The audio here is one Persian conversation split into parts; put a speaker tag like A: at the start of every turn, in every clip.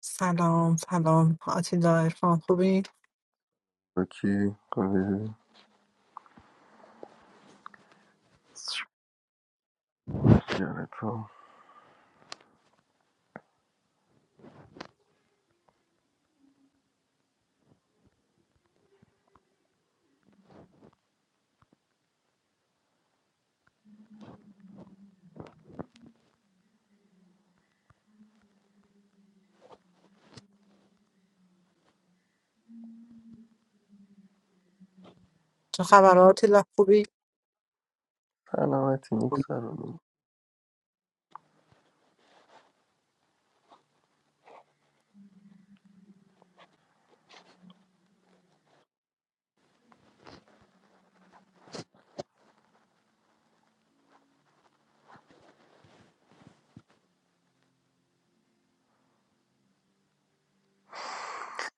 A: سلام سلام آتیلا ارفان خوبی؟
B: کی خوبی چیکاره تو
A: چه خبر آتیلا خوبی؟
B: سلامتی نیک سرونی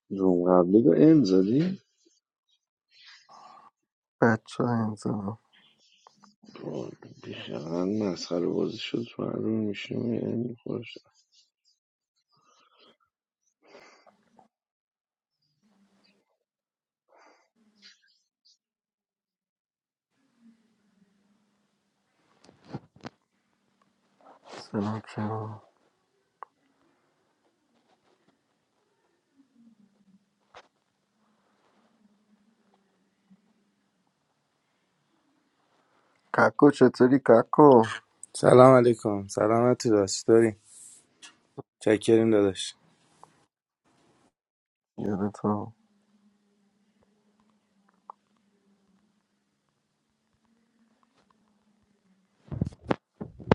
C: روم قبلی رو ام زدی؟
B: بچه ها انزا
C: بیخیالن مسخره بازی شد تو هر روم میشیم ام میخورش
B: سلام شما ککو چطوری ککو
D: سلام علیکم سلامتی داشت داری چکریم داداش
B: یادتو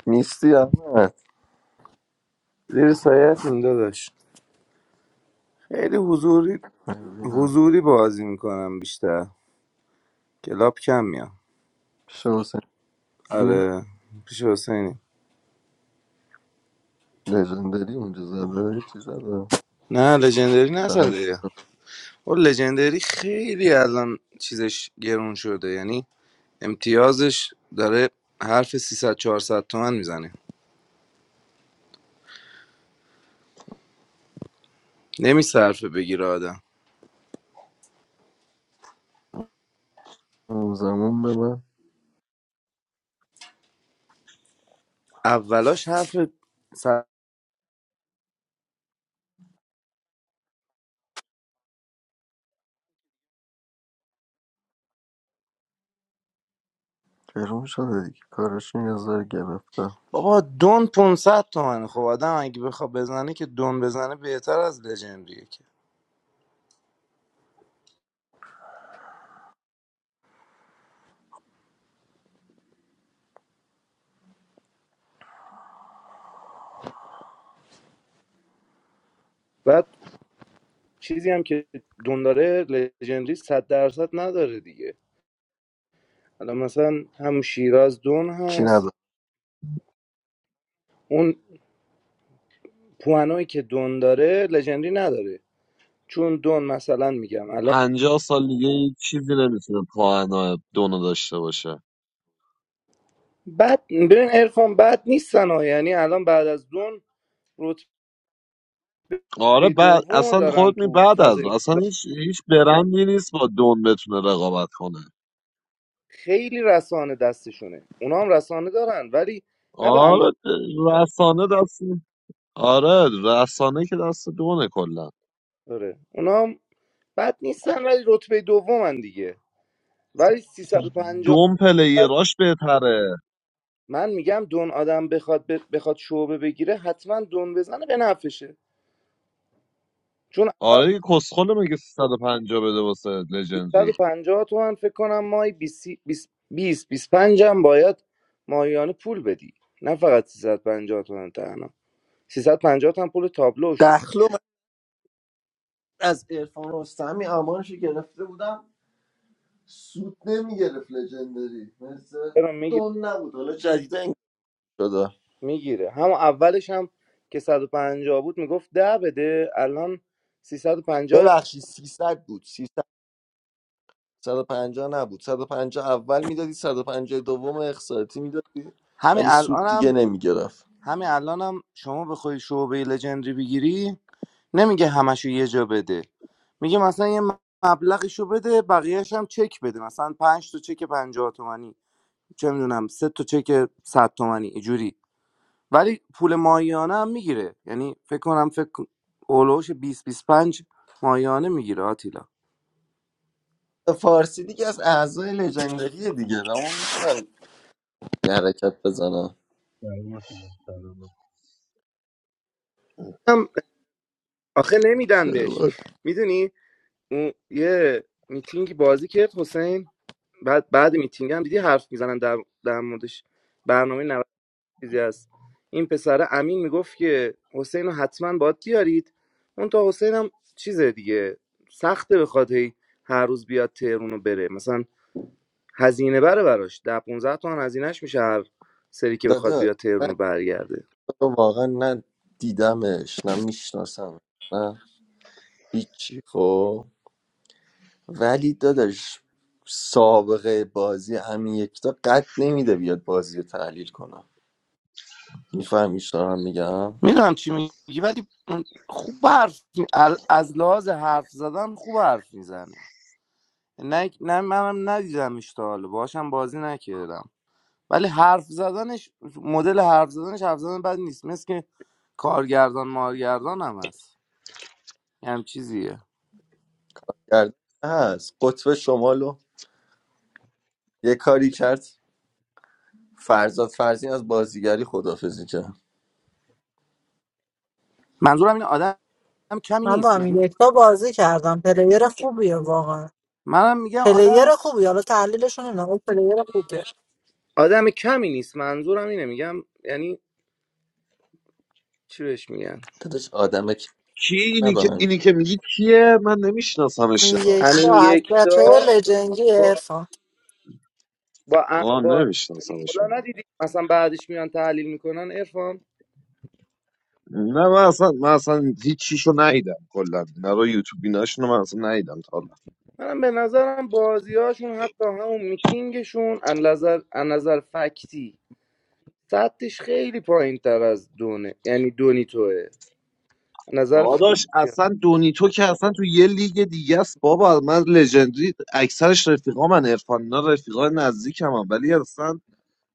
B: نیستی احمد
D: زیر سایتیم داداش خیلی حضوری
B: من ببینم
D: حضوری بازی میکنم بیشتر کلاب کم میام
B: شو سنتی
D: آره پیش حسینی
B: لژندری اونجا زده یه چی زده
D: نه لژندری
B: سلام
D: نزده اون لژندری خیلی الان چیزش گرون شده یعنی امتیازش داره حرف 300 400 تومن میزنه نمیصرفه بگیره آدم
B: اون زمان به من
D: اولاش حرف
B: گرون شده دیگه کارشون یه ذره گرفته
D: بابا دون 500 تومنه خب آدم اگه بخواد بزنه که دون بزنه بهتر از لژندریه که بعد چیزی هم که دون داره لژندری 100 درصد نداره دیگه حالا مثلا هم شیراز دون
B: چی
D: هست
B: نداره
D: اون پوانوی که دون داره لژندری نداره چون دون مثلا میگم الان
E: پنجاه سال دیگه هیچ چیزی نمیتونه پاهنا دونو داشته باشه
D: بعد ببین ارفان بد نیستن ها یعنی الان بعد از دون رتبه
E: آره بعد
D: دوم
E: اصلا
D: دارن
E: خودت می
D: تو
E: بعد از
D: فضای
E: اصلا هیچ هیچ برندی نیست با دون بتونه رقابت کنه
D: خیلی رسانه دستشونه اونا هم رسانه دارن ولی نه به اندازه
E: آره رسانه دست آره رسانه که دست دونه کلا
D: آره اونا هم بد نیستن ولی رتبه دومن دیگه ولی
F: مثلا
D: 350
E: دوم
D: نفر-
E: پلیراش بهتره
D: من میگم دون آدم بخواد ب- بخواد شعبه بگیره حتما دون بزنه به نفشه چون
E: آره
D: الان
E: یه کسخل مگه سیصد و پنجاه بده واسه لژندری
D: 350 تومن فکر کنم مای 20 25 هم باید ماهیانه پول بدی نه فقط 350 تومن تنها 350 تومن پول تابلو شد
B: دخلو من از ارفان رستمی امانشو گرفته بودم سود نمیگرفت لژندری مثل
D: چرا میگیره
B: دون نبود حالا جدیده این شده
D: میگیره هم اولش هم که 150 بود میگفت ده بده الان 350
B: ببخشید 300 بود 300 150 نبود 150 اول میدادی 150 دوم اخصارتی میدادی
D: همین
B: ولی سود دیگه
D: الانم
B: نمیگرفت
D: همین الانم شما بخوای شعبه لژندری بگیری نمیگه همشو یه جا بده میگه مثلا یه مبلغشو بده بقیهش هم چک بده مثلا پنج تا چک پنجاه تومانی چه میدونم سه تا چک صد تومانی اینجوری ولی پول ماهیانه هم میگیره یعنی فکر کنم فکر اولوش 20 25 ماهیانه میگیره آتیلا
B: فارسی دیگه از اعضای لژندری دیگه و اون میتونن یه حرکت بزنن
G: سلام سلام
D: هم آخه نمیدن بهش میدونی اون یه میتینگی بازی کرد حسین بعد بعد میتینگ هم دیدی حرف میزنن در, در موردش برنامه 90 چیزی هست این پسره امین میگفت که حسین رو حتما باید بیارید اون تا حسین هم چیزه دیگه سخته بخواد هی هر روز بیاد تهرون رو بره مثلا هزینه بره براش ده 15 تومن هزینهش میشه هر سری که بخواد
B: داده
D: بیاد
B: من
D: تهرون رو
B: تو
D: برگرده
B: رو واقعا نه دیدمش نه میشناسم نه هیچی خب ولی داداش سابقه بازی همین یکتا قد نمیده بیاد بازی رو تحلیل کنم میفهمیش دارم میگم
D: میدونم چی میگی ولی خوب حرف می- ال- از لحاظ حرف زدن خوب حرف میزنه نه نه منم ندیدمش تا حالا باهاشم بازی نکردم ولی حرف زدنش مدل حرف زدنش حرف زدن بد نیست مثل که کارگردان مارگردان هم هست یه هم چیزیه
B: گرد هست قطب شمالو یه کاری کرد فرزاد فرزین از بازیگری خدافزی کرد
D: منظورم این آدم هم کمی
A: من با
D: نیست
A: امین
D: یعنی
A: یکتا بازی کردم پلیر خوبیه واقعا
D: منم میگم آدم
A: پلیر خوبی حالا تحلیلش رو نمیدونم ولی پلیر خوبیه
D: آدم کمی نیست منظورم اینه میگم یعنی چی بهش میگن
B: داداش آدم که
E: کی اینی که
B: ندارم
E: اینی که میگی کیه من نمیشناسمش
A: امین
E: چرا
D: همین
A: یکتا از
D: یک تا
A: بچه‌های لجنگی
D: با
A: ارفان
D: با
E: آه
D: با علی
E: نمیشناسمش
D: مولا ندیدی مثلا بعدش میان تحلیل میکنن عرفان
E: نه من اصلا من اصلا هیچ چیشو ندیدم کلا نه رو یوتیوب ایناشونو من اصلا ندیدم تا حالا
D: من به نظرم بازیهاشون حتی همون میتینگشون از نظر از نظر فکتی سطحش خیلی پایین تر از دونه یعنی دونی توه از نظر
E: داداش
D: فکتی
E: اصلا دونیتو که اصلا تو یه لیگ دیگه است بابا من لژندری اکثرش رفیقا من عرفان اینا رفیقا نزدیکم هم ولی اصلا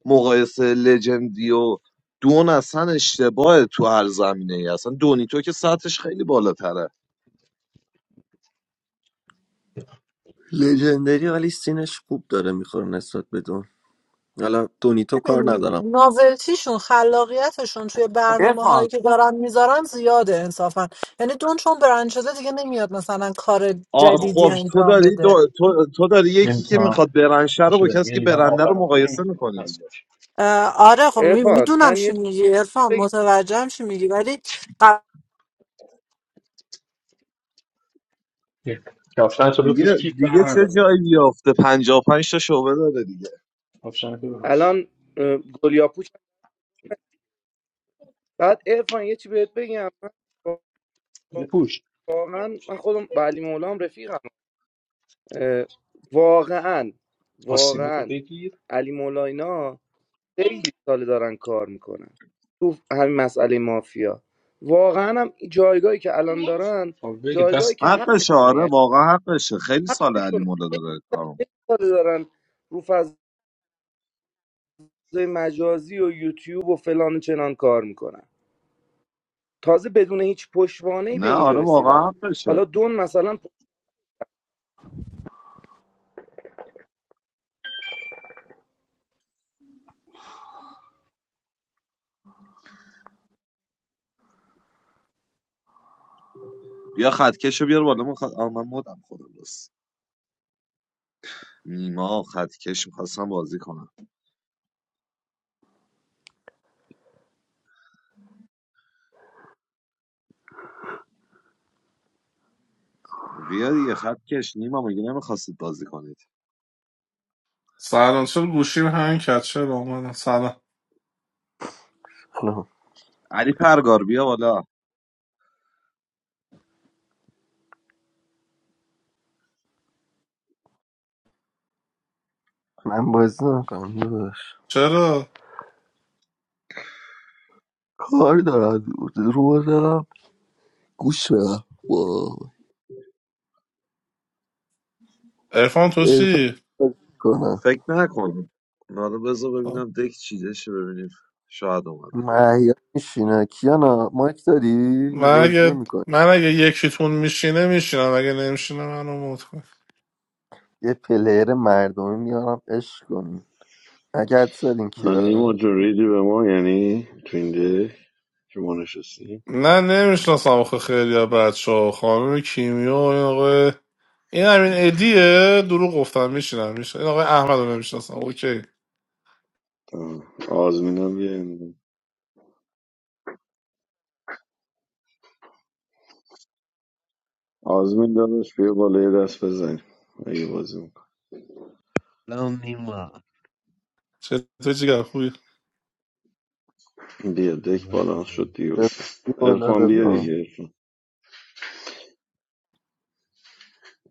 E: مقایسه لژندی و دون اصلا اشتباه تو هر زمینه ای اصلا دونیتو که سطحش خیلی بالاتره
B: لژندری ولی سینش خوب داره میخوره نسبت بدون حالا دونیتو کار
A: ببین
B: ندارم
A: ناولتیشون خلاقیتشون توی برنامه
D: ارفان
A: هایی که دارن میذارن زیاده انصافا یعنی دون چون برند شده دیگه نمیاد مثلا کار
E: آ
A: جدیدی
E: خب تو
A: انجام
E: داری
A: بده
E: دو... تو... تو داری یکی که
H: انتا
E: میخواد برنشه رو
H: پاشو
E: با
H: بریم
E: کسی
H: یه
E: که
H: لیوان آب
E: برنده رو
H: برام این
E: مقایسه
H: نمیخوره آب
E: میکنی
H: هست
E: دیگه
A: اه، آره خب
D: ارفان
A: میدونم
D: من یه
A: چی
D: چی
A: میگی عرفان
D: بگم
A: متوجهم چی میگی ولی قبل
H: یک کفشن تو بپوش
E: دیگه
H: کیف
E: دیگه
H: بر
E: چه
H: نداره بابا
E: جایی بیافته 55 تا شعبه داره دیگه
H: کفشن تو بپوش
D: الان اه، گلیاپوش بعد ارفان یه چی بهت بگم من
H: بپوش
D: واقعا من خودم با علی مولام رفیقم اه، واقعا
H: آستینات رو
D: واقعا
H: بگیر
D: علی مولا اینا خیلی ساله دارن کار میکنن تو همین مسئله مافیا واقعا هم این جایگاهی که الان دارن
H: تا بگه
D: جایگاهی
H: دست
D: که
E: حقشه
D: حقشونه
E: آره
D: یعنی
E: واقعا حقشه خیلی سال علی
D: حقشونه
E: مولا
D: خیلی
E: داره کارم
D: ساله دارن رو فضای مجازی و یوتیوب و فلان و چنان کار میکنن تازه بدون هیچ پشتوانه به
E: نه
D: اینجا
E: آره
D: رسیدن
E: واقعا حقشه
D: حالا دون مثلا
E: بیا خطکشو بیار بالا من, خط... آه، من مدم خودم بس نیما خطکش میخواستم بازی کنم بیا دیگه خطکش نیما مگه نمیخواستید بازی کنید
I: سلام چرا گوشیم همین کرد چرا اومدم سلام
B: حالا
E: علی پرگار بیا بالا
B: من بازی نمیکنم داداش
I: چرا
B: کار دارم رو دارم گوش بدم وای
I: ارفان تو
B: عرفان
I: چی
E: فکر نکنم حالا بذار
I: آه.
E: ببینم دک چیده شه ببینیم شاید اومد
B: مهیار میشینه کیانا مایک داری یه
I: من
B: بازی
I: اگه
B: نمیکنی
I: من اگه یکیتون میشینه میشینم اگه نمیشینه منو موت کن
B: یه پلیر مردمی میارم عشق کنی اگر زدین کیا
C: نیما جون ریدی به ما یعنی تو این ده که ما نشستیم
I: نه نمیشناسم آخه خیلی از بچه ها خانم کیمیا و این آقای این همین ادیه دروغ گفتم میشینم میشینم این آقای احمد رو نمیشناسم اوکی
C: آه. آزمینم بیا این- آزمین داداش بیا بالا یه دست بزنیم اگه بازی میکن
G: سلام نیما
I: چطور چیکار خوبی
C: بیا
G: سلام
C: دک بالانس
G: همگی.
C: شد دیگه
B: رضا بیا بالا
C: ارفان بیا
B: رضا
C: دیگه ارفان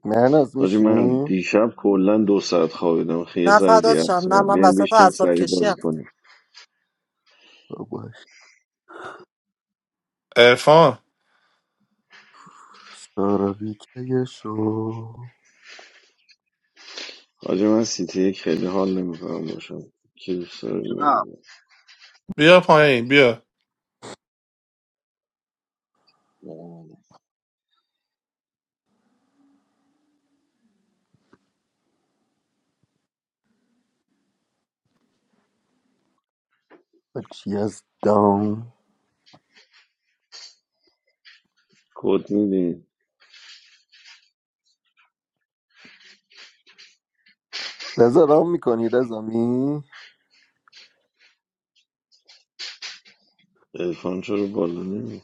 B: مرناز
C: حاجی من
B: میشینی
C: دیشب کلا دو ساعت خوابیدم خیلی یه
A: نه
C: ذره
A: فدات
C: دیگه
A: شم نه
C: هستم
A: من
C: بیا
A: وسط
C: بشین
A: اعصاب
C: سریع
A: کشی
C: بازی
A: ام
C: کنیم
B: باش
I: ارفان
B: ساراوی که شو
C: حاجی من سیتی یک خیلی حال نمیکنم باشم که دوست داره
E: جونم
C: ببینم.
I: بیا پایین بیا
E: اومد.
B: چی از دام
C: کد میدین
B: رضا رام میکنی رضا می
C: ارفان چرا بالا نمی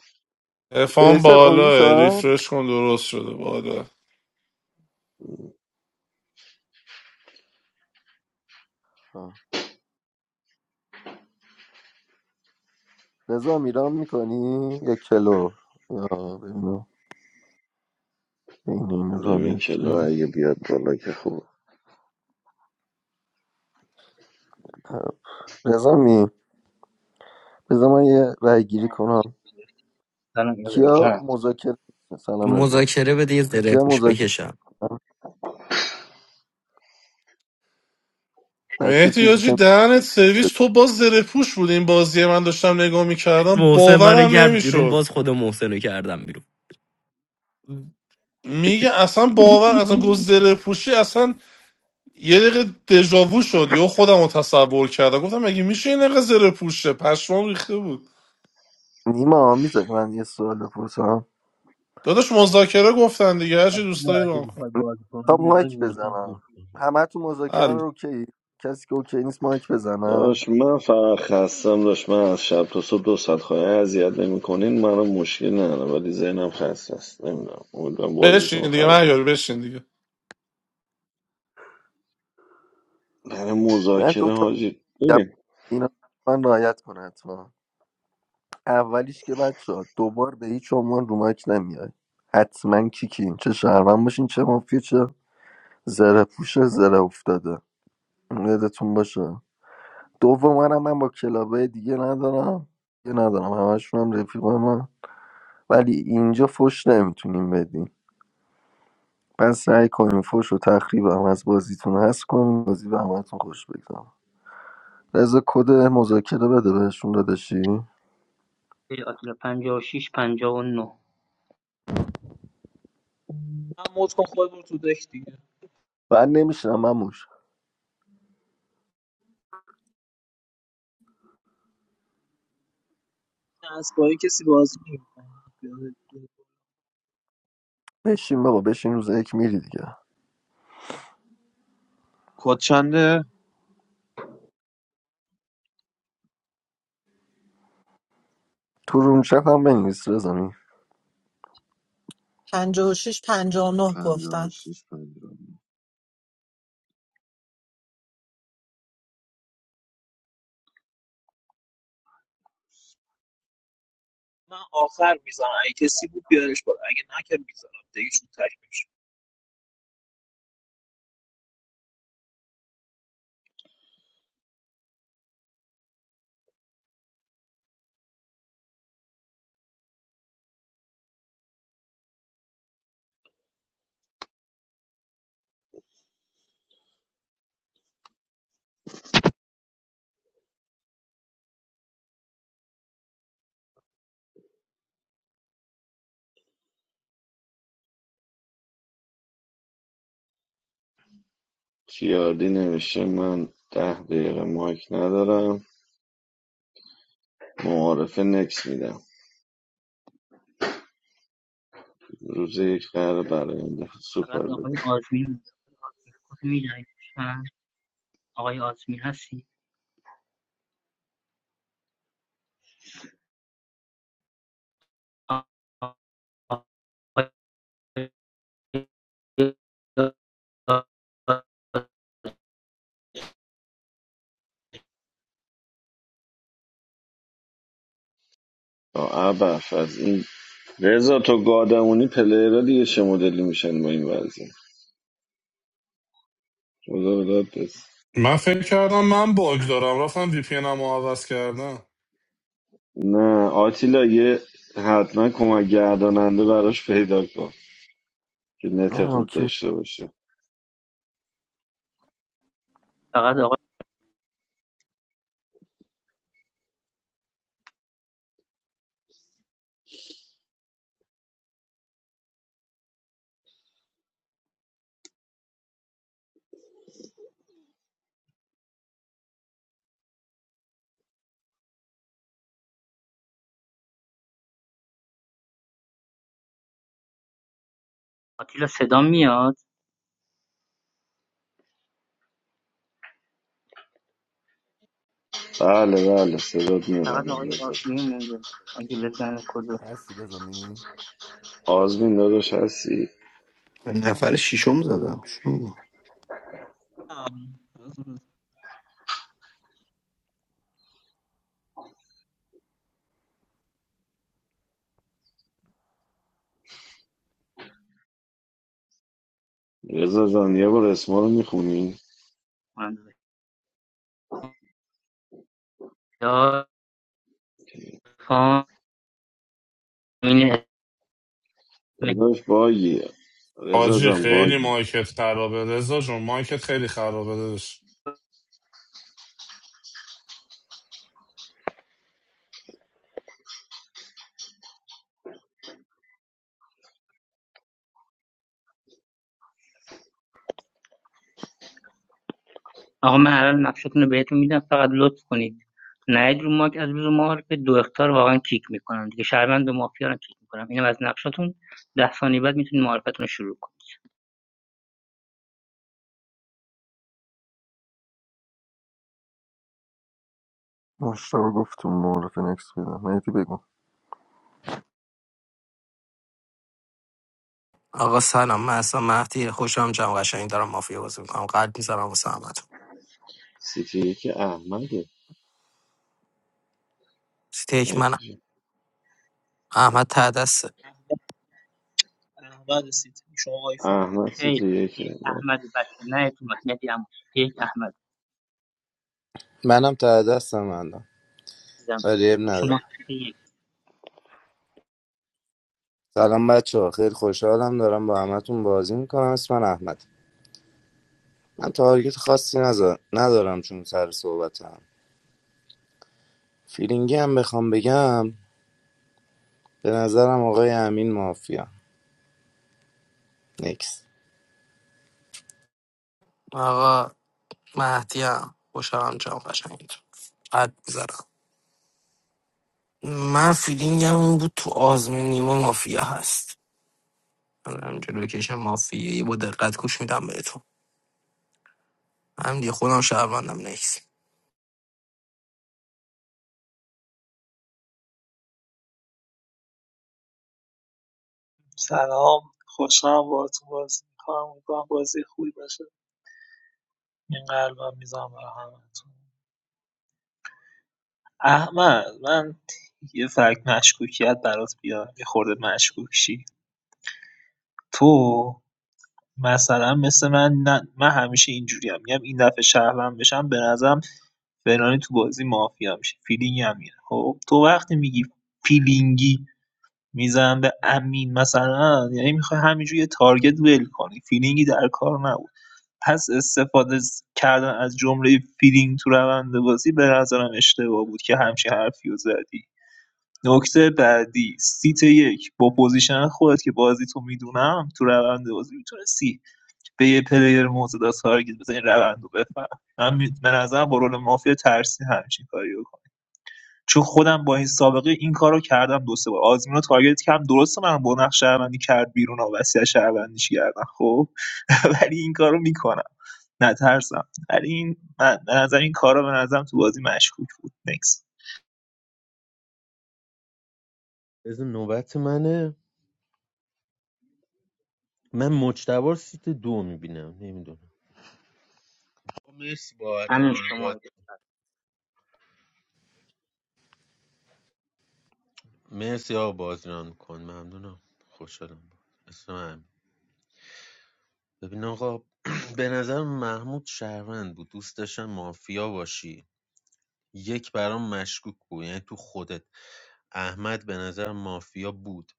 I: ارفان
B: احسان آمین
I: بالا
B: سان
I: ریفرش کن درست شده بالا
B: آه. رضا می رام میکنی یا کلو آه، ببینم این این
C: ببین
B: رانه
C: کلو
B: کیه
C: اگه بیاد بالا که خوب
B: آه. رضا می بذار من یه رای گیری کنم
J: سلام یا برو
B: کیا
J: جانم
B: مذاکره می‌کنه؟ سلام رضا
K: مذاکره بده یه ذره
B: کیا
K: پوش
B: مذاکره
K: بکشم
B: می‌کنه؟ بچه
I: مهدی
B: چیزی
I: حاجی
B: که
I: دهنت سرویس تو باز زره پوش بود این بازی من داشتم نگاه میکردم
K: محسن منو
I: باورم
K: کرد بیرون
I: نمیشد
K: باز خود محسن رو کردم بیرون
I: میگه اصلا باور اصلا گز زره پوشی اصلا یه دقیقه دژاوو شد یا خودم رو تصور کردم گفتم مگه میشه این دقیقه زره پوشه پشمام ریخته بود
B: نیما میذاری من یه سوال بپرسم
I: داداش مذاکره گفتن دیگه هرچی
G: آتیلا
I: دوستایی
G: اگه
I: ران کن
G: میخوای بازی
B: خب
G: کنیم من
B: مایک
G: میخوام گوش
B: بزنم
G: کنم
B: همه تو مذاکره
I: حل
B: رو اوکی کسی که اوکی نیست مایک
C: داشت
B: بزنم
C: من فقط خستم داشت من از شب تا صبح دو ساعت خواهی اذیت نمیکنین منو مشکل نداره ولی ذهنم خسته است نمیدونم امیدوارم بازیتون رو
I: بشین دیگه
C: خراب
I: مهیار
C: نکنم
I: بشین دیگه
C: برای
B: من
C: مذاکره
B: دوتا
C: حاجی
B: میگم
C: بریم
B: اینا من رعایت کنه حتما اولیش که بچه دوبار به هیچ عنوان رو مایک نمیای حتما کیکین چه شهرمن باشین چه مافیا چه زره پوشه زره افتاده یادتون باشه دوم منم من با کلابه دیگه ندارم دیگه ندارم همشون هم رفیق من ولی اینجا فش نمیتونیم بدیم پس سعی کنیم فش و تخریب هم از بازیتون هست کنیم بازی به همتون خوش بگذم رضا کد مذاکره بده بهشون داداشی
J: خیلی آتلا پنجاه و شیش پنجاه و نه
F: من موت کن خود برو تو دک دیگه
B: بعد نمیشنم مموش
F: این اسبایی کسی بازی نمیکنه
B: بشین بابا بشین روز یک میری دیگه
E: کد چنده؟
B: تو رومچت هم بنویس رضا می
A: 56 59 گفتن
E: 56 56
F: من آخر میزنم اگه کسی بود بیارش بالا اگه نه که میزنم دیگه چون تک میشه
C: کیاردی نوشته من ده دقیقه مایک ندارم معارفه نکس میدم روز یک قرار برای این دفعه سوپر
J: فقط
C: بده.
J: آقای آزمین مونده. آقای آزمین کد می‌دهید لطفاً؟ آقای آزمین هستی آ- آقای
C: آه، عبف از این رضا تو گادمونی پلیرها دیگه چه مدلی میشن با این وضعیه خدا بداد بس
I: من فکر کردم من باگ دارم رفتم وی پی انم عوض کردم
C: نه آتیلا یه حتما کمک گرداننده براش پیدا کن که نت
B: نه،
C: خوب
B: اوکی
C: داشته باشه
J: فقط آقای آتیلا صدا میاد
C: بله بله صدات
J: فقط
C: میزنم
J: آقای
C: رضا
J: آزمین مونده اگه بزن کد رو
B: هستی رضا می
C: آزمین داداش هستی
L: نفر ششم زدم شو.
F: ام،
C: رضا جان یه بار اسما رو میخونی
J: من یا خان
C: داداش باگی رضا
I: حاجی
C: جان
I: خیلی
C: باگی
I: مایکت خرابه رضا جون مایکت خیلی خرابه داداش.
J: آقا من الان نقشتون رو بهتون میدم فقط لطف کنید نیاید رو ماک از روز معارفه دو اختار واقعا کیک میکنن دیگه شهروند و مافیا رو کیک میکنم اینم از نقشتون ده ثانیه بعد میتونید معارفتون رو شروع کنید
B: مشتاق گفتم معرف نکس بدم مهدی بگو
K: آقا سلام من اصلا مهدی خوشم جمع قشنگ دارم مافیا بازی میکنم قلب میزنم واسه احمد
C: سیتی یک احمده
K: ستیک من
C: نتیجه.
K: احمد تعدسته
F: احمد احمد سیتی شما آیفون
C: احمد
J: خیلی
C: سیتی
J: یک
C: یکه
J: احمد بچه نیاید رو ماک ندی اما یک احمد
D: منم ته دستم الان
J: عزیزم
D: ولی عیب
J: شما
D: نداره
J: یک
D: سلام بچه ها خیلی خوشحالم دارم با همتون بازی میکنم اسم من احمد من تارگت خاصی نزا- ندارم چون سر صحبتم فیلینگی هم بخوام بگم به نظرم آقای امین مافیا نیکس.
K: آقا مهدی هم خوشم جمع قشنگ دارم. قلب میزنم من فیلینگم این بود تو آزمین نیمه مافیا هست من جلوکش مافیایی با دقت گوش میدم بهتون هم دیگه خودم شهروندم نکس
F: سلام خوشحالم باهاتون بازی میکنم امیدوارم بازی خوبی باشه این قلبم میزنم برای همتون احمد من یه فرق مشکوکیت برات بیارم یه خورده مشکوک شی تو مثلا مثل من نه من همیشه اینجوریم میگم این دفعه شهروند بشم به نظرم فلانی تو بازی مافیا میشه فیلینگ هم میره خب تو وقتی میگی فیلینگی میزنم به امین مثلا یعنی میخوای همینجوری یه تارگت ول کنی فیلینگی در کار نبود پس استفاده ز- کردن از جمله فیلینگ تو روند بازی به نظرم اشتباه بود که همچین حرفی رو زدی نکته بعدی سیت یک با پوزیشن خودت که بازی تو میدونم تو روند بازی میتونستی به یه پلیر موضوع داد تارگت بزن این روند رو بفهم من می- به نظرم با رول مافیا ترسی همچین کاری رو کنم چون خودم با این سابقه این کار رو کردم دو سه بار آزمین رو تارگت کردم درسته من با نقش شهروندی کرد بیرون و وسیع شهروندیش کردم خب ولی این کار رو میکنم نترسم ولی این من به نظر این کارا به نظرم تو بازی مشکوک بود نکس
G: بذار نوبت منه من مجتبار سیت دو میبینم نمیدونم مرسی بابت
J: همین
G: ران
J: شما
G: باد
J: یک
G: مرسی آقا بازی ران کن ممنونم خوشحالم اسم هم ببین آقا به نظر محمود شهروند بود دوست داشتن مافیا باشی یک برام مشکوک بود یعنی تو خودت احمد به نظر مافیا بود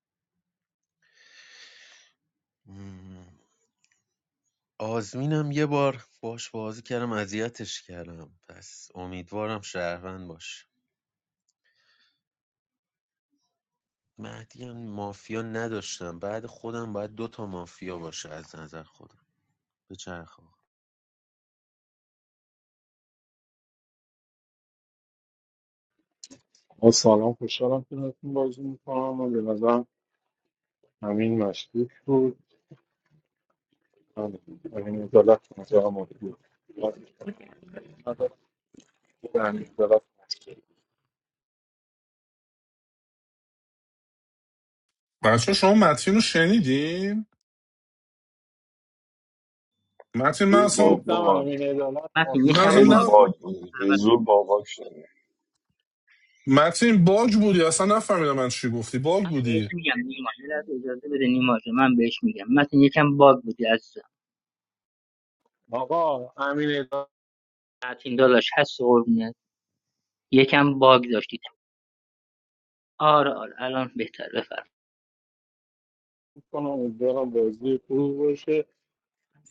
G: آزمینم یه بار باش بازی کردم اذیتش کردم پس امیدوارم شهروند باشه مهدی هم مافیا نداشتم بعد خودم باید دو تا مافیا باشه از نظر خودم به چرخ آقا.
H: آه، سلام خوشحالم که نتون بازی میکنم و به نظرم همین مشکوک بود همین همین عدالت به نظرم عالی بود همین عدالت مشکوک.
I: بچه شما متین رو شنیدین؟ متین من
C: دور
I: اصلا
H: گفتم
C: بابا
H: امین عدالت
J: متین
I: نه
H: مافیا
J: یکم
I: اصلا
H: است
C: خیلی
J: باگ
I: نه
J: داشت
C: باگ بودی
J: اول
C: به
J: من
C: زور باباک شدی
I: متین باگ بودی اصلا نفهمیدم من چی گفتی باگ
J: بهش
I: بودی
J: میگم نیما یه لحظه اجازه بده نیما جون، من بهش میگم متین یکم باگ بودی عزیزم
H: آقا امین عدالت
J: متین داداش هست قربونت یکم باگ داشتی آره آره الان بهتر بفرمایید
H: کنم امیدوارم بازی خوب باشه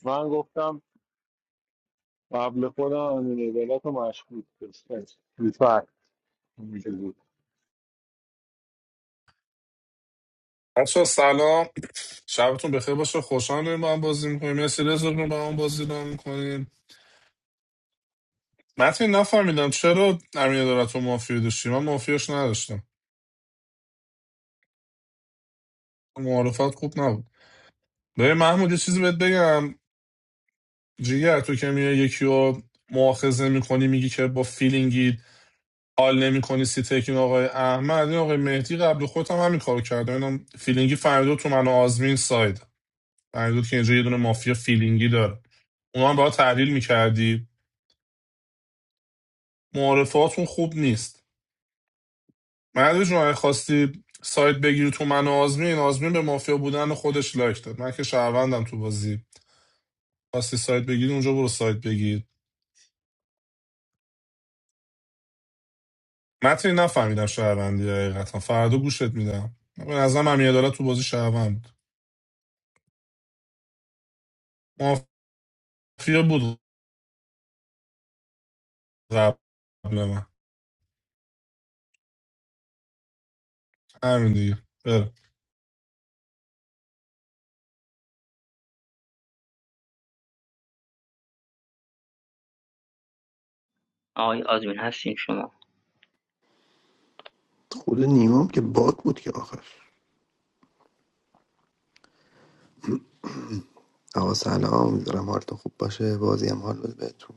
H: من گفتم قبل خودم امین عدالت رو مشکوک داشتم. می‌فهم. اینجوری. بود.
I: بچه سلام شبتون بخیر باشه خوشحال ما هم بازی میکنیم مرسی رزا رو با هم بازی رو میکنیم متین نفهمیدم چرا امین دارد تو مافیا داشتی من مافیاش نداشتم معارفت خوب نبود ببین محمود یه چیزی بهت بگم جیگر تو که میای یکی رو مؤاخذه میکنی میگی که با فیلینگی حال نمی کنی سیتکین آقای احمد این آقای مهدی قبل خودم همین کارو کرده اینا فیلینگی فردود تو من و آزمین ساید فردود که اینجا یه دونه مافیا فیلینگی داره اونا هم باید تحلیل میکردی معارفاتون خوب نیست مردو جون خواستی ساید بگیری تو من و آزمین آزمین به مافیا بودن خودش لایک داد من که شهروندم تو بازی خواستی ساید بگیری اونجا برو ساید بگیر متن نفهمیدم شهروندی حقیقتا فردا گوشت میدم به نظرم امین عدالت تو بازی شهروند بود. مافیا بود قبل من. همین دیگه برم
J: آقای آزمین هستین شما
L: خود نیمام که باک بود که آخر آقا سلام میذارم حالتون خوب باشه بازی هم حال بده بهتون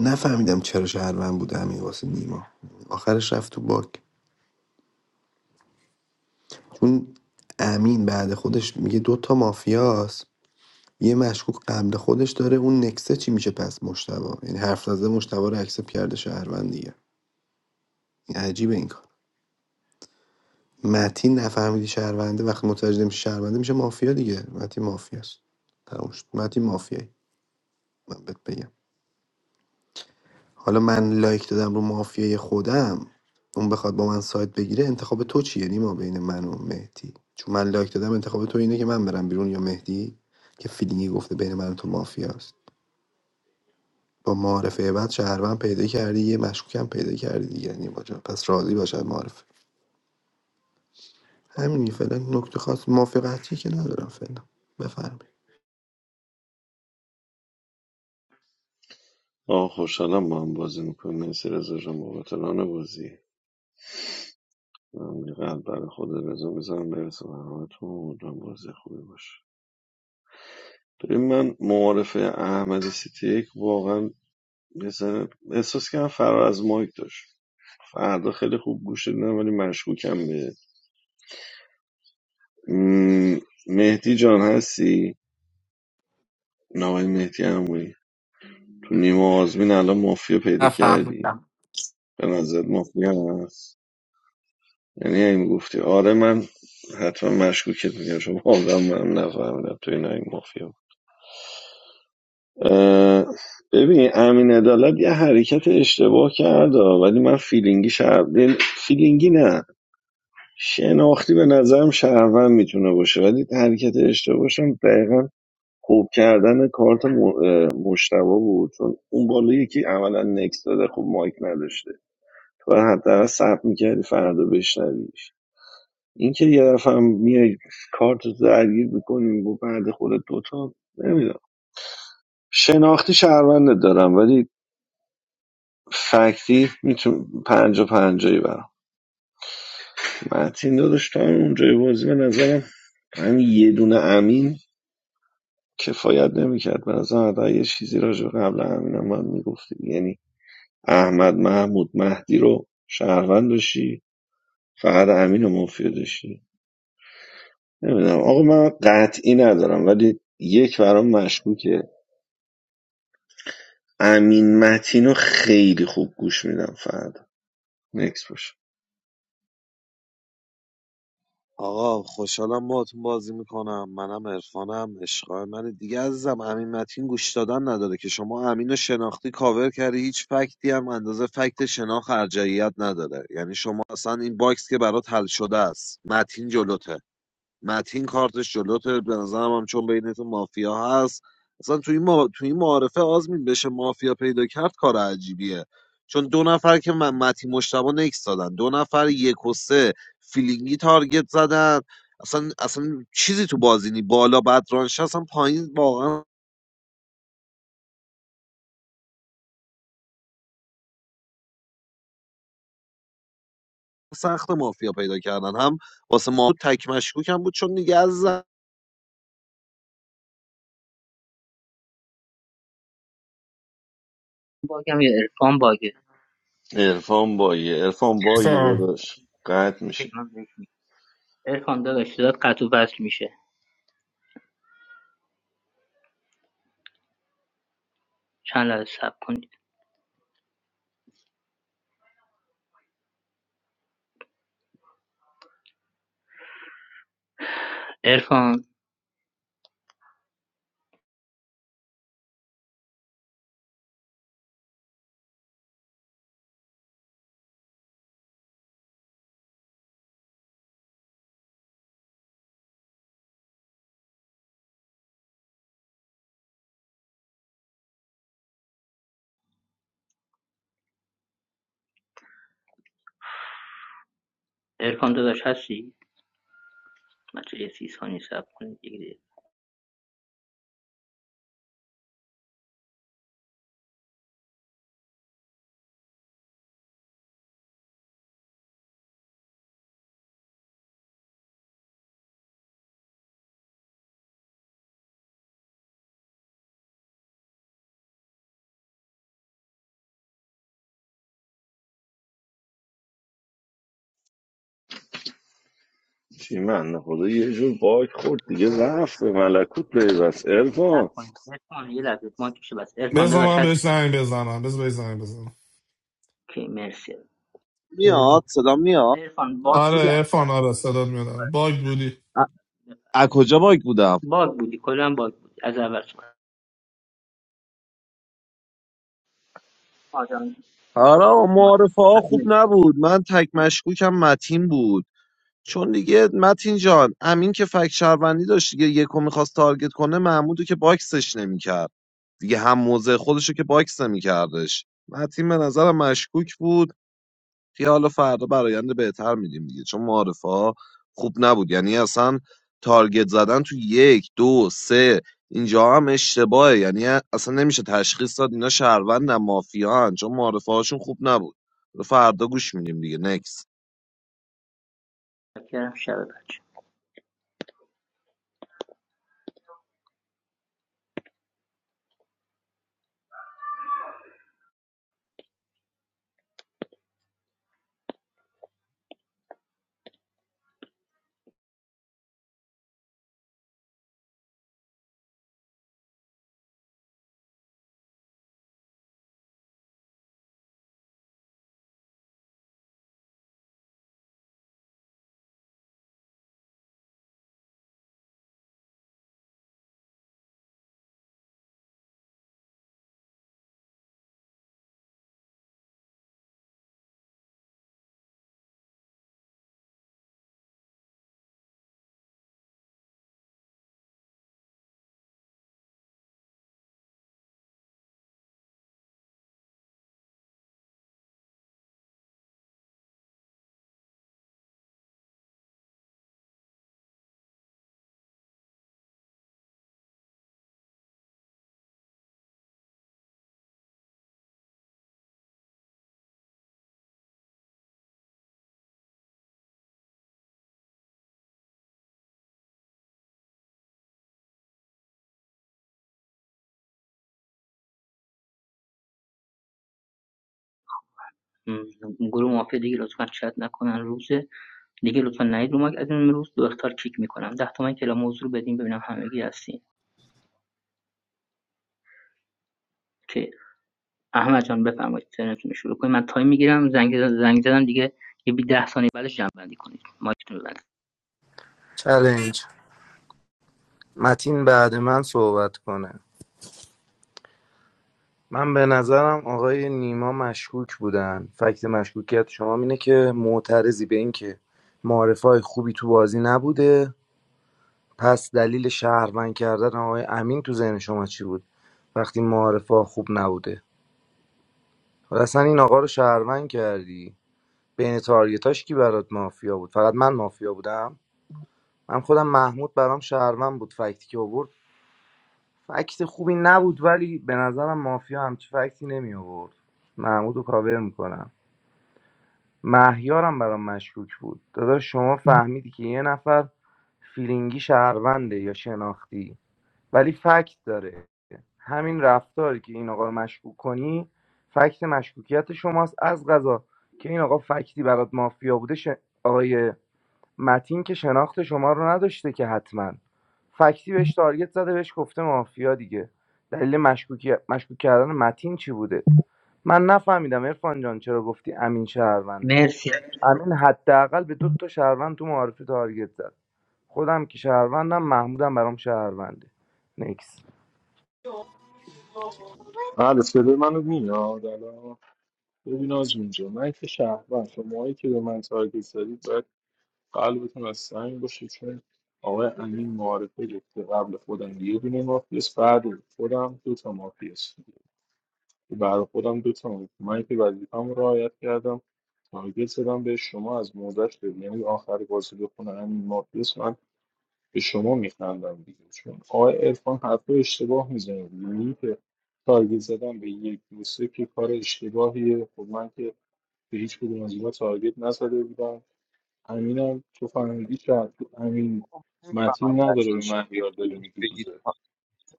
L: نفهمیدم چرا شهروند بود امین واسه نیما آخرش رفت تو باک چون امین بعد خودش میگه دوتا مافیاست یه مشکوک قبل خودش داره اون نکسه چی میشه پس مشتبه یعنی حرف زده مشتبه رو اکسپ کرده شهروند دیگه این عجیبه این کار متین نفهمیدی شهرونده وقتی متوجه میشه شهرونده میشه مافیا دیگه متین مافیاست تموم شد متین مافیایی من بهت بگم حالا من لایک دادم رو مافیای خودم اون بخواد با من سایت بگیره انتخاب تو چیه نیما بین من و مهدی چون من لایک دادم انتخاب تو اینه که من برم بیرون یا مهدی که فیلینگی گفته بین من و تو مافیاست با معارفه بعد شهروند پیدا کردی یه مشکوکم پیدا کردی دیگه نیما جان پس راضی باش از معارفه همین فعلا نکته خاص موافقتی که ندارم فعلا بفرمایید
C: آه خوشحالم با هم بازی میکنیم مرسی رزا جان بابت ران بازی من یه قلب برای خود رزا میزنم برسه به همتون امیدوارم بازی خوبی باشه ببین من معارفه احمد سیتی یک واقعا یه ذره احساس کردم فرار از مایک داشت فردا خیلی خوب گوش دادم ولی مشکوکم به م، مهدی جان هستی نوای مهدی عمویی تو نیمه آزمین الان مافیا پیدا کردی
K: نفهمیدم
C: به نظر مافیا هست یعنی این گفتی آره من حتما مشکوکت میگم شما واقعا من نفهمیدم تو این این مافیا ببین امین عدالت یه حرکت اشتباه کرد آه، ولی من فیلینگی شهر یعنی فیلینگی نه شناختی به نظرم شهروند میتونه باشه ولی حرکت اشتباهشم دقیقا خوب کردن کارت م- اه، مشتبه بود چون اون بالا یکی عملا نکس داده خب مایک نداشته تو حتی حداقل صبر میکردی فردا بشنوی اینکه یه دفعه هم میای کارت رو درگیر میکنیم با بعد خودت دوتا نمیدونم شناختی شهروندت دارم ولی فکتی میتونم پنجا پنجایی برم متین داداش تا اونجای بازی به نظرم همین یه دونه امین کفایت نمیکرد به نظرم حتی یه چیزی راجع به قبل امینم باید میگفتیم یعنی احمد محمود مهدی رو شهروند داشتی فقط امین رو مافیا داشتی نمیدونم آقا من قطعی ندارم ولی یک برام مشکوکه امین متین خیلی خوب گوش میدم فردا نکس باشه
E: آقا خوشحالم باهاتون بازی میکنم منم عرفانم عشقای من دیگه عزیزم امین متین گوش دادن نداره که شما امین رو شناختی کاور کردی هیچ فکتی هم اندازه فکت شناخت ارجعیت نداره یعنی شما اصلا این باکس که برات حل شده است متین جلوته متین کارتش جلوته به نظرم هم چون بینتون مافیا هست اصلا تو این, ما... تو این معارفه آزمین بشه مافیا پیدا کرد کار عجیبیه چون دو نفر که من متین مشتبه نکس دادن دو نفر یک و سه فیلینگی تارگت زدن اصلا اصلا چیزی تو بازی نی بالا بدرانش اصلا پایین واقعا سخت مافیا پیدا کردن هم واسه ما تک مشکوکم بود چون دیگه از زن-
J: باگم یا عرفان باگه
C: عرفان بایه عرفان بایی
I: فرام
C: داداش قطع میشه
J: اوکی من بهش میگم عرفان داداش صدات قطع و وصل میشه چند لحظه صبر کنید عرفان عرفان داداش هستی من چه یه سی ثانیه صبر کنید دیگه
C: چی من خدا یه جور باگ خورد دیگه رفت به ملکوت پیوست
J: صبر
C: ارفان
J: کنید عرفان یه لحظه ما کشه بس عرفان
I: بزن
J: داداش
I: من
J: هست
I: بهش زنگ بزنم بزن بهش زنگ بزنم
J: که مرسی
I: قربون.
E: میاد صدا میاد
J: عرفان باگ
I: آره
J: بودی از
I: ارفان آره صدات
J: اول
I: میادم باگ بودی
E: از کجا باگ بودم
J: باگ بودی کلا باگ بودی از اول صحبت آدم
E: آره
J: من-
E: معارفه ها خوب نبود من تک مشکوکم متین بود چون دیگه متین جان امین که فک شهروندی داشت دیگه یکو میخواست تارگت کنه محمودو که باکسش نمیکرد دیگه هم موضع خودشو که باکس نمیکردش متین به نظرم مشکوک بود که حالا فردا برایند بهتر میدیم دیگه چون معارفه ها خوب نبود یعنی اصلا تارگت زدن تو یک دو سه اینجا هم اشتباهه یعنی اصلا نمیشه تشخیص داد اینا شهروندن مافیان چون معارفه هاشون خوب نبود فردا گوش میدیم دیگه نکس
J: من- شب بچه م، گروه مافیا دیگه لطفا چت نکنن روز دیگه لطفا نهید رو مایک از این امروز دو اختار کیک میکنم ده تومن که اعلام حضور بدین ببینم همگی هستین که احمد جان بفرمایید ترنتون رو شروع کنید من تایم میگیرم زنگ زنگ زدم دیگه یه بی ده ثانیه بعدش جمع بندی کنید مایکتون رو ببندید
D: چلنج متین بعد من صحبت کنه من به نظرم آقای نیما مشکوک بودن فکت مشکوکیت شما اینه که معترضی به اینکه معارفه های خوبی تو بازی نبوده پس دلیل شهروند کردن آقای امین تو ذهن شما چی بود وقتی معارفه خوب نبوده حالا اصلا این آقا رو شهروند کردی بین تارگتاش کی برات مافیا بود فقط من مافیا بودم من خودم محمود برام شهروند بود فکتی که آورد فکت خوبی نبود ولی به نظرم مافیا همچی فکتی نمی آورد محمود رو کاور میکنم مهیارم برام مشکوک بود داداش شما فهمیدی که یه نفر فیلینگی شهرونده یا شناختی ولی فکت داره همین رفتاری که این آقا رو مشکوک کنی فکت مشکوکیت شماست از غذا که این آقا فکتی برات مافیا بوده ش... آقای متین که شناخت شما رو نداشته که حتما فکتی بهش تارگت زده بهش گفته مافیا دیگه دلیل مشکوکی مشکوک کردن متین چی بوده من نفهمیدم عرفان جان چرا گفتی امین شهرونده
J: مرسی
D: امین حداقل به دو تا شهروند تو معارفه تارگت زد خودم که شهروندم محمودم برام شهرونده نکس
H: بله صدای منو میاد الان ببین از اینجا من که شهروند شماهایی که به من تارگت زدید باید قلبتون از سنگ باشه چون آقای امین معارفه گفته قبل خودم یه دونه مافیاس بعد خودم دو تا مافیاس برای خودم دو تا مافیاس. من که وظیفه‌مو رعایت کردم تارگت زدم به شما از موزش ببین یعنی آخر بازی بخونه امین مافیاس من. به شما میخندم دیگه چون آقای عرفان حرف رو اشتباه میزنه دیگه. یعنی که تارگت زدن به یک دو که کار اشتباهیه خب من که به هیچ کدوم از اینا تارگت نزده بودم امینم تو فهمیدی که تو امین متین
M: نمی‌فهمم
H: نداره
M: متین
H: به
M: چی
H: من
M: میگه
H: یاد
M: می‌تونی
H: داره میگی
M: بگید
H: دیگه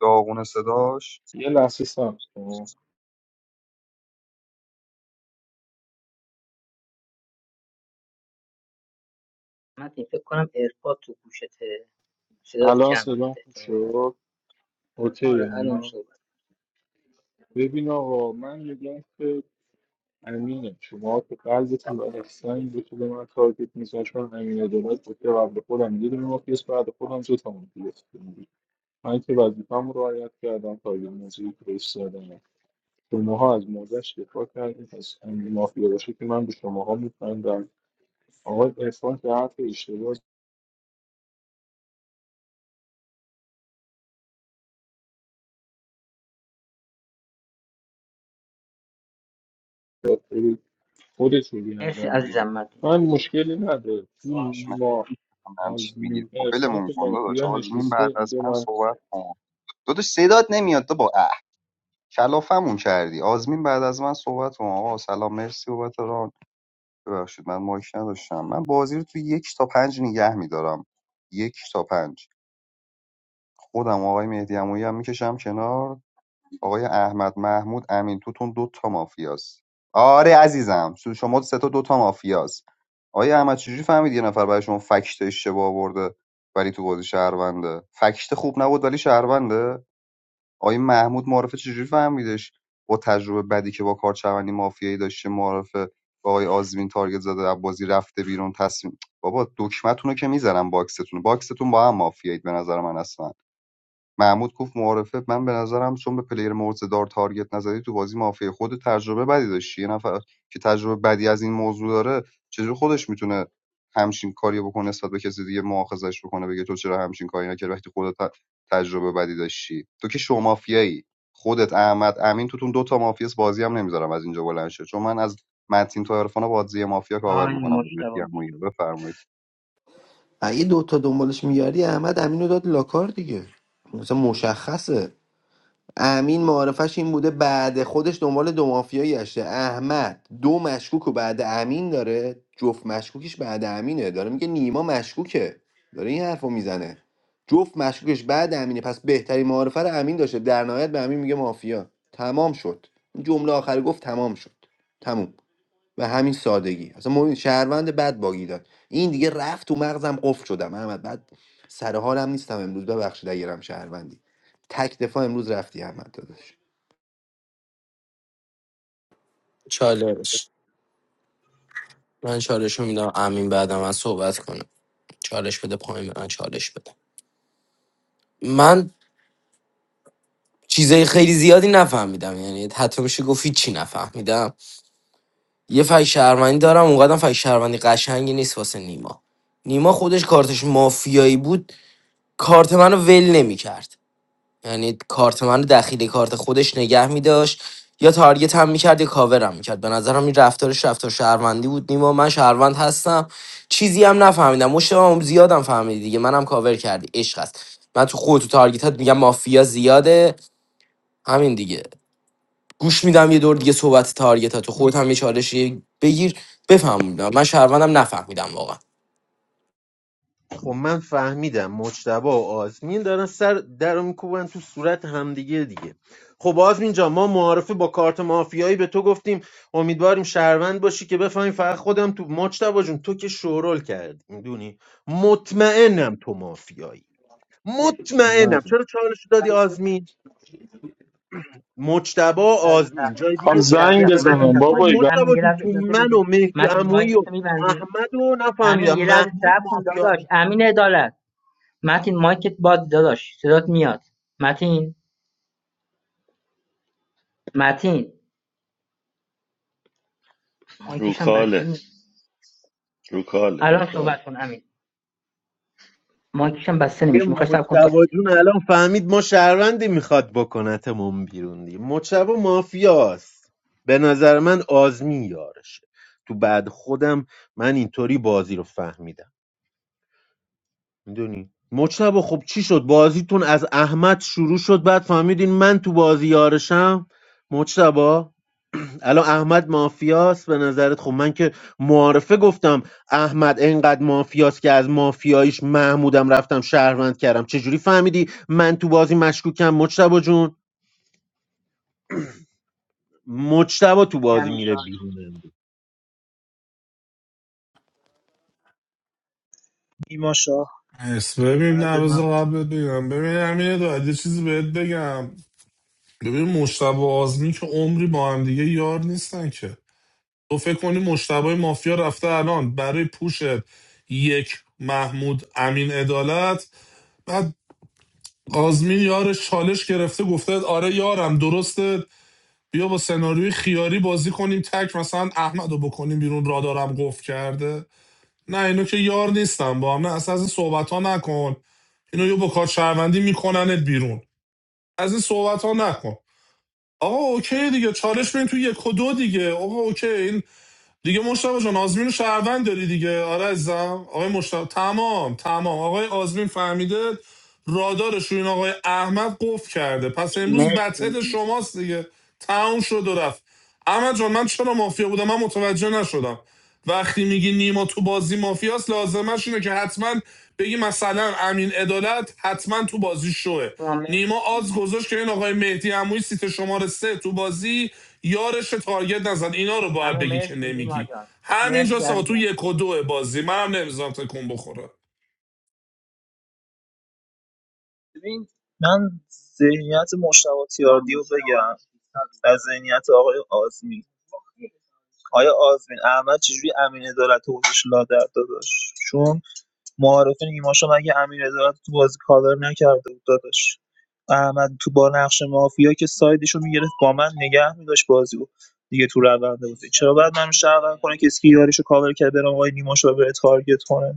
M: داغون صداش
H: یه لحظه سب کن
J: من فکر کنم ایرپاد تو گوشته صدات
H: الان
J: کم میاد
H: صدام خوب
J: احتمالاً
H: شد اوکی
J: آره الان
H: من
J: صحبت
H: ببین آقا من میگم که امین شما که قلبتون و احسان بود که به من تارگت میزن چون امین عدالت بود که قبل خودم یه دونه مافیاس بعد خودم دو تا مافیاس بود. من که وظیفه‌م رو رعایت کردم تارگت موضوعی که بهش زدم شماها از موضعش دفاع کردید پس امین مافیا باشه که من به شماها میخندم آقای احسان که حرف اشتباه زد خیلی خودتون
J: مرسی
H: بیندن
J: عزیزم
H: بگید
J: مدین
H: من
J: جان
H: مشکلی نداره
M: داداش من
H: این ما
M: نمی‌فهمم چی میگی
H: آزمین
M: خب
H: احسان
M: ولمون
H: که
M: کن داداش
H: مافیا
M: آزمین
H: نشسته
M: بعد از
H: اینجا
M: من
H: من
M: صحبت کن داداش صدات نمیاد تو با اه کلافمون کردی آزمین بعد از من صحبت کن آقا سلام مرسی بابت ران ببخشید من مایک نداشتم من بازی رو تو یک تا پنج نگه میدارم یک تا پنج خودم آقای مهدی عمویی هم میکشم کنار آقای احمد محمود امین توتون دو تا مافیاست آره عزیزم سو- شما سه تا دو تا مافیاست آقای احمد چجوری فهمید یه نفر برای شما فکت اشتباه آورده ولی تو بازی شهرونده فکت خوب نبود ولی شهرونده آقای محمود معرفه چجوری فهمیدش با تجربه بدی که با کار چوندی مافیایی داشته معرفه با آقای آزمین تارگت زده از بازی رفته بیرون تصمیم بابا دکمتونو که میزنم باکستون باکستون با هم مافیایید به نظر من اصلا محمود گفت معارفه من به نظرم چون به پلیر مورد دار تارگت نزدی تو بازی مافیا خود تجربه بدی داشتی یه نفر که تجربه بدی از این موضوع داره چجوری خودش میتونه همچین کاری بکنه نسبت به کسی دیگه مؤاخذش بکنه بگه تو چرا همچین کاری نکردی وقتی خودت ت- تجربه بدی داشتی تو که شو مافیایی خودت احمد امین توتون دو تا مافیاس بازی هم نمیذارم از اینجا بلند شه چون من از متین تا عرفان بازی مافیا کاور
J: تایم
M: میکنم
J: مشتاق
M: بفرمایید
L: اگه دوتا دنبالش میگردی احمد امینو داد لاکار دیگه مثلا مشخصه امین معارفش این بوده بعد خودش دنبال دو مافیایی گشته احمد دو مشکوک و بعد امین داره جفت مشکوکش بعد امینه داره میگه نیما مشکوکه داره این حرفو میزنه جفت مشکوکش بعد امینه پس بهترین معارفه رو امین داشته در نهایت به امین میگه مافیا تمام شد این جمله آخر گفت تمام شد تموم به همین سادگی اصلا ما شهروند بد باگی داد این دیگه رفت تو مغزم قفل شدم احمد بعد سر حالم نیستم امروز ببخشید اگرم شهروندی تک دفاع امروز رفتی احمد داداش
K: چالش من چالش رو میدم امین بعد من صحبت کنم چالش بده پایین به من چالش بده من چیزای خیلی زیادی نفهمیدم یعنی حتی میشه گفت هیچی نفهمیدم یه فای شهروندی دارم اونقدر فای شهروندی قشنگی نیست واسه نیما نیما خودش کارتش مافیایی بود کارت منو ول نمیکرد یعنی کارت من رو داخل کارت خودش نگه میداشت یا تارگت هم میکرد یا کاور هم میکرد به نظرم این رفتارش رفتار شهروندی بود نیما من شهروند هستم چیزی هم نفهمیدم مشتم زیادم فهمیدی دیگه منم کاور کردی عشق است من تو خود تو تارگتات میگم مافیا زیاده همین دیگه گوش میدم یه دور دیگه صحبت تارگتات تو خودت هم یه چالشی بگیر بفهمیدم من شهروندم نفهمیدم واقعا
G: خب من فهمیدم مجتبی و آزمین دارن سر در رو میکوبن تو صورت همدیگه دیگه خب آزمین جان ما معارفه با کارت مافیایی به تو گفتیم امیدواریم شهروند باشی که بفهمی فقط خودم تو مجتبی جون تو که شورول کردی میدونی مطمئنم تو مافیایی مطمئنم
H: نه
G: چرا چالش دادی آزمین مجتبا آزمین جای
H: خب
G: دیگه
J: همین یه لحظه
G: به
J: صبر
H: زنگ
J: متین
G: نظرم
H: بزنم
J: جان
G: خب
J: مایک
H: بابایی ب...
J: همین
G: مجتبی
J: یه
G: جون
J: لحظه
G: تو
J: اجازه
G: من
J: بده
G: و مهدی
J: متین
G: عمویی و
J: مایکتو میبندی
G: احمد و
J: امین
G: نفهمیدم
J: یه لحظه
G: محمود
J: صبر کن
G: مافیا
J: داداش امین عدالت متین مایکت بازه داداش صدات میاد متین متین
C: رو
J: مایکشم بسته
C: کاله
J: نیست
C: رو کاله رو
J: الان
C: کاله
J: صحبت کن امین مایکشم بسته
G: دیگه
J: نمیشه میخوای صبر کن تا
G: مجتبی جون الان فهمید ما شهروندی میخواد بکنتمون بیرون دیگه مجتبا مافیاست به نظر من آزمین یارشه تو بعد خودم من اینطوری بازی رو فهمیدم میدونی مجتبا خب چی شد بازیتون از احمد شروع شد بعد فهمیدین من تو بازی یارشم مجتبا الان احمد مافیاست به نظرت خب من که معارفه گفتم احمد اینقدر مافیاست که از مافیاییش محمودم رفتم شهروند کردم چجوری فهمیدی من تو بازی مشکوکم مجتبا جون مجتبا تو
J: مرسی
G: بازی
J: امین
G: میره
J: جان.
G: بیرون
F: نیما شاه
I: اس ببین
F: بعد
I: نه
F: من
I: بذار قبلت بگم ببین امیر داد یه چیزی بهت بگم ببین مشتبه و آزمی که عمری با هم دیگه یار نیستن که تو فکر کنی مشتبه مافیا رفته الان برای پوشت یک محمود امین عدالت بعد آزمین یارش چالش گرفته گفته آره یارم درسته بیا با سناریوی خیاری بازی کنیم تک مثلا احمد رو بکنیم بیرون رادارم قفل کرده نه اینو که یار نیستم با هم نه اصلا از این صحبت ها نکن اینو یه با کار شهروندی میکننت بیرون از این صحبت ها نکن آقا اوکی دیگه چالش بین تو یک و دو دیگه آقا اوکی این دیگه مشتبه جان آزمین رو شهروند داری دیگه آره عزیزم آقای مشتبه تمام تمام آقای آزمین فهمیده رادارش رو این آقای احمد قفل کرده پس امروز
J: مرسی
I: بتل شماست دیگه تموم شد و رفت احمد جان من چرا مافیا بودم من متوجه نشدم وقتی میگی نیما تو بازی مافیاست لازمش اینه که حتما بگی مثلا امین عدالت حتما تو بازی شوه
J: شما
I: نیما آز گذاشت که این آقای مهدی عمویی سیت شماره سه تو بازی یارش تارگت نزد اینا رو باید
J: عمو
I: بگی که
J: مرسی نیما
I: نمیگی
J: جان
I: همینجا
J: مرسی
I: آقا تو
J: عزیزم
I: یک و دو بازی منم نمیذارم تکون بخوره
F: من ذهنیت مشتبه تیاردی رو بگم از ذهنیت آقای آزمی آیا آزمین احمد چجوری امین عدالت رو گذاشت لادر داداش چون معارفه نیماشا مگه امین عدالت تو بازی کاور نکرده بود داداش احمد تو با نقش مافیا که سایدش رو میگرفت با من نگه میداشت بازی رو دیگه تو روند بازی چرا باید من شهروند کنه کسی که یارش رو کاور کرده برام آقای نیماشا رو بره تارگت کنه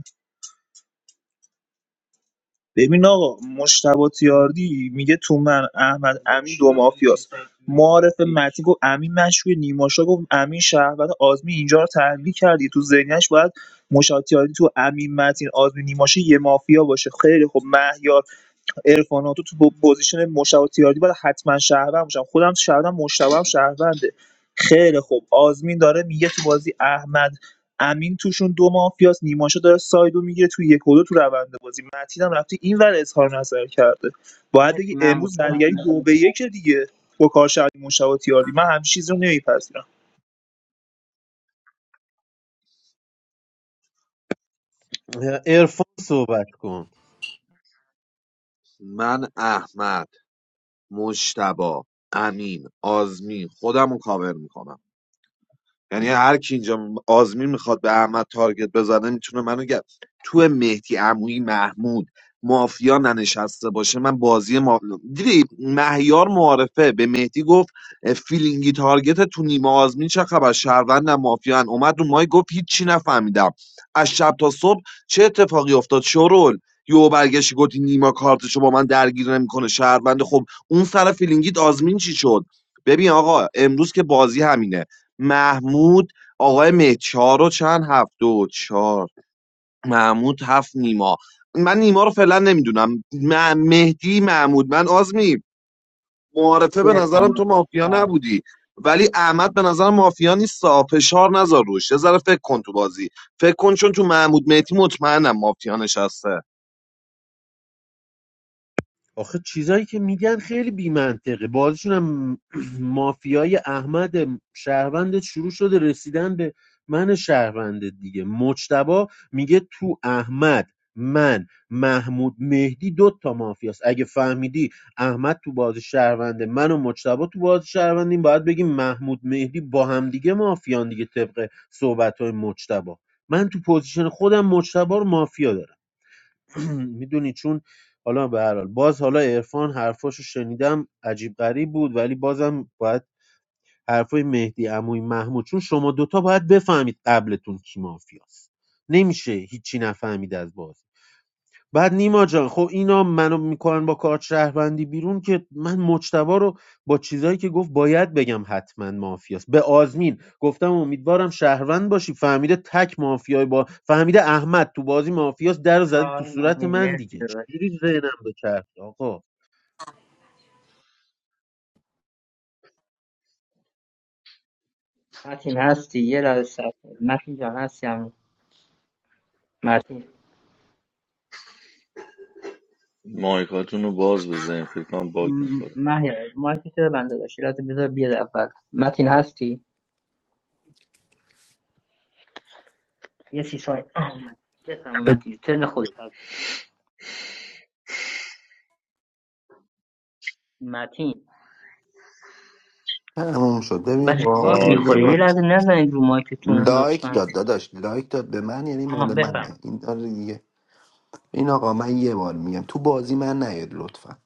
F: ببین آقا مشتبه تیاردی میگه تو من احمد امین دو مافیاست معارف متی گفت امین مشوی نیماشا گفت امین شهروند آزمی اینجا رو تحلیل کردی تو ذهنیش باید مشتبه تیاردی تو امین متین آزمی نیماشا یه مافیا باشه خیلی خب مهیار ارفان تو تو پوزیشن مشتبه تیاردی باید حتما شهروند باشم خودم شهروندم مشتبه هم شهرونده خیلی خوب آزمین داره میگه تو بازی احمد امین توشون دو مافیاست نیماشو داره سایدو میگیره تو یک و دو تو روند بازی متین هم رفته این ور اظهار نظر کرده باید
J: مرسی
F: بگی
J: محمود
F: امروز
J: تایم
F: زرگری دو به یک دیگه با کار شهری مشتبه تیاردی من همین چیز رو نمیپذیرم
G: امروز عرفان صحبت کن
E: من احمد مجتبا امین آزمین خودم رو کاور میکنم یعنی هر کی اینجا آزمین میخواد به احمد تارگت بزنه میتونه منو گه تو مهدی عمویی محمود مافیا ننشسته باشه من بازی ما دیدی مهیار معارفه به مهدی گفت فیلینگی تارگت تو نیمه آزمین چه خبر شهروند مافیا اومد رو مای گفت هیچی نفهمیدم از شب تا صبح چه اتفاقی افتاد شورول یو برگشتی گفتی نیما کارتشو با من درگیر نمیکنه شهروند خب اون سر فیلینگیت آزمین چی شد ببین آقا امروز که بازی همینه محمود آقای مه چهار و چند هفته و چهار محمود هفت نیما من نیما رو فعلا نمیدونم م- مهدی محمود من آزمی معارفه
J: مرسی
E: به
J: عرفان
E: نظرم تو
J: داداش.
E: مافیا
J: تایم
E: نبودی ولی احمد به نظرم مافیا نیست فشار نذار روش یه ذره فکر کن تو بازی فکر کن چون تو محمود مهدی مطمئنم مافیا نشسته
G: آخه چیزایی که میگن خیلی بیمنطقه بازشون هم مافیای احمد شهروند شروع شده رسیدن به من شهروند دیگه مجتبا میگه تو احمد من محمود مهدی دو تا مافیاست اگه فهمیدی احمد تو باز شهرونده من و مجتبا تو باز شهروندیم باید بگیم محمود مهدی با همدیگه مافیان دیگه طبق صحبت های من تو پوزیشن خودم مجتبا رو مافیا دارم میدونی چون حالا به هر حال باز حالا عرفان حرفاشو شنیدم عجیب غریب بود ولی بازم باید حرفای مهدی عموی محمود چون شما دوتا باید بفهمید قبلتون کی مافیاست نمیشه هیچی نفهمید از باز بعد نیما جان خب اینا منو میکنن با کارت شهروندی بیرون که من مجتبا رو با چیزایی که گفت باید بگم حتما مافیاست به آزمین گفتم امیدوارم شهروند باشی فهمیده تک مافیای با فهمیده احمد تو بازی مافیاست در رو زده تو
J: تایم
G: صورت
J: امین
G: من
J: مرسی
G: دیگه
J: داداش
G: چجوری ذهنم بچرخه آقا
J: متین هستی یه لحظه صبر کن. متین جان هستی امین متین
C: مایکاتون رو باز بزنین فکر کنم باگ
J: م-
C: میخوره
J: مهیار مایکت رو بنده داشت یه لحظه بذار بیاد اول متین هستی یه سی ثانیه بفرما متین ترن خود متین
L: تموم شد ببین
J: بچه
L: با
J: باگ
L: من
J: میخوره یه
L: داداش.
C: رازمین
J: لحظه نزنید رو مایکتون
L: لایک
J: لطفا
L: داد داداش لایک داد به من یعنی
J: آها
L: مال منه
J: بفرم
L: این آره دیگه این آقا من یه بار میگم تو بازی من نیاد لطفا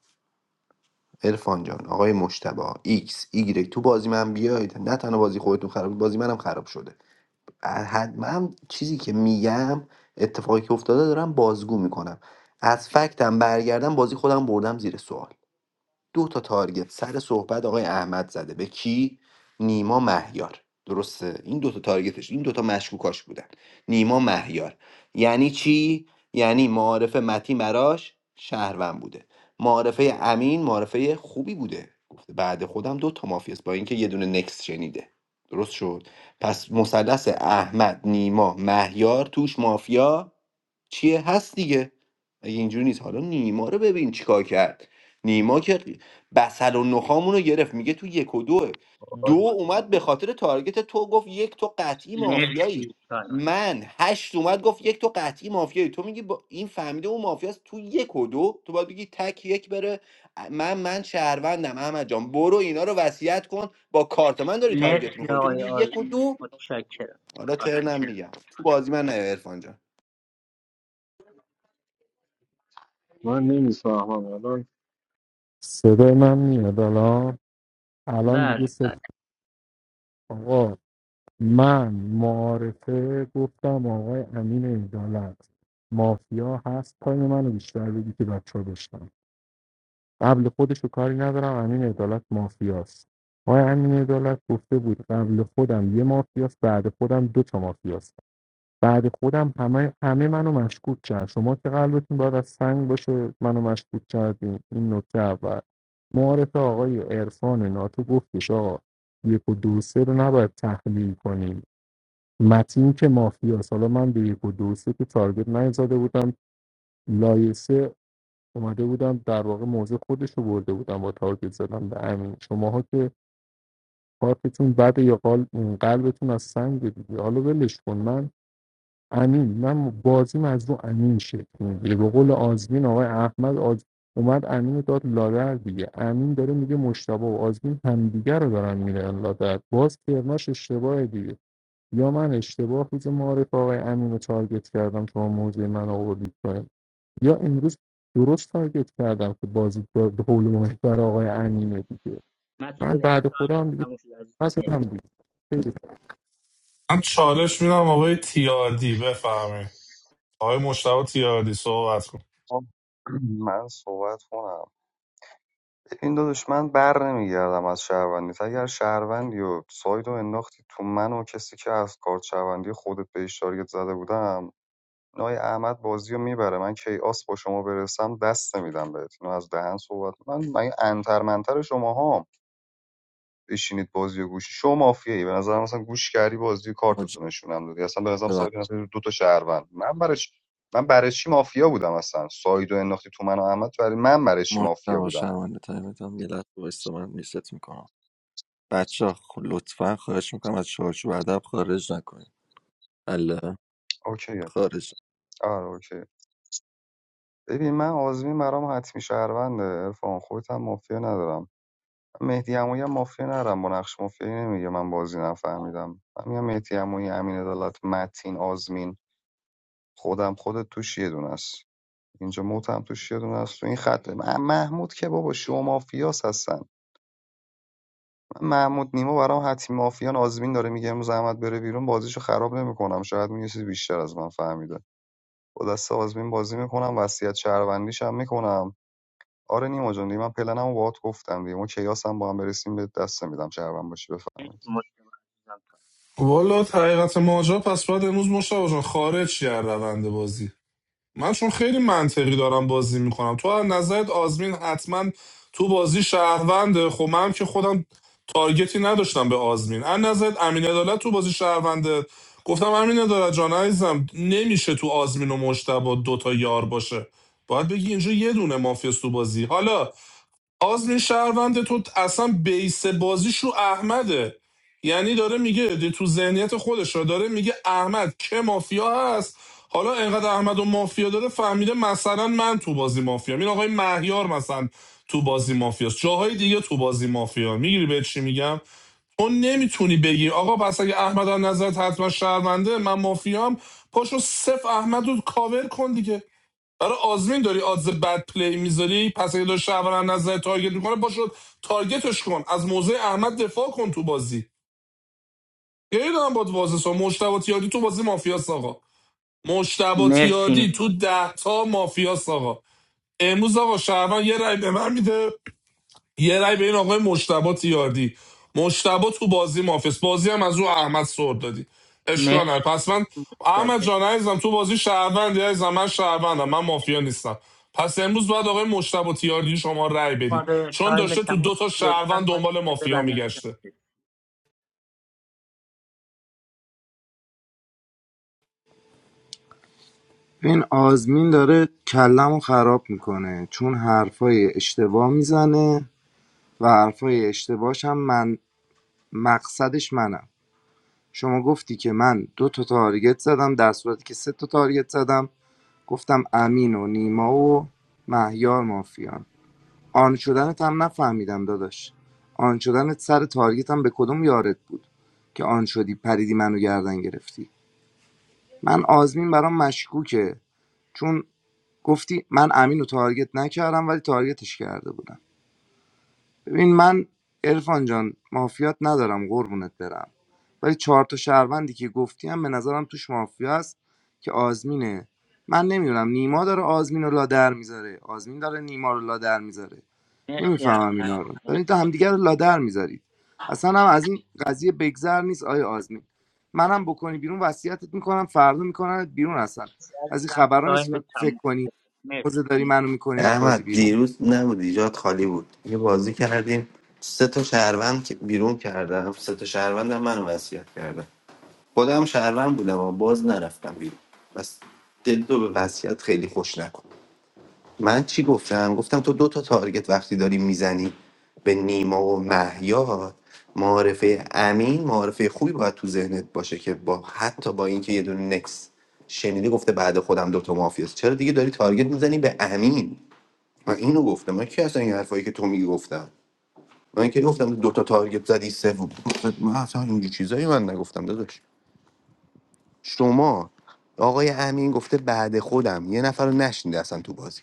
L: عرفان جان آقای مشتبه ایکس ایگرگ تو بازی من بیاید نه تنها بازی خودتون خراب بازی منم خراب شده حد من چیزی که میگم اتفاقی که افتاده دارم بازگو میکنم از فکتم برگردم بازی خودم بردم زیر سوال دو تا تارگت سر صحبت آقای احمد زده به کی نیما مهیار درسته این دو تا تارگتش این دو تا مشکوکاش بودن نیما مهیار یعنی چی یعنی معارفه متی مراش شهروند بوده معارفه امین معارفه خوبی بوده گفته بعد خودم دو تا مافیاست با اینکه یه دونه نکس شنیده درست شد پس مثلث احمد نیما مهیار توش مافیا چیه هست دیگه اگه اینجوری نیست حالا نیما رو ببین چیکار کرد نیما که بسل و نخامون رو گرفت میگه تو یک و دوه دو
M: آره،
L: اومد به خاطر تارگت تو گفت یک تو قطعی مافیایی
J: مرسی تایم.
L: من هشت اومد گفت یک تو قطعی مافیایی تو میگی با این فهمیده اون مافیاست تو یک و دو تو باید بگی تک یک بره من من شهروندم احمد جان برو اینا رو وصیت کن با کارت من داری تارگت
J: مرسی
L: میخوری تو
J: آقای
L: میگی یک و
J: آزمین
L: دو
J: متشکرم
L: حالا
J: تایم.
L: ترنم میگم تو بازی من نه عرفان جان.
H: من نمیفهمم الان صدای من میاد الان الان
J: بله
H: دیگه
J: بله
H: صدا آقا من معارفه گفتم آقای امین عدالت مافیا هست پای منو بیشتر بگی که بچه ها داشتم قبل خودش کاری ندارم امین عدالت مافیاست آقای امین عدالت گفته بود قبل خودم یه مافیاست بعد خودم دو تا مافیاست بعد خودم همه همه منو مشکوک کرد شما که قلبتون باید از سنگ باشه منو مشکوک کردین این نکته اول معارف آقای عرفان ناتو گفتش آقا یک و دو سه رو نباید تحلیل کنیم متین که مافیاست حالا من به یک و دو سه که تارگت نیزاده بودم لایسه اومده بودم در واقع موضع خودش رو برده بودم با تارگت زدم به امین شماها که کارتون بده یا قال- قلبتون از سنگ دیگه حالا ولش کن من امین من بازیم از رو امین شکل میگیره به قول آزمین آقای احمد آز... اومد امین رو داد لادر دیگه امین داره میگه مشتبه و آزمین همدیگه رو دارن میرن لادر باز ترناش اشتباه دیگه یا من اشتباه روز معارف آقای امین رو تارگت کردم تا موضوع من آوردید پایین یا امروز درست تارگت کردم که بازی به به قول محتر آقای امینه دیگه
J: متین
H: من
J: جان،
H: بعد
J: تایم
H: خودم هم دیگه
J: تموم شد عزیزم
H: پس
J: مرسی
H: هم دیگه خیلی
I: من چالش میدم آقای تیاردی بفهمی آقای مشتبه تیاردی صحبت کن
M: من صحبت کنم این داداش من بر نمیگردم از شهروندیت اگر شهروندی و سایدو انداختی تو من و کسی که از کارت شهروندی خودت بهش تارگت زده بودم نای احمد بازی رو میبره من کیاس با شما برسم دست نمیدم بهت اینو از دهن صحبت من من انتر منتر شما هم بشینید بازی و گوشی شما مافیه ای به نظرم مثلا گوش کردی بازی کارتتون
B: مجید
M: نشونم دادی اصلا به نظرم سایت اصلا دو تا شهروند من برای چی- من برای چی مافیا بودم اصلا سایدو انداختی تو من و احمد برای من برای چی مافیا
B: مجتبی
M: بودم
B: شرمنده تایمتان یه لحظه وایسا من میست میکنم بچه ها لطفا خواهش میکنم از چارچوب ادب خارج نکنید الله
M: اوکیه
B: خارج
M: آره اوکی ببین من آزمین برام حتمی شهرونده عرفان خودت هم مافیا ندارم من مهدی عمویی هم مافیا ندارم با نقش مافیایی نمیگه من بازی نفهمیدم من میگم مهدی عمویی امین عدالت متین آزمین خودم خودت توش یه دونه است اینجا موت هم توش یه دونه است تو این خط من- محمود که بابا شو مافیاس هستن من محمود نیما برام حتمی مافیان آزمین داره میگه امروز احمد بره بیرون بازیشو خراب نمیکنم شاید میگه چیز بیشتر از من فهمیده با دست آزمین بازی میکنم وصیت شهروندیش هم میکنم آره نیما جون دیگه من پلنمو باهات گفتم دیگه اون کیاس هم با هم برسیم به دست میدم شهروند باشی بفهمید
J: متشکرم عزیزم تایم.
I: والا حقیقت ماجرا پس باید امروز مشتبه جان خارج شی از روند بازی من چون خیلی منطقی دارم بازی میکنم تو از نظرت آزمین حتما تو بازی شهرونده خب من که خودم تارگتی نداشتم به آزمین از نظرت امین عدالت تو بازی شهرونده گفتم امین عدالت جان عزیزم نمیشه تو آزمین و مشتبه دوتا یار باشه باید بگی اینجا یه دونه مافیاست تو بازی حالا آز شهروند تو اصلا بیس بازیش رو احمده یعنی داره میگه تو ذهنیت خودش رو داره میگه احمد که مافیا هست حالا انقدر احمد و مافیا داره فهمیده مثلا من تو بازی مافیا این آقای مهیار مثلا تو بازی مافیاست جاهای دیگه تو بازی مافیا میگیری به چی میگم تو نمیتونی بگی آقا پس اگه احمد از نظرت حتما شهرونده من مافیام پاشو صف احمد رو کاور کن دیگه برای آزمین داری آدز بد پلی میذاری پس اگه داره شهروند نظر تارگت میکنه باشو تارگتش کن از موضع احمد دفاع کن تو بازی گریه دارم باد واضح سا مشتبه تیادی تو بازی مافیاست آقا مشتبه
J: مرسی
I: تیادی تو
J: نیما
I: ده تا مافیاست آقا امروز آقا شهروند یه رای به من میده یه رای به این آقای مشتبا تیاردی مشتبا تو بازی مافس بازی هم از او احمد سر دادی اشکال نه
J: مرسی
I: پس من احمد
J: متشکرم
I: جان عزیزم تو بازی شهروندی عزیزم من شهروندم من مافیا نیستم پس امروز باید آقای مشتبا تیاردی شما رای بدی
J: آره
I: چون
J: تایم
I: داشته تو
J: تموم شد.
I: دو تا
J: لطفا
I: شهروند
J: مایک
I: دنبال مافیا
J: ببندید
I: میگشته
J: عزیزم.
D: این آزمین داره کلمو خراب میکنه چون حرفای اشتباه میزنه و حرفای اشتباهش هم من مقصدش منم شما گفتی که من دو تا تارگت زدم در صورتی که سه تا تارگت زدم گفتم امین و نیما و مهیار مافیان آن شدنت هم نفهمیدم داداش آن شدنت سر تارگت هم به کدوم یارت بود که آن شدی پریدی منو گردن گرفتی من آزمین برام مشکوکه چون گفتی من امین رو تارگت نکردم ولی تارگتش کرده بودم ببین من عرفان جان مافیات ندارم قربونت برم ولی چهار تا شهروندی که گفتی هم به نظرم توش مافیا است که آزمینه من نمیدونم نیما داره آزمین رو لادر میذاره آزمین داره نیما رو لادر میذاره
J: مرسی
D: نمیفهمم
J: احمد
D: اینا رو دارید تا
J: مرسی
D: همدیگه رو لادر میذارید اصلا هم از این قضیه بگذر نیست آیا آزمین منم بکنی بیرون وصیتت میکنم فردا میکنم بیرون اصلا از این
J: عزیزم
D: خبرا نیست
J: تایم
D: فکر فکر
J: تموم
D: کنی
J: شد. مرسی
D: موزه داری منو میکنی از بازی
L: احمد
D: بیرون
L: دیروز نبود ایجاد خالی بود یه بازی کردیم سه تا شهروند که بیرون کردم سه تا شهروند هم منو وصیت کردم خودم شهروند بودم اما باز نرفتم بیرون بس دل تو به وصیت خیلی خوش نکن من چی گفتم گفتم تو دو تا تارگت وقتی داری میزنی به نیما و محیا معارفه امین معارفه خوبی باید تو ذهنت باشه که با حتی با اینکه یه دونه نکس شنیده گفته بعد خودم دو تا مافیاست چرا دیگه داری تارگت میزنی به امین من اینو گفتم من کی اصلا این حرفایی که تو میگی گفتم من که گفتم دو تا تارگت زدی سه و- من اصلا اینجور چیزایی من نگفتم داداش شما آقای امین گفته بعد خودم یه نفر رو نشنیده اصلا تو بازی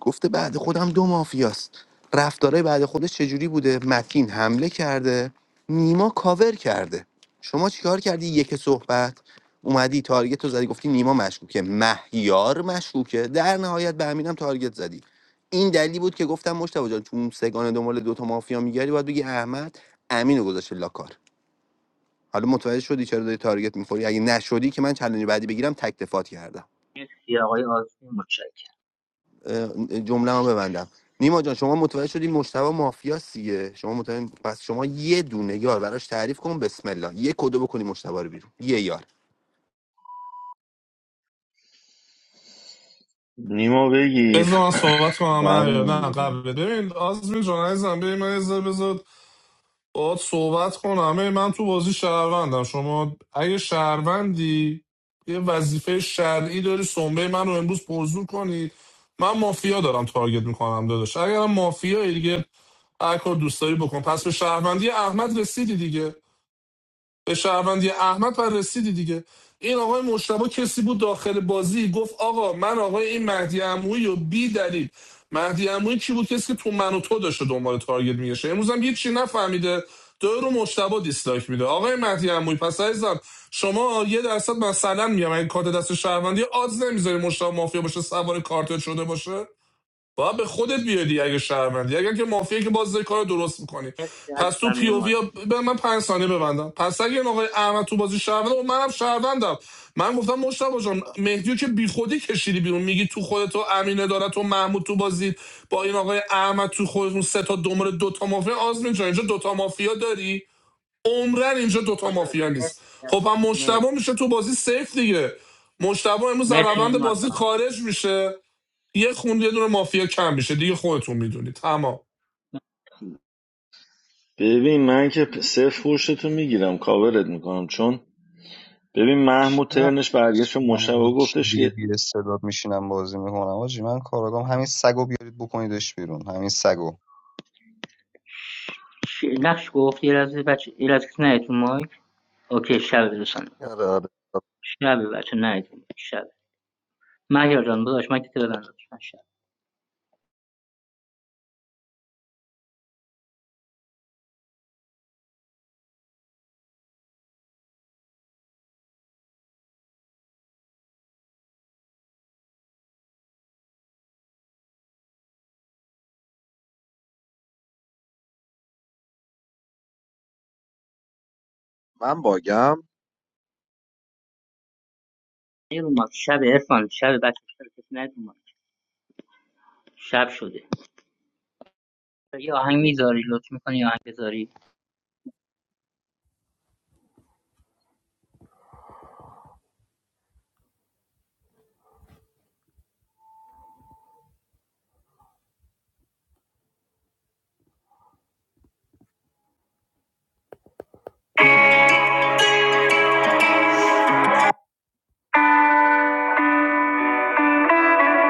L: گفته بعد خودم دو مافیاست رفتارای بعد خودش چجوری بوده متین حمله کرده نیما کاور کرده شما چیکار کردی یک صحبت اومدی تارگت رو زدی گفتی نیما مشکوکه مهیار مشکوکه در نهایت به امینم تارگت زدی این دلیلی بود که گفتم مشتبه جان چون سگانه دنبال دوتا مافیا میگردی باید بگی احمد امینو گذاشته لاکار حالا متوجه شدی چرا داری تارگت میخوری اگه نشدی که من چالش بعدی بگیرم تک دفاعت کردم
J: مرسی آقای آزمین متشکرم
L: جمله ببندم نیما جان شما متوجه شدی مشتبه مافیاست دیگه شما متوجه پس شما یه دونه یار براش تعریف کن بسم الله یه کدو بکنی مشتبه رو بیرون یه یار
C: نیما بگیر
I: بذار من صحبت کنم
C: بعد
I: من نه
C: من
I: قبل
C: بگم.
I: ببین آزمین جان عزیزم ببین من یه بذار باید صحبت کنم ای من تو بازی شهروندم شما اگه شهروندی یه وظیفه شرعی داری سنبه من رو امروز موضوع کنید من مافیا دارم تارگت میکنم داداش اگرم مافیا دیگه هر کار دوست داری بکن پس به شهروندی احمد رسیدی دیگه به شهروندی احمد و رسیدی دیگه این آقای مشتبه کسی بود داخل بازی گفت آقا من آقای این مهدی عمویی و بی دلیل مهدی عمویی کی بود کسی که تو من و تو داشته دنبال تارگت میگشه امروز هم هیچ چی نفهمیده دو رو مشتبه دیسلایک میده آقای مهدی عمویی پس عزیزم شما یه درصد مثلا میگم این کارت دست شهروندی آز نمیذاری مشتبه مافیا باشه سوار کارت شده باشه باید به خودت بیادی اگه شهروندی اگر که مافیه که باز کار درست میکنی
J: مرسی
I: پس تو
J: عزیزم
I: پی او
J: نیما
I: وی به من پنج ثانیه ببندم پس اگه این آقای احمد تو بازی شهروند و منم شهروندم من گفتم مشتبه جان مهدیو که بیخودی کشیدی بیرون میگی تو خودت و امینه داره تو محمود تو بازی با این آقای احمد تو خودتون سه تا دنبال دوتا مافیا آزمین جان اینجا دوتا مافیا داری عمرن اینجا دوتا
J: جان.
I: مافیا نیست خب هم مشتبه
J: مرسی
I: میشه تو بازی سیف دیگه مشتبه امروز در
J: مرسی
I: روند
J: نیما
I: بازی
J: جان
I: خارج میشه یه خون یه دونه مافیا کم میشه دیگه خودتون میدونی تمام
C: ببین من که صفر پشتتو میگیرم کاورت میکنم چون ببین محمود
M: چرا
C: ترنش برگشت و
M: من
C: مشتبه گفتش که
M: دیگه بی استعداد میشینم بازی میکنم آجی من کاراگام همین سگو بیارید بکنیدش بیرون همین سگو
J: ش- نقش گفت یه لحظه بچه یه لحظه کسی نیاد تو مایک اوکی شب دوستان
B: آره آره
J: شب بچه نیاد تو مایک شب مهیار جان داداش من کتی ببند لطفاً شب
E: من باگم
J: یه رو مایک شب عرفان شب بچه شب کسی نیاد تو مایک شب شده یه آهنگ میذاری لطف میکنی یه آهنگ بذاری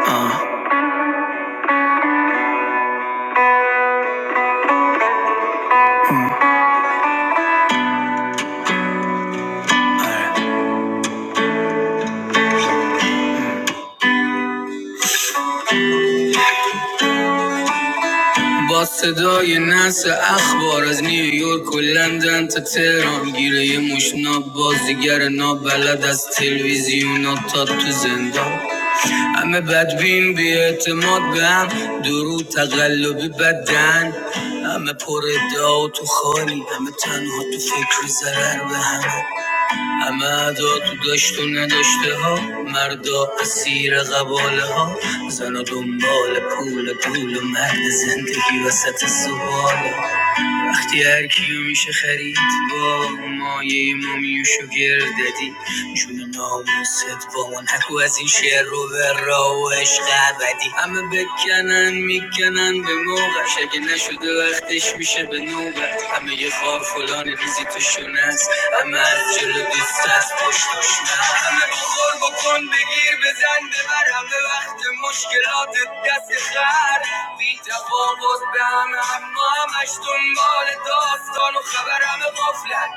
B: آه، آره. با صدای نس اخبار از نیویورک و لندن تا تهران گیره یه مشناب بازیگر نابلد از تلویزیون تا تو زندان همه بدبین بی اعتماد به هم درو تقلبی بدن همه پر ادعا و تو خالی همه تنها تو فکر ضرر به هم همه ادا تو داشت و نداشته ها مردا اسیر قباله ها زنا دنبال پول پول و مرد زندگی وسط سواله ها. وقتی هر کیو میشه خرید با مایه ما میوشو گرددی جون ناموست با من نگو از این شعر رو به را و عشق ابدی همه بکنن میکنن به موقعش اگه نشده وقتش میشه به نوبت همه یه خار فلان ریزی توشون هست همه از جلو دوست از پشت دشمن همه بخور بکن بگیر بزن ببر همه وقت مشکلات دست خر بی تفاوت به همه اما همش دنبال داستان و خبر همه قفلن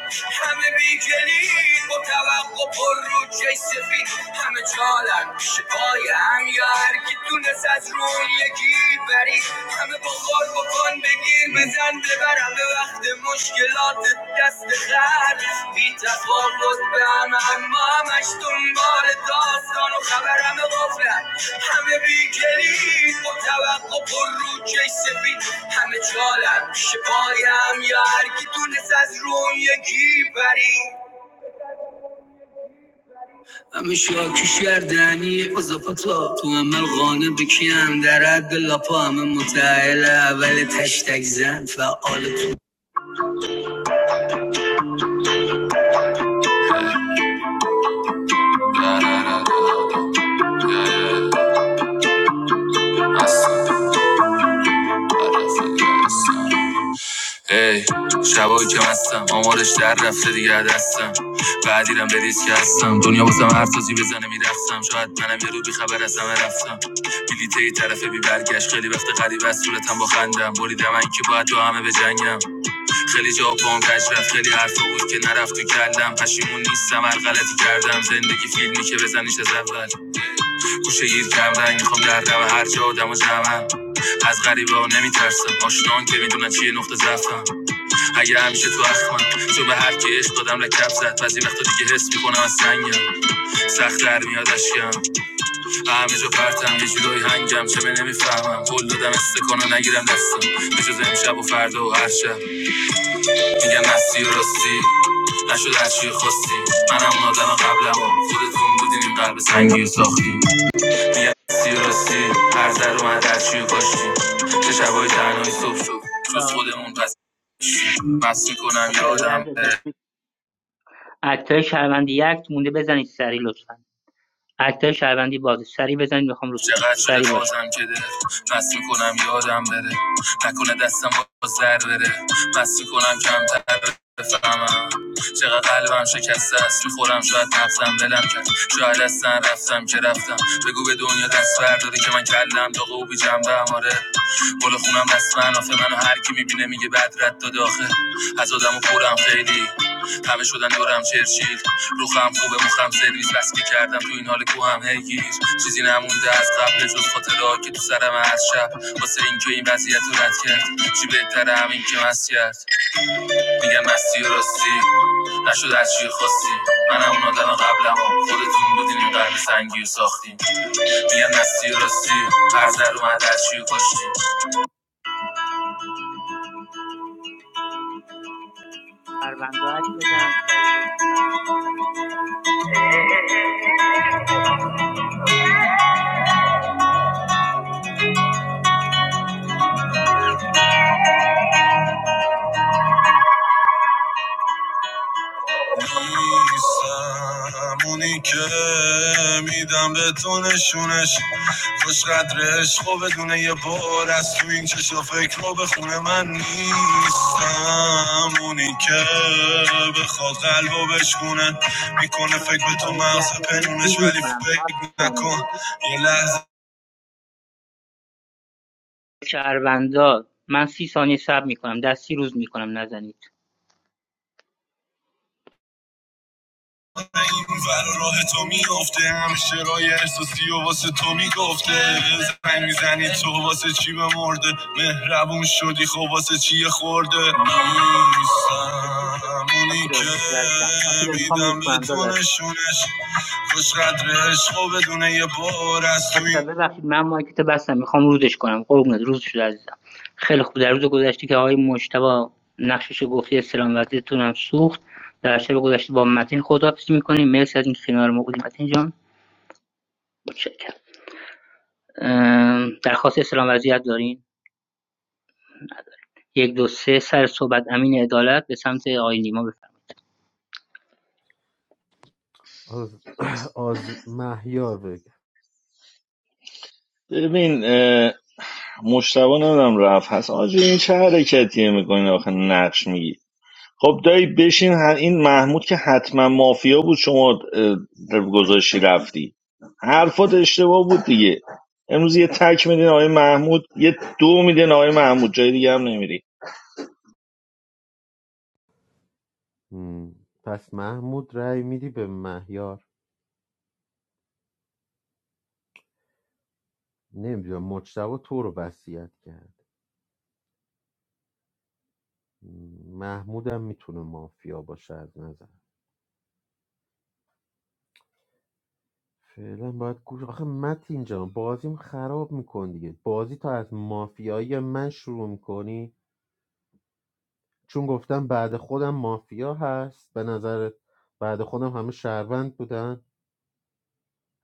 B: همه بی کلید با توقع پر رو چش سفید همه چالن شکاین یا هر کی تونست از روی یکی برید همه با غار بکن بگیر بزن ببر همه وقت مشکلات دست خر بی تفاوت به همه اما همش دنبال داستان و خبر همه غافلن همه بی کلید با توقع پر رو چش سفید همه چالن پیش پایم یا هرکی تونست از رو اون یکی پرید همه شاکیش گردنی اضافتا تو عمل قانه بکیم در حد لاپا همه متعهل اول تشتک زن فعال تو ای شبایی که هستم آمارش در رفته دیگه از دستم بعدیرم به ریسک هستم دنیا واسم هر تازی بزنه میرفتم شاید منم یه رو بیخبر از همه رفتم بلیته ای طرف بی برگشت خیلی وقت قریب از صورتم با خندم بریدم من که باید با همه بجنگم خیلی جا پام کج رفت خیلی حرفا بود که نرفت تو کلم پشیمون نیستم هر غلطی کردم زندگی فیلمی که بزنیش از اول گوشه گیر کم رنگ میخوام در و هر جا آدم و جمعم از غریبا نمیترسم آشنان که میدونن چیه نقطه ضعفم اگه همیشه تو اخمم چون به هر کی عشق دادم لکب زد بعضی وقتا دیگه حس میکنم از سنگم سخت در میاد اشکم همه جا پرتم یه جورایی هنگم چه به نمیفهمم قول دادم استکانو نگیرم دستم به جز امشب و فردا و هر شب میگم مستی و راستی نشد از چی خواستی منم آدم قبلم و خودتون بودین این قلب سنگی و ساختی میگم مستی و راستی هر ذر اومد از چی و کاشتی چه شبای تنهایی صبح شد جز
J: آه.
B: خودمون پس چی؟ مست میکنم
J: اوکی را یه
B: یادم
J: لحظه
B: بره
J: دستی اکتای شهروندی یک مونده بزنید سری لطفا اکتای شهروندی بازه سری بزنید میخوام روز کنم
B: چقدر شده
J: سری باش
B: بازم که ده مست میکنم یادم بره نکنه دستم باز در بره مست میکنم کمتر بفهمم چقدر قلبم شکسته است میخورم شاید نفتم بلم کرد شاید از سن رفتم که رفتم بگو به دنیا دست برداره که من کلم داغ و بی جنبه آره بالا خونم دست من منو هر کی میبینه میگه بد رد داده آخه از آدم و پرم خیلی همه شدن دورم چرچیل روخم خوبه مخم سرویس بس که کردم تو این حال کو هم هیگیر چیزی نمونده از قبل جز خاطرات که تو سرم از شب واسه اینکه این وضعیت رو رد کرد چی بهتره همین که مست کرد میگم مستی و راستی نشد از چی خواستی منم اون آدم قبلم خودتون بودین این قلب سنگی رو ساختیم میگم مستی و راستی هر در اومد از چی رو
J: پرونده رو عکس بزنم سریع لطفا
B: نیستم همونی که میدم به تو نشونش خوش قدرش خوب بدونه یه بار از تو این چشم فکر رو به خونه من نیستم اونی که بخواد قلب و بشکونه میکنه
J: من
B: فکر
J: سی
B: به تو
J: ثانیه دیگه
B: مغز
J: عکس نزنید
B: پنونش
J: روز
B: ولی
J: میکنم
B: فکر
J: هفت
B: نکن
J: ثانیه
B: یه لحظه
J: شهروندا من سی ثانیه شب میکنم دستی روز میکنم نزنید
B: من این ور راه تو میفته همیشه رای احساسی و واسه تو میگفته زنگ میزنی تو واسه چی بمرده مهربون شدی خب واسه چی یه خورده نیستم
J: خب این داره.
B: اونی
J: آتیلا
B: که
J: روز عزیزم آتیلا میخوام روز
B: میدم به
J: کنم
B: تو
J: داداش
B: نشونش خوش قدر عشق و بدون یه بار از تو این
J: آتیلا ببخشید من مایک تو بستم میخوام روزش کنم قربونت روز شد عزیزم خیلی خوب در روز گذشته که آقای مجتبی نقشش رو گفتی سلام وضعیتون هم سوخت در شب گذشته با متین خداحافظی میکنیم مرسی از این کنار ما بودیم متین جان متشکرم درخواست سلام وضعیت دارین یک دو سه سر صحبت امین عدالت به سمت آقای نیما بفرمایید
G: آز, آز... مهیار بگه
C: ببین مشتبه نمیدونم رفت هست آجی این چه حرکتیه میکنین آخه نقش میگی خب دایی بشین این محمود که حتما مافیا بود شما اه، گذاشتی رفتی حرفات اشتباه بود دیگه امروز یه تک میدین آقای محمود یه دو میدین آقای محمود جای دیگه هم نمیری
G: مم. پس محمود رأی میدی به مهیار نمیدونم مجتبی تو رو وصیت کرد مم. محمودم میتونه مافیا باشه از نظر فعلا باید گوش آخه متین جان بازیم خراب میکن دیگه بازی تا از مافیایی من شروع میکنی چون گفتم بعد خودم مافیا هست به نظرت بعد خودم همه شهروند بودن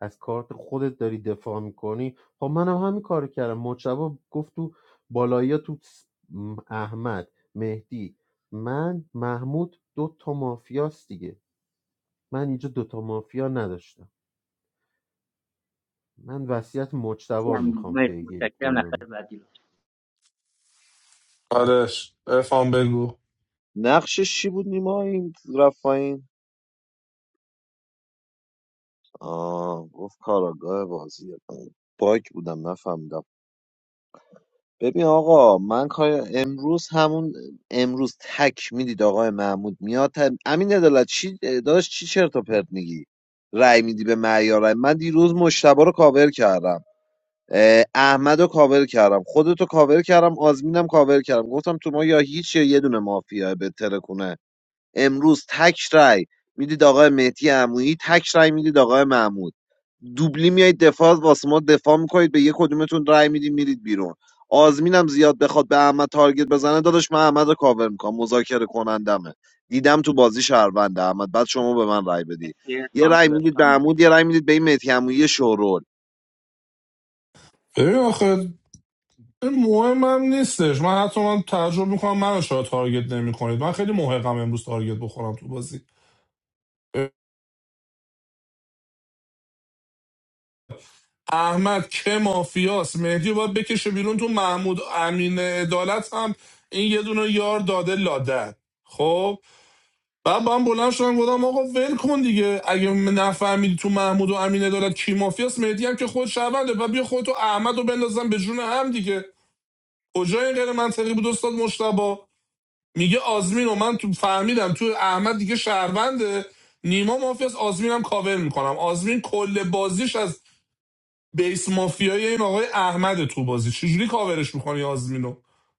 G: از کارت خودت داری دفاع میکنی خب منم همین کارو کردم مجتبا گفت تو بالایی تو س- م- احمد مهدی من محمود دو تا مافیاست دیگه من اینجا دو تا مافیا نداشتم من وصیت
J: مرسی
G: مجتبا رو
J: امین
G: میخوام
J: مرسی
G: پیگیری
J: متشکرم
G: کنم
J: نفر بعدی لطفا
I: آرش افهم بگو
E: نقشش چی بود نیما این رفت پایین آه گفت کاراگاه بازی باگ بودم نفهمیدم ببین آقا من کار امروز همون امروز تک میدید آقای محمود میاد امین عدالت چی داشت چی چرت و پرت میگی رأی میدی به معیار رأی. من دیروز مشتبه رو کاور کردم اه، احمد رو کاور کردم خودتو کاور کردم آزمینم کاور کردم گفتم تو ما یا هیچ یا یه دونه مافیا به ترکونه امروز تک رای میدید آقای مهدی عمویی تک رای میدید آقای محمود دوبلی میایید دفاع واسه ما دفاع میکنید به یک کدومتون رای میدید میرید بیرون آزمینم زیاد بخواد به احمد تارگت بزنه داداش من احمد رو کاور میکنم مذاکره کنندمه دیدم تو بازی شهروند احمد بعد شما به من رای بدی
J: مرسی
E: یه
J: خانم
E: رای
J: داداش
E: میدید به
J: تایم
E: عمود یه رای میدید به این مهدی عمویی شورول
I: ببین آخه این مهم نیستش من حتی من تعجب میکنم منو چرا تارگت نمیکنید من خیلی محقم امروز تارگت بخورم تو بازی احمد که مافیاست مهدی رو باید بکشه بیرون تو محمود امین عدالت هم این یه دونه یار داده لاده خب بعد من بلند شدم گفتم آقا ول کن دیگه اگه نفهمیدی تو محمود و امین عدالت کی مافیاست مهدی هم که خود شونده و بیا خودتو احمد رو بندازم به جون هم دیگه کجا این غیر منطقی بود استاد مشتبا میگه آزمین و من تو فهمیدم تو احمد دیگه شهرونده نیما مافیاست آزمینم کاور میکنم آزمین کل بازیش از بیس مافیای این آقای احمد تو بازی چجوری کاورش میکنی آزمینو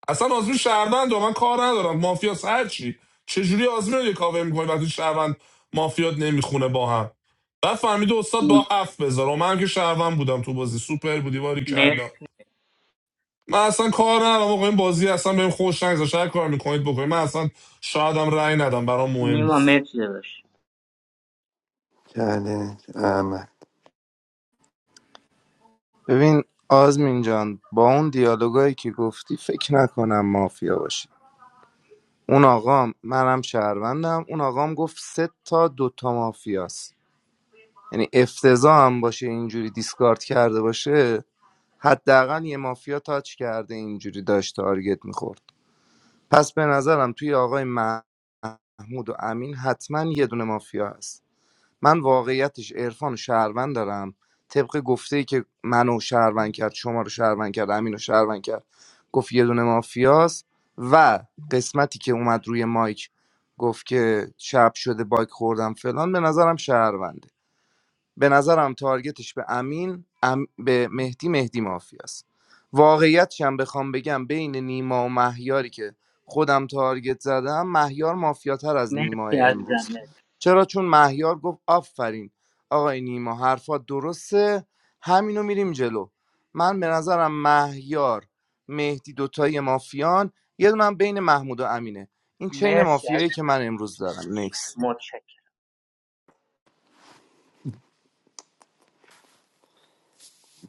I: اصلا آزمین شهروند و من کار ندارم مافیاس هر چی؟ چجوری آزمین رو یه کاور میکنی وقتی شهروند مافیات نمیخونه با هم بعد فهمید استاد
J: نیما
I: با هفت بذار و من که شهروند بودم تو بازی سوپر بودی واری
J: مر-
I: کلا من اصلا کار ندارم آقا این بازی اصلا بهم خوش نگذاشت هر کار میکنید بکنید من اصلا شایدم رأی ندم برام مهم
J: نیما،
I: نیست
J: مرسی داداش
L: چالش احمد
D: ببین آزمین جان با اون دیالوگایی که گفتی فکر نکنم مافیا باشه اون آقام منم شهروندم اون آقام گفت سه تا دوتا مافیاست یعنی افتضاح هم باشه اینجوری دیسکارد کرده باشه حداقل یه مافیا تاچ کرده اینجوری داشت تارگت میخورد پس به نظرم توی آقای مح- محمود و امین حتما یه دونه مافیا هست من واقعیتش عرفان و شهروند دارم طبق گفته ای که منو شهروند کرد شما رو شهروند کرد امین رو شهروند کرد گفت یه دونه مافیاست و قسمتی که اومد روی مایک گفت که شب شده باک خوردم فلان به نظرم شهرونده به نظرم تارگتش به امین ام- به مهدی مهدی مافیاست واقعیتش هم بخوام بگم بین نیما و مهیاری که خودم تارگت زدم مهیار مافیاتر از نیما
J: مرسی عزیزم
D: امروز
J: مرسی
D: چرا چون مهیار گفت آفرین آقای نیما حرفات درسته همینو میریم جلو من به نظرم مهیار مهدی دوتای مافیان یه دونم بین محمود و امینه این چین
J: مرسی
D: مافیایی
J: عزیزم
D: که من امروز دارم نکست
J: متشکرم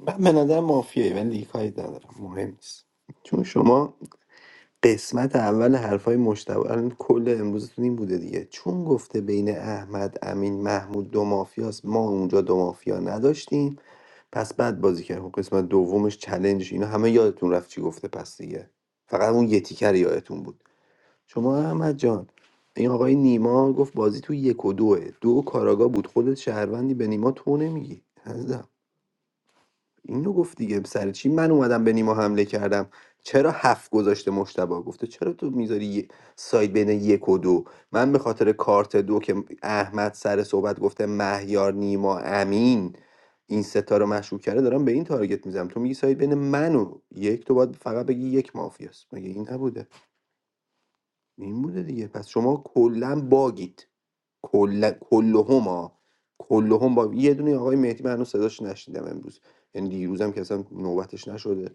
L: من به نظر مافیایی ولی دیگه کاری ندارم مهم نیست چون شما قسمت اول حرفای مشتبه الان کل امروزتون این بوده دیگه چون گفته بین احمد امین محمود دو مافیاست ما اونجا دو مافیا نداشتیم پس بعد بازی کرد خب قسمت دومش چلنج اینا همه یادتون رفت چی گفته پس دیگه فقط اون یه تیکر یادتون بود شما احمد جان این آقای نیما گفت بازی تو یک و دوه دو کاراگا بود خودت شهروندی به نیما تو نمیگی عزیزم. اینو گفت دیگه سر چی من اومدم به نیما حمله کردم چرا هفت گذاشته مشتبه گفته چرا تو میذاری یه- ساید بین یک و دو من به خاطر کارت دو که احمد سر صحبت گفته مهیار نیما امین این ستا رو مشروع کرده دارم به این تارگت میزنم تو میگی ساید بین من و یک تو باید فقط بگی یک مافیاست مگه این نبوده این بوده دیگه پس شما کلا باگید کل کلهما کلهم با یه دونه آقای مهدی من هنوز صداش نشنیدم امروز یعنی دیروزم که اصلا نوبتش نشده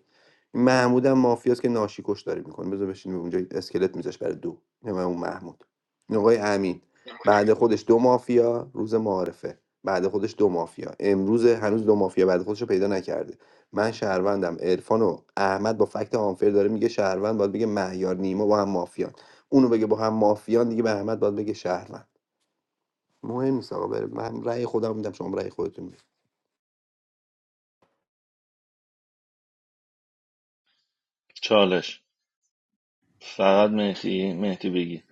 L: این محمود هم مافیاست که ناشی کشتاری میکنه بذار بشین اونجا اسکلت میذاش برای دو نه من اون محمود این آقای امین بعد خودش دو مافیا روز معارفه بعد خودش دو مافیا امروز هنوز دو مافیا بعد خودش رو پیدا نکرده من شهروندم عرفان و احمد با فکت آنفر داره میگه شهروند باید بگه مهیار نیما با هم مافیان اونو بگه با هم مافیان دیگه به احمد باید بگه شهروند مهم نیست آقا بره من رأی خودم میدم شما رأی خودتون میدید
C: چالش فقط مهدی مهدی بگی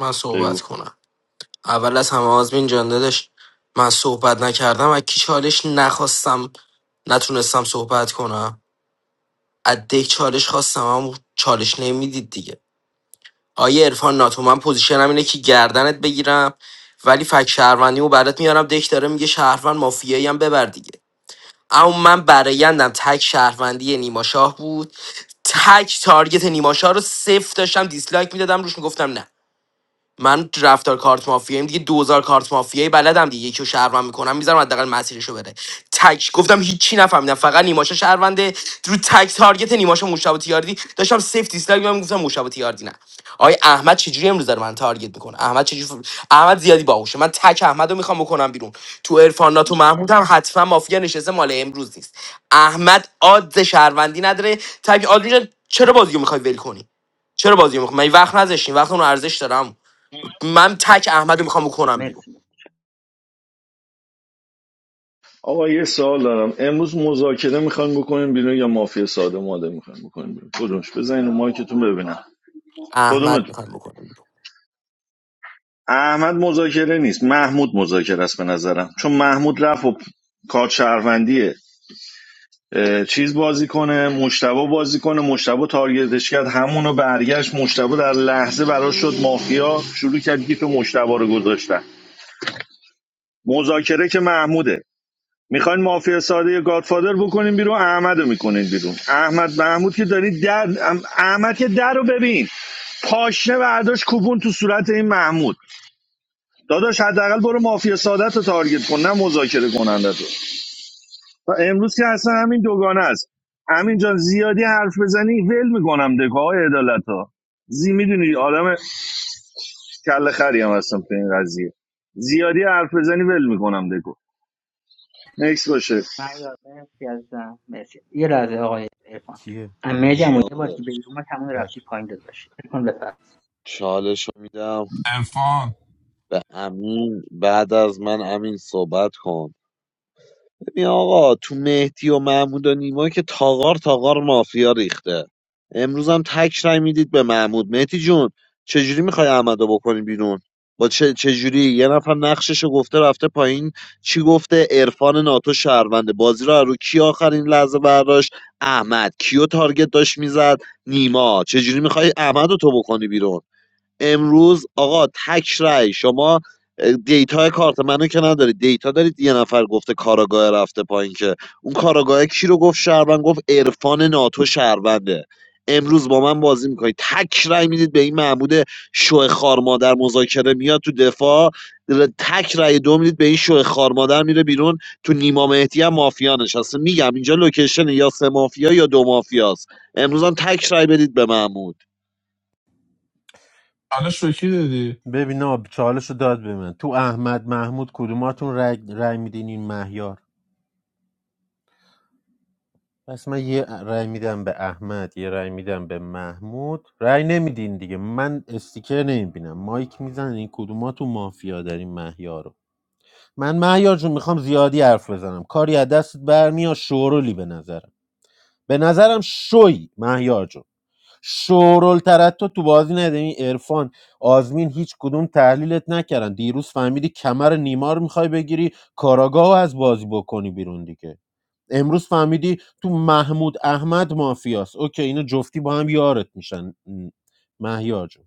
K: من صحبت
C: بگو
K: کنم اول از همه آزمین جان داداش من صحبت نکردم از کی چالش نخواستم نتونستم صحبت کنم از دک چالش خواستم اما چالش نمیدید دیگه آیه عرفان ناتو من پوزیشنم اینه که گردنت بگیرم ولی فک شهروندی و برات میارم دک داره میگه شهروند مافیایی هم ببر دیگه اما من برایندم تک شهروندی نیما شاه بود تک تارگت نیما شاه رو صفر داشتم دیسلایک میدادم روش میگفتم نه من رفتار کارت مافیایم دیگه 2000 کارت مافیایی بلدم دیگه یکی رو شهروند میکنم میذارم حداقل مسیرشو بره تک گفتم هیچی نفهمیدم فقط نیماشا شهرونده رو تک تارگت نیماشا مشتبه تیاردی داشتم سیف دیسلایک میگم گفتم مشتبه تیاردی نه آقای احمد چجوری امروز داره من تارگت میکنه احمد چجوری ف- احمد زیادی باهوشه من تک احمد رو میخوام بکنم بیرون تو عرفان ناتو محمود هم حتما مافیا نشسته مال امروز نیست احمد عاد شهروندی نداره تک عاد چرا بازیو میخوای ول کنی چرا بازی میخوای؟ من وقت نذاشتین وقت اون ارزش دارم من تک احمد رو میخوام بکنم بیرون
J: مرسی
C: آقا یه سوال دارم امروز مذاکره میخوایم بکنیم بیرون یا مافیا ساده ماده میخوایم بکنیم بیرون کدومش بزنین رو مایکتون ببینم کدومت
K: احمد میخوام بکنم بیرون
C: احمد مذاکره نیست محمود مذاکره است به نظرم چون محمود رفت و کار شهروندیه چیز بازی کنه مشتبه بازی کنه مشتبه تارگتش کرد همونو برگشت مشتبه در لحظه براش شد مافیا شروع کرد گیف مشتبه رو گذاشتن مذاکره که محموده میخواین مافیا ساده گادفادر بکنین بیرون احمد رو میکنین بیرون احمد محمود که دارید در احمد که در ببین پاشنه برداشت کوبون تو صورت این محمود داداش حداقل برو مافیا سادت رو تارگت کن نه مذاکره کننده تو و امروز که اصلا همین دوگانه است همین جان زیادی حرف بزنی ول میکنم دکه های عدالت ها زی میدونی آدم کل خری هم هستم تو این قضیه زیادی حرف بزنی ول میکنم دکو نکس باشه
J: مهیار، مرسی عزیزم مرسی یه لحظه آقای عرفان
G: کیه بده
J: امیدم
G: من
J: هم یه بار که
E: چالش
J: به ما تمام رفتی
G: بک
J: پایین داداش عرفان بفرم
E: چالش رو میدم
I: عرفان
E: به امین بعد از من امین صحبت کن ببین آقا تو مهدی و محمود و نیما که تاغار تاغار مافیا ریخته امروز هم تک رای میدید به محمود مهدی جون چجوری میخوای احمدو بکنی بیرون با چه چجوری یه نفر نقششو گفته رفته پایین چی گفته عرفان ناتو شهرونده بازی رو از رو کی آخرین لحظه برداشت احمد کیو تارگت داشت میزد نیما چجوری میخوای احمدو تو بکنی بیرون امروز آقا تک رأی شما اه، دیتا کارت منو که ندارید دیتا دارید یه نفر گفته کاراگاه رفته پایین که اون کاراگاه کی رو گفت شهروند گفت عرفان ناتو شهرونده امروز با من بازی میکنید تک رأی میدید به این محمود شوه خار مادر مذاکره میاد تو دفاع ر- تک رأی دو میدید به این شوه خار مادر میره بیرون تو نیما مهدی هم مافیا نشسته میگم اینجا لوکیشن یا سه مافیا یا دو مافیاست امروز هم تک رأی بدید به محمود
I: حالش به کی دادی
G: ببین آب چالش رو داد به من تو احمد محمود کدوماتون رای, رای میدین این مهیار پس من یه رای میدم به احمد یه رای میدم به محمود رای نمیدین دیگه من استیکر نمیبینم مایک میزنن این کدوماتون مافیا دارین مهیار رو من مهیار جون میخوام زیادی حرف بزنم کاری از دستت برمیاد شورولی به نظرم به نظرم شوی مهیار جون شورل ترتو تو بازی نده این عرفان آزمین هیچ کدوم تحلیلت نکردن دیروز فهمیدی کمر نیمار میخوای بگیری کاراگاهو از بازی بکنی بیرون دیگه امروز فهمیدی تو محمود احمد مافیاست اوکی اینا جفتی با هم یارت میشن م، مهیار جون.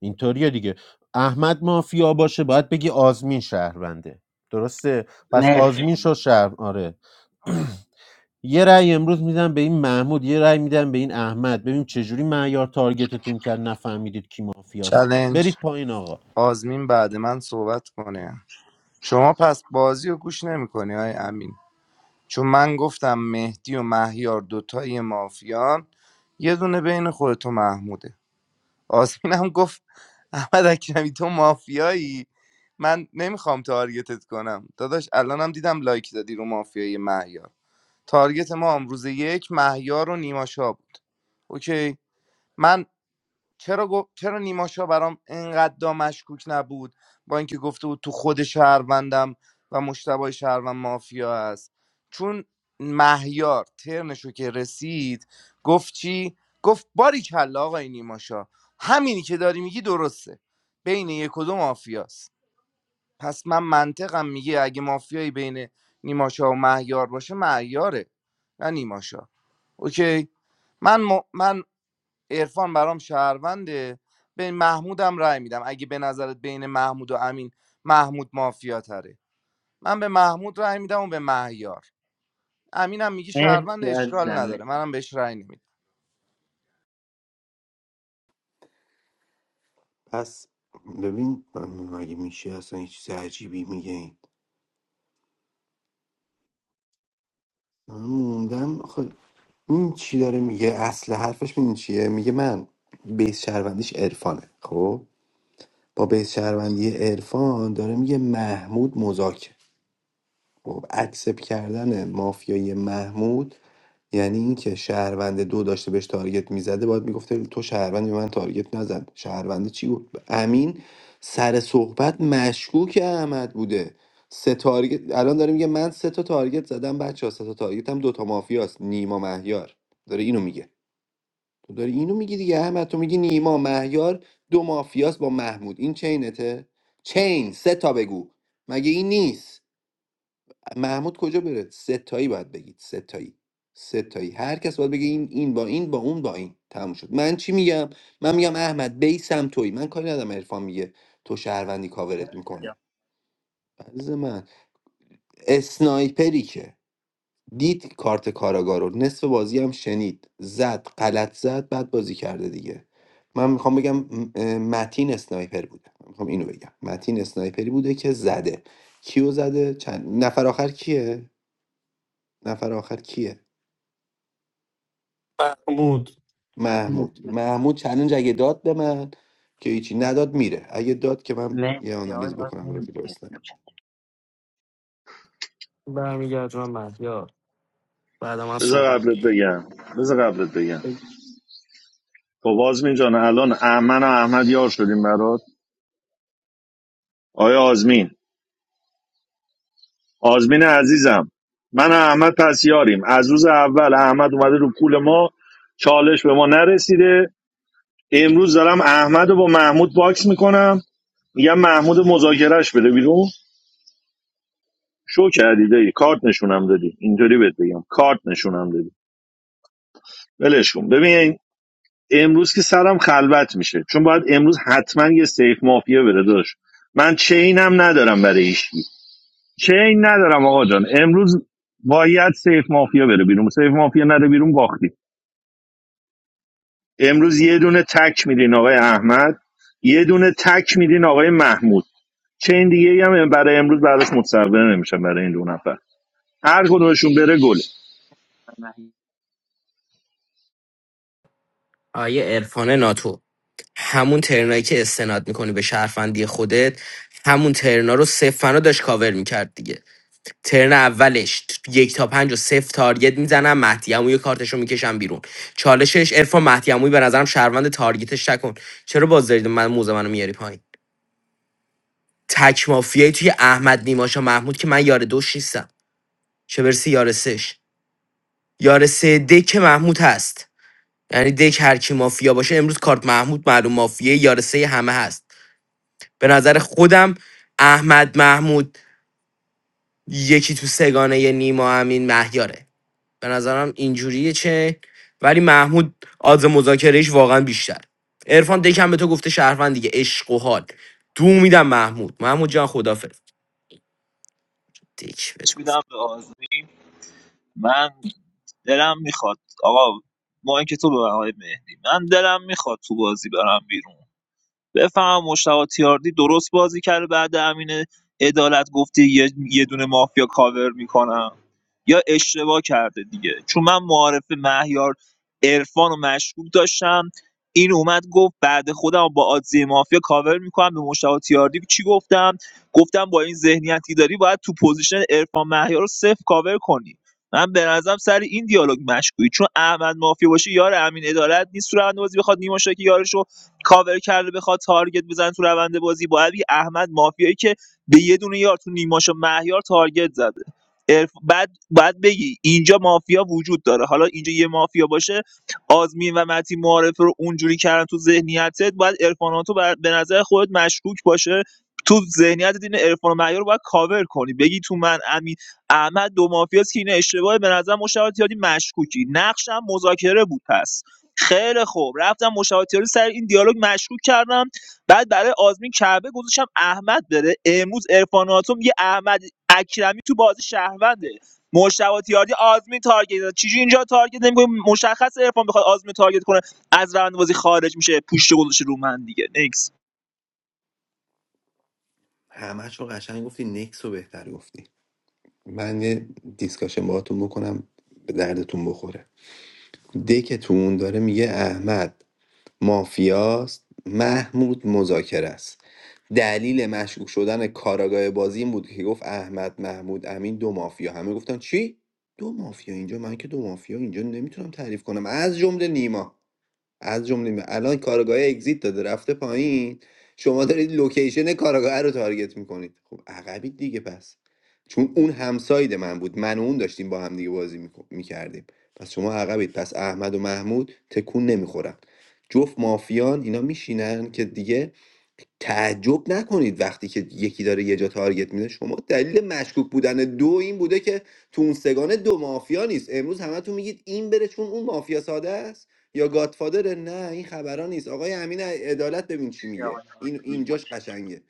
G: اینطوریه دیگه احمد مافیا باشه باید بگی آزمین شهرونده درسته پس
J: مرسی
G: آزمین شد شهر آره یه رأی امروز میدم به این محمود یه رأی میدم به این احمد ببین چجوری معیار تارگتتون کرد نفهمیدید کی مافیاست
D: چلنج
G: برید پایین آقا
D: آزمین بعد من صحبت کنه شما پس بازی رو گوش نمیکنی های امین چون من گفتم مهدی و مهیار دوتای مافیان یه دونه بین خودت و محموده آزمین هم گفت احمد اکرمی تو مافیایی من نمیخوام تارگتت کنم داداش الانم دیدم لایک دادی رو مافیای مهیار تارگت ما امروز یک مهیار و نیما شاه بود اوکی من چرا گف- چرا نیماشا برام انقدر مشکوک نبود با اینکه گفته بود تو خود شهروندم و مشتبه شهروند مافیا است چون مهیار ترنشو که رسید گفت چی گفت باری کلا آقای نیماشا همینی که داری میگی درسته بین یک و دو مافیاست پس من منطقم میگه اگه مافیایی بین نیماشا و مهیار باشه مهیاره نه نیماشا اوکی من م... من عرفان برام شهرونده به محمودم رأی میدم اگه به نظرت بین محمود و امین محمود مافیا تره من به محمود رأی میدم و به مهیار امینم میگی شهروند
J: مرسی
D: اشکال
J: عزیزم مرسی
D: نداره منم بهش رأی نمیدم
L: پس ببین من مگه میشه اصلا یه چیز عجیبی میگه این من موندم آخه این چی داره میگه اصل حرفش این چیه میگه من بیس شهروندیش عرفانه خب با بیس شهروندی عرفان داره میگه محمود مذاکره خب اکسپ کردن مافیای محمود یعنی اینکه شهروند دو داشته بهش تارگت میزده باید میگفته تو شهروند به من تارگت نزن شهرونده چی بود امین سر صحبت مشکوک احمد بوده سه تارگت الان داره میگه من سه تا تارگت زدم بچه ها سه تا تارگت هم دوتا مافیاست نیما مهیار داره اینو میگه تو داری اینو میگی دیگه احمد تو میگی نیما مهیار دو مافیاست با محمود این چینته چین سه تا بگو مگه این نیست محمود کجا بره ستایی باید بگید ستایی ستایی هر کس باید بگه این این با این با اون با این تموم شد من چی میگم من میگم احمد بیسم تویی من کاری ندارم عرفان میگه تو شهروندی کاورت
J: مرسی آقای
L: میکنه عزیز من اسنایپری که دید کارت کاراگاه رو نصف بازی هم شنید زد غلط زد بعد بازی کرده دیگه من میخوام بگم م- اه، متین اسنایپر بوده من میخوام اینو بگم متین اسنایپری بوده که زده کیو زده چند نفر آخر کیه نفر آخر کیه
I: محمود
J: محمود
L: محمود محمود چلنج اگه داد به من که هیچی نداد میره اگه داد که من یه
J: مرسی آقای
L: آنالیز بکنم
J: آزمین
L: راجع به
J: مرسی
L: اسنپ
J: متشکرم
K: برمیگردونم مهیار بعد من
C: بذار
K: صحبت
C: قبلت بگم بذار قبلت بگم خب آزمین جان الان احمد و احمد یار شدیم برات آیا آزمین آزمین عزیزم من و احمد پس از روز اول احمد اومده رو کول ما چالش به ما نرسیده امروز دارم احمد رو با محمود باکس میکنم میگم محمود مذاکرهش بده بیرون شو کردی دایی کارت نشونم دادی اینطوری بهت بگم کارت نشونم دادی ولش کن ببین امروز که سرم خلوت میشه چون باید امروز حتما یه سیف مافیا بره داشت من چینم ندارم برای هیچ کی. چین ندارم آقا جان امروز باید سیف مافیا بره بیرون سیف مافیا نره بیرون باختی امروز یه دونه تک میدین آقای احمد یه دونه تک میدین آقای محمود چین دیگه هم برای امروز بعدش متصور نمیشن برای این دو نفر هر کدومشون بره گل
J: مهیار،
K: آیه عرفان ناتو همون ترنایی که استناد میکنی به شرفندی خودت همون ترنا رو صفر فنا داشت کاور میکرد دیگه ترن اولش یک تا پنج و صفر تارگت میزنم مهدی عمویی کارتشو میکشم بیرون چالشش عرفان مهدی عمویی به نظرم شهروند تارگتش نکن چرا باز دارید من موزه منو میاری پایین تک مافیایی توی احمد نیماشا محمود که من یار دوش نیستم چه برسی یار سش یار سه دک محمود هست یعنی دک هر کی مافیا باشه امروز کارت محمود معلوم مافیه یار سه همه هست به نظر خودم احمد محمود یکی تو سگانه ی نیما امین مهیاره به نظرم اینجوریه چه ولی محمود آز مذاکرهش واقعا بیشتر عرفان دکم به تو گفته شهروند دیگه عشق و حال دو میدم محمود محمود جان خدافظ دک بهت
F: بهش
K: گفت
F: میدم به آزمین من دلم میخواد آقا ما اینکه تو به آقای مهدی من دلم میخواد تو بازی برم بیرون بفهمم مشتاق تیاردی درست بازی کرده بعد امین عدالت گفته یه, یه دونه مافیا کاور میکنم یا اشتباه کرده دیگه چون من معارف مهیار عرفان و مشکوک داشتم این اومد گفت بعد خودم با آدزی مافیا کاور میکنم به مشتاق تیاردی چی گفتم گفتم با این ذهنیتی داری باید تو پوزیشن عرفان مهیار رو صفر کاور کنی من به نظرم سر این دیالوگ مشکوکی چون احمد مافیا باشه یار امین عدالت نیست تو روند بازی بخواد نیما شاکی یارش رو کاور کرده بخواد تارگت بزنه تو روند بازی با علی احمد مافیایی که به یه دونه یار تو نیماش و مهیار تارگت زده عرف- بعد بعد بگی اینجا مافیا وجود داره حالا اینجا یه مافیا باشه آزمین و متی معارف رو اونجوری کردن تو ذهنیتت باید ارفاناتو به نظر خودت مشکوک باشه تو ذهنیت دین عرفان و معیار رو باید کاور کنی بگی تو من امین احمد دو مافیاست که این اشتباه به نظر مشابهت یادی مشکوکی نقشم مذاکره بود پس خیلی خوب رفتم مشاورتی رو سر این دیالوگ مشکوک کردم بعد برای آزمین کعبه گذاشتم احمد بره امروز عرفان ناتو میگه احمد اکرمی تو بازی شهرونده مشتبه تیاردی آزمین تارگت داد چجوری اینجا تارگت نمی‌کنی مشخص عرفان بخواد آزمین تارگت کنه از روند بازی خارج میشه پوشت گذاشته رو من دیگه نکس
L: همش رو قشنگ گفتی نکس رو بهتر گفتی من یه دیسکاشن باهاتون بکنم به دردتون بخوره دکتون داره میگه احمد مافیاست محمود مذاکره است دلیل مشکوک شدن کاراگاه بازی این بود که گفت احمد محمود امین دو مافیا همه گفتن چی دو مافیا اینجا من که دو مافیا اینجا نمیتونم تعریف کنم از جمله نیما از جمله الان کارگاه اگزییت داده رفته پایین شما دارید لوکیشن کارگاه رو تارگت میکنید خب عقبید دیگه پس چون اون همساید من بود من و اون داشتیم با هم دیگه بازی میکردیم پس شما عقبید پس احمد و محمود تکون نمیخورن جفت مافیان اینا میشینن که دیگه تعجب نکنید وقتی که یکی داره یه جا تارگت میده شما دلیل مشکوک بودن دو این بوده که تو اون سگانه دو مافیا نیست امروز همتون میگید این بره چون اون مافیا ساده است یا گاتفادر نه این خبران نیست آقای امین عدالت ببین چی میگه
J: آقای
L: این
J: آزمین
L: اینجاش
J: متشکرم
L: قشنگه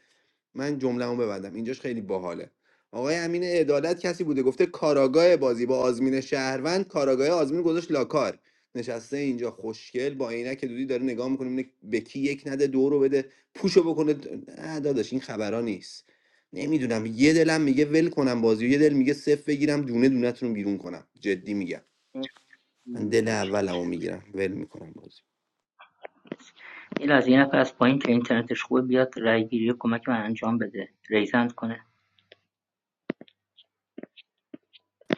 L: من جمله‌مو ببندم اینجاش خیلی باحاله آقای امین عدالت کسی بوده گفته کاراگاه بازی با آزمین شهروند کاراگاه آزمین گذاشت لاکار نشسته اینجا خوشگل با عینک دودی داره نگاه میکنه اینه به کی یک نده دو رو بده پوشو بکنه نه داداش این خبران نیست نمیدونم یه دلم میگه ول کنم بازی و یه دل میگه صفر بگیرم دونه دونه‌تون رو بیرون کنم جدی میگم من دل
J: یه
L: اولمو میگیرم ول میکنم بازی
J: لحظه یه نفر از پایین که اینترنتش خوبه بیاد رأیگیری کمک من انجام بده ریزند کنه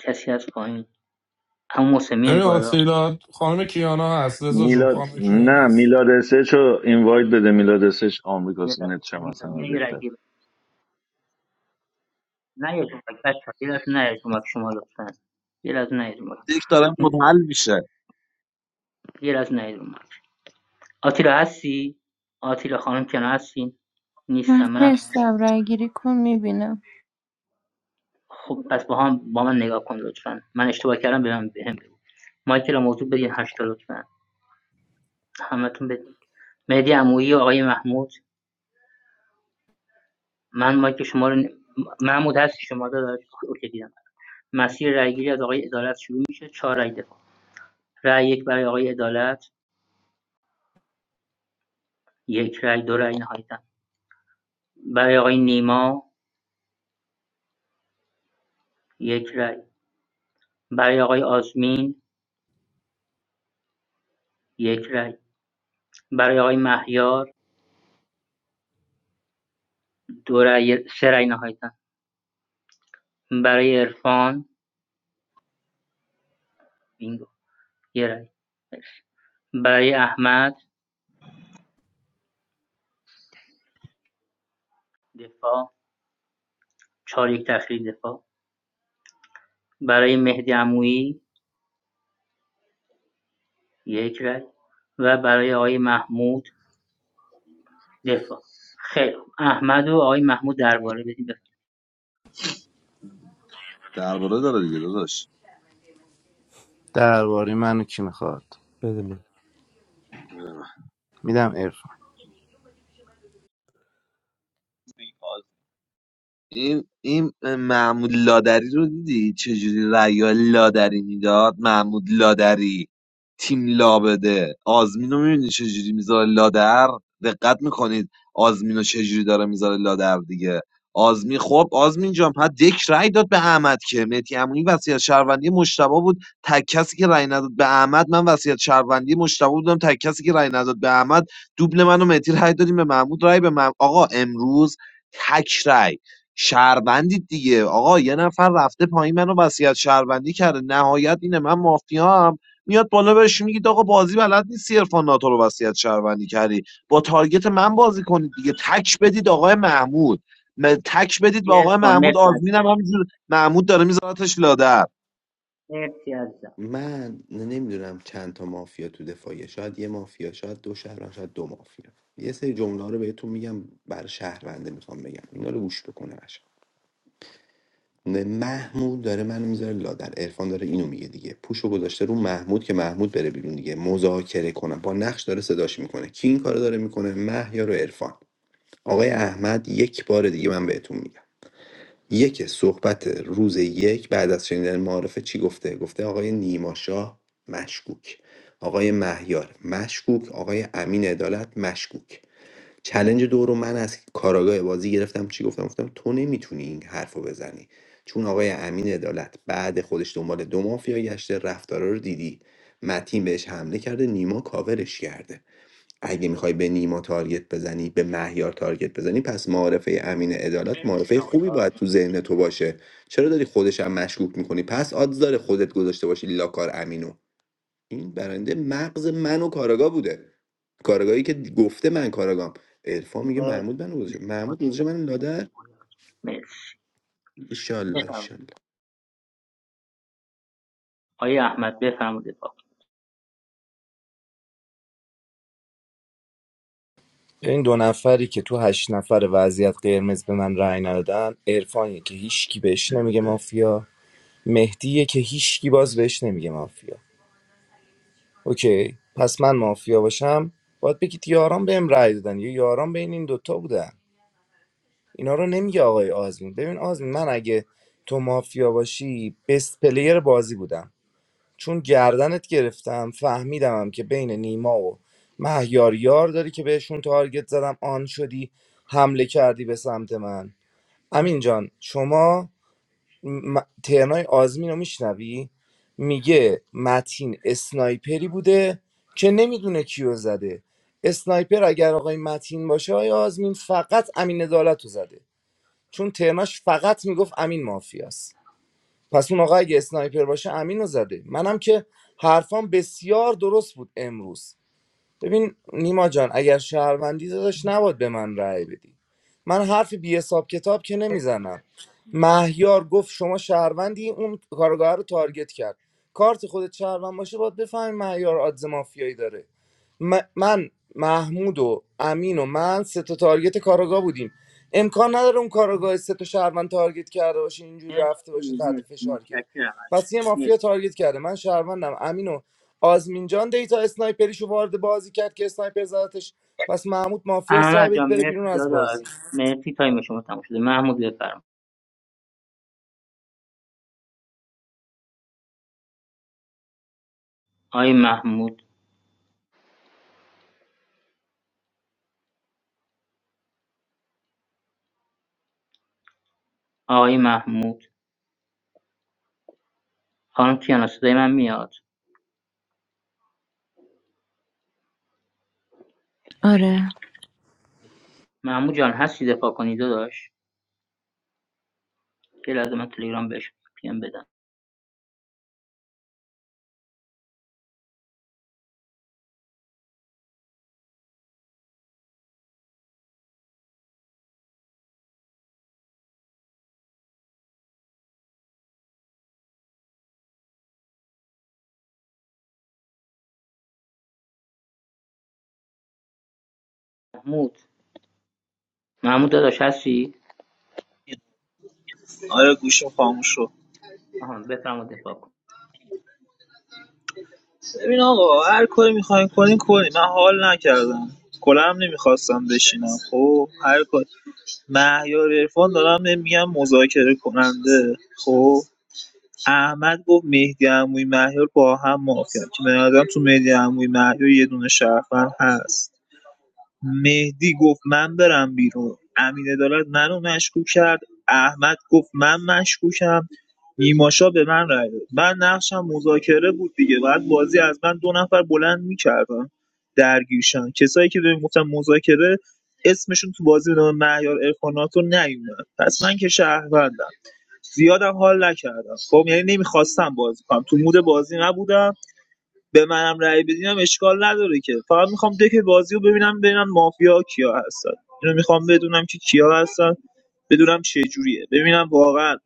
J: کسی از پایین اما محسن میای
I: ببین
J: بالا
I: آتیلا خانم کیانا هست رضا جون
C: میلاد
I: خانم کیانا
C: نه
I: هست
C: میلاد اسچ رو اینوایت بده میلاد اسچ
J: میای
C: آمریکاست نت چم از همه
J: میای یه
C: بهتر
J: رأیگیری نه یه جمعه بچه یه لحظه نه یه جمعه شما لطفا یه لحظه نه یه جمعه
E: یک داره منحل میشه
J: یه لحظه نه یه جمعه آتیلا هستی آتیلا خانم که هستین نیستم
N: من
J: منم
N: هستم رأیگیری کن میبینم
J: خب پس با هم با من نگاه کن لطفا من اشتباه کردم به من بهم مایکل موضوع بدین هشتا لطفا همتون بدین مهدی عمویی و آقای محمود من مایک شما رو ن- محمود هستی شما داداش اوکی دیدم مسیر رأیگیری از آقای عدالت شروع میشه چهار رأی دفاع رأی یک برای آقای عدالت یک رأی دو رأی نهایتا برای آقای نیما یک رأی برای آقای آزمین یک رأی برای آقای مهیار دو رأی سه رأی نهایتا برای عرفان بینگو یه رأی برای احمد دفاع چهار یک تأخیری دفاع برای مهدی عمویی یک رأی و برای آقای محمود دفاع خیلی خوب احمد و آقای محمود درباره بدیم بفرمایید.
E: درباره داره دیگه داداش
D: درباره منو کی میخواد
G: بده من
D: میدم عرفان
E: این این محمود لادری رو دیدی چجوری رأی لادری میداد محمود لادری تیم لابده آزمین رو میبینی چجوری میذاره لادر دقت میکنید آزمین رو چجوری داره میذاره لادر دیگه آزمین خب آزمین جان پس دک رأی داد به احمد که مهدی عمویی وصیت شهروندی مشتبه بود تک کسی که رأی نداد به احمد من وصیت شهروندی مشتبه بودم تک کسی که رأی نداد به احمد دوبل من و مهدی رأی دادیم به محمود رأی به مح... آقا امروز تک رأی شهروندید دیگه آقا یه نفر رفته پایین منو وصیت شهروندی کرده نهایت اینه من مافیا هم میاد بالا بهش میگید آقا بازی بلد نیستی عرفان ناتو رو وصیت شهروندی کردی با تارگت من بازی کنید دیگه تک بدید آقای محمود م- تک بدید به آقای
J: عرفان
E: محمود
J: مرسی از
E: آزمین هم همینجور محمود داره میذارتش لادر
J: مرسی از
L: من نمیدونم چند تا مافیا تو دفاعیه شاید یه مافیا شاید دو شهروند شاید دو مافیا یه سری جمله ها رو بهتون میگم بر شهرونده میخوام بگم اینا رو گوش بکنه قشنگ نه، محمود داره منو میذاره لادر عرفان داره اینو میگه دیگه پوشو گذاشته رو محمود که محمود بره بیرون دیگه مذاکره کنم با نقش داره صداش میکنه کی این کارو داره میکنه مهیا رو عرفان آقای احمد یک بار دیگه من بهتون میگم یک صحبت روز یک بعد از شنیدن معارفه چی گفته گفته آقای نیماشا مشکوک آقای مهیار مشکوک آقای امین عدالت مشکوک چلنج دو رو من از کاراگاه بازی گرفتم چی گفتم گفتم تو نمیتونی این حرف رو بزنی چون آقای امین عدالت بعد خودش دنبال دو مافیا گشته رفتارا رو دیدی متین بهش حمله کرده نیما کاورش کرده اگه میخوای به نیما تارگت بزنی به مهیار تارگت بزنی پس معارفه امین عدالت معارفه خوبی باید تو ذهن تو باشه چرا داری خودش هم مشکوک میکنی پس آدز داره خودت گذاشته باشی لاکار امینو این برنده مغز من و کاراگاه بوده کارگاهی که گفته من کاراگام عرفان میگه
J: مرسی
L: محمود منو گذاشته محمود گذاشته من لادر
J: مرسی
L: ایشالله
J: بفرمایید.
L: ایشالله
J: آقای احمد بفرمایید دفاع کن.
D: این دو نفری که تو هشت نفر وضعیت قرمز به من رأی ندادن عرفانیه که هیچکی بهش نمیگه مافیا مهدیه که هیچکی باز بهش نمیگه مافیا اوکی پس من مافیا باشم باید بگید یاران بهم رأی دادن یا یاران بین این دوتا بودن اینا رو نمیگه آقای آزمین ببین آزمین من اگه تو مافیا باشی بست پلیر بازی بودم چون گردنت گرفتم فهمیدم که بین نیما و مهیار یار داری که بهشون تارگت زدم آن شدی حمله کردی به سمت من امین جان شما م- ترنای آزمین رو میشنوی میگه متین اسنایپری بوده که نمیدونه کیو زده اسنایپر اگر آقای متین باشه آقای آزمین فقط امین عدالت رو زده چون ترناش فقط میگفت امین مافیاست پس اون آقا اگه اسنایپر باشه امین رو زده منم که حرفام بسیار درست بود امروز ببین نیما جان اگر شهروندی داداش نباد به من رأی بدی من حرف بی حساب کتاب که نمیزنم مهیار گفت شما شهروندی اون کارگاه رو تارگت کرد کارت خودت شهروند باشه باید بفهمی مهیار آدز مافیایی داره م- من محمود و امین و من سه تا تارگت کارگاه بودیم امکان نداره اون کارگاه سه تا شهروند تارگت کرده باشه اینجوری رفته باشه
J: مرسی
D: تحت
J: مرسی
D: فشار که
J: متشکرم از
D: پس یه مافیا
J: مرسی
D: تارگت کرده من شهروندم امینو آزمین جان دیتا اسنایپریشو وارد بازی کرد که اسنایپر زدتش پس محمود مافیا سعی
J: احمد
D: بدید
J: جان
D: بره بیرون
J: مرسی
D: از بازی
J: داداش مرسی تایم شما تموم شده محمود بفرمایید آقای محمود آقای محمود خانم کیانا صدای من میاد
N: آره
J: محمود جان هستی دفاع کنی داداش یه لحظه من تلگرام بهش پیم بدم محمود محمود داداش هستی
F: آره گوشم خاموش شد
J: آها بفرمایید دفاع کن
F: ببین آقا هر کاری میخواین کنین کنین من حال نکردم کلا هم نمیخواستم بشینم خب هر کاری مهیار عرفان دارم بهم میگن مذاکره کننده خب احمد گفت مهدی عمویی مهیار با هم مافیان که به نظرم تو مهدی عمویی مهیار یه دونه شهروند هست مهدی گفت من برم بیرون امین عدالت منو مشکوک کرد احمد گفت من مشکوکم نیماشا به من رای داد من نقشم مذاکره بود دیگه بعد بازی از من دو نفر بلند میکردن درگیرشن کسایی که بهم گفتن مذاکره اسمشون تو بازی به نام مهیار ارفاناتو نیومد پس من که شهروندم زیادم حال نکردم خب یعنی نمیخواستم بازی کنم تو مود بازی نبودم به منم رأی بدینم اشکال نداره که فقط میخوام دک بازی رو ببینم ببینم مافیا کیا هستن اینو میخوام بدونم که کیا هستن بدونم چه جوریه ببینم واقعا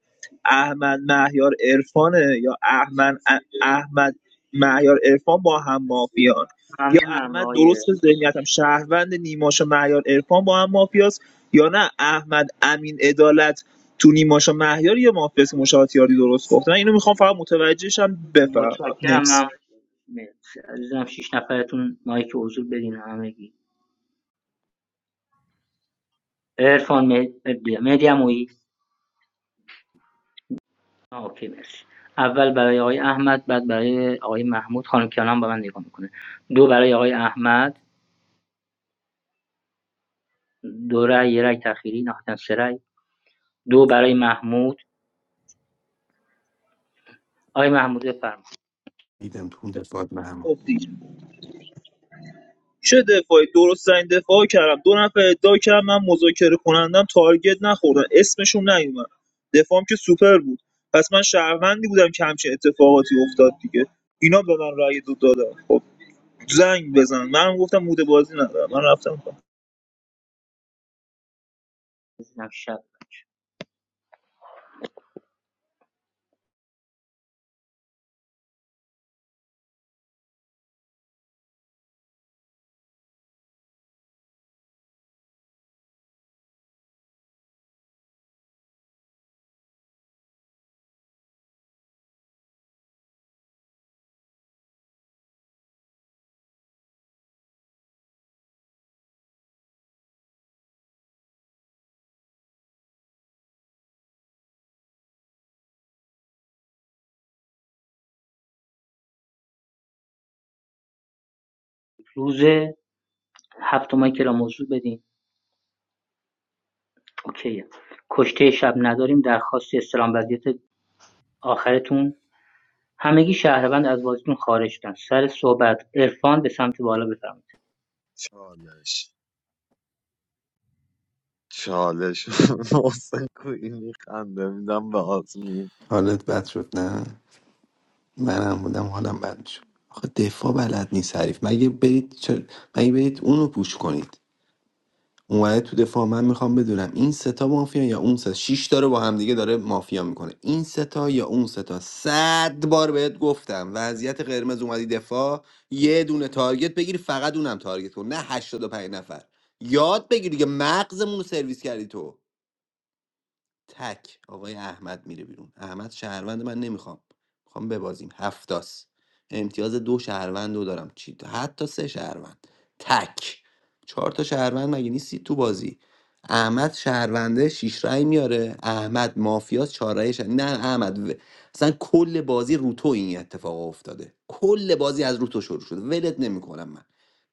F: احمد مهیار عرفانه یا احمد احمد معیار عرفان با هم مافیان یا
J: ممنونم
F: احمد
J: آقای
F: درست به ذهنیتم شهروند نیماشا معیار عرفان با هم مافیاست یا نه احمد امین عدالت تو نیماشا مهیار یه مافیاست که مشاهاتیاری درست گفتن اینو میخوام فقط متوجهشم بفهمم
J: متشکرم
F: نکس
J: من مرسی. عزیزم شیش نفرتون مایک حضور بدین همگی عرفان مهدی امویی اوکی مرسی اول برای آقای احمد بعد برای آقای محمود خانم کیانم با من نگاه میکنه دو برای آقای احمد دو رای یه رای تخیری نهایتا سه رای دو برای محمود آقای محمود بفرمایید
L: دیدم تو اون دفاعات
F: خب
L: محمود
F: دیگه چه دفاعی درستترین دفاع کردم دو نفر ادعا کردم من مذاکره کنندم تارگت نخوردم اسمشون نیومد دفاعم که سوپر بود پس من شهروندی بودم که همچین اتفاقاتی افتاد دیگه اینا به من رأی دو دادن خب زنگ بزن من گفتم موده بازی ندارم من رفتم
J: عزیزم شب روز هفت ماه که را موضوع بدین اوکیه کشته شب نداریم درخواست استلام وضعیت آخرتون همگی شهروند از بازیتون خارج شدن سر صحبت عرفان به سمت بالا بفرمایید
E: چالش چالش محسن کوی میخنده میدم به آزمین
L: حالت بد شد نه منم بودم حالم بد شد آخه دفاع بلد نیست حریف مگه برید چر... مگه برید اونو پوش کنید اومده تو دفاع من میخوام بدونم این ستا مافیا یا اون سه، شش تا رو با همدیگه داره مافیا میکنه این ستا یا اون ستا صد بار بهت گفتم وضعیت قرمز اومدی دفاع یه دونه تارگت بگیری فقط اونم تارگت کن نه 85 نفر یاد بگیر دیگه مغزمون رو سرویس کردی تو تک آقای احمد میره بیرون احمد شهروند من نمیخوام میخوام ببازیم هفتاس امتیاز دو شهروند رو دارم چی حتی سه شهروند تک چهار تا شهروند مگه نیستی تو بازی احمد شهرونده شیش رای میاره احمد مافیاس چهار رایش نه احمد و- اصلا کل بازی رو این اتفاق افتاده کل بازی از رو شروع شده ولت نمیکنم من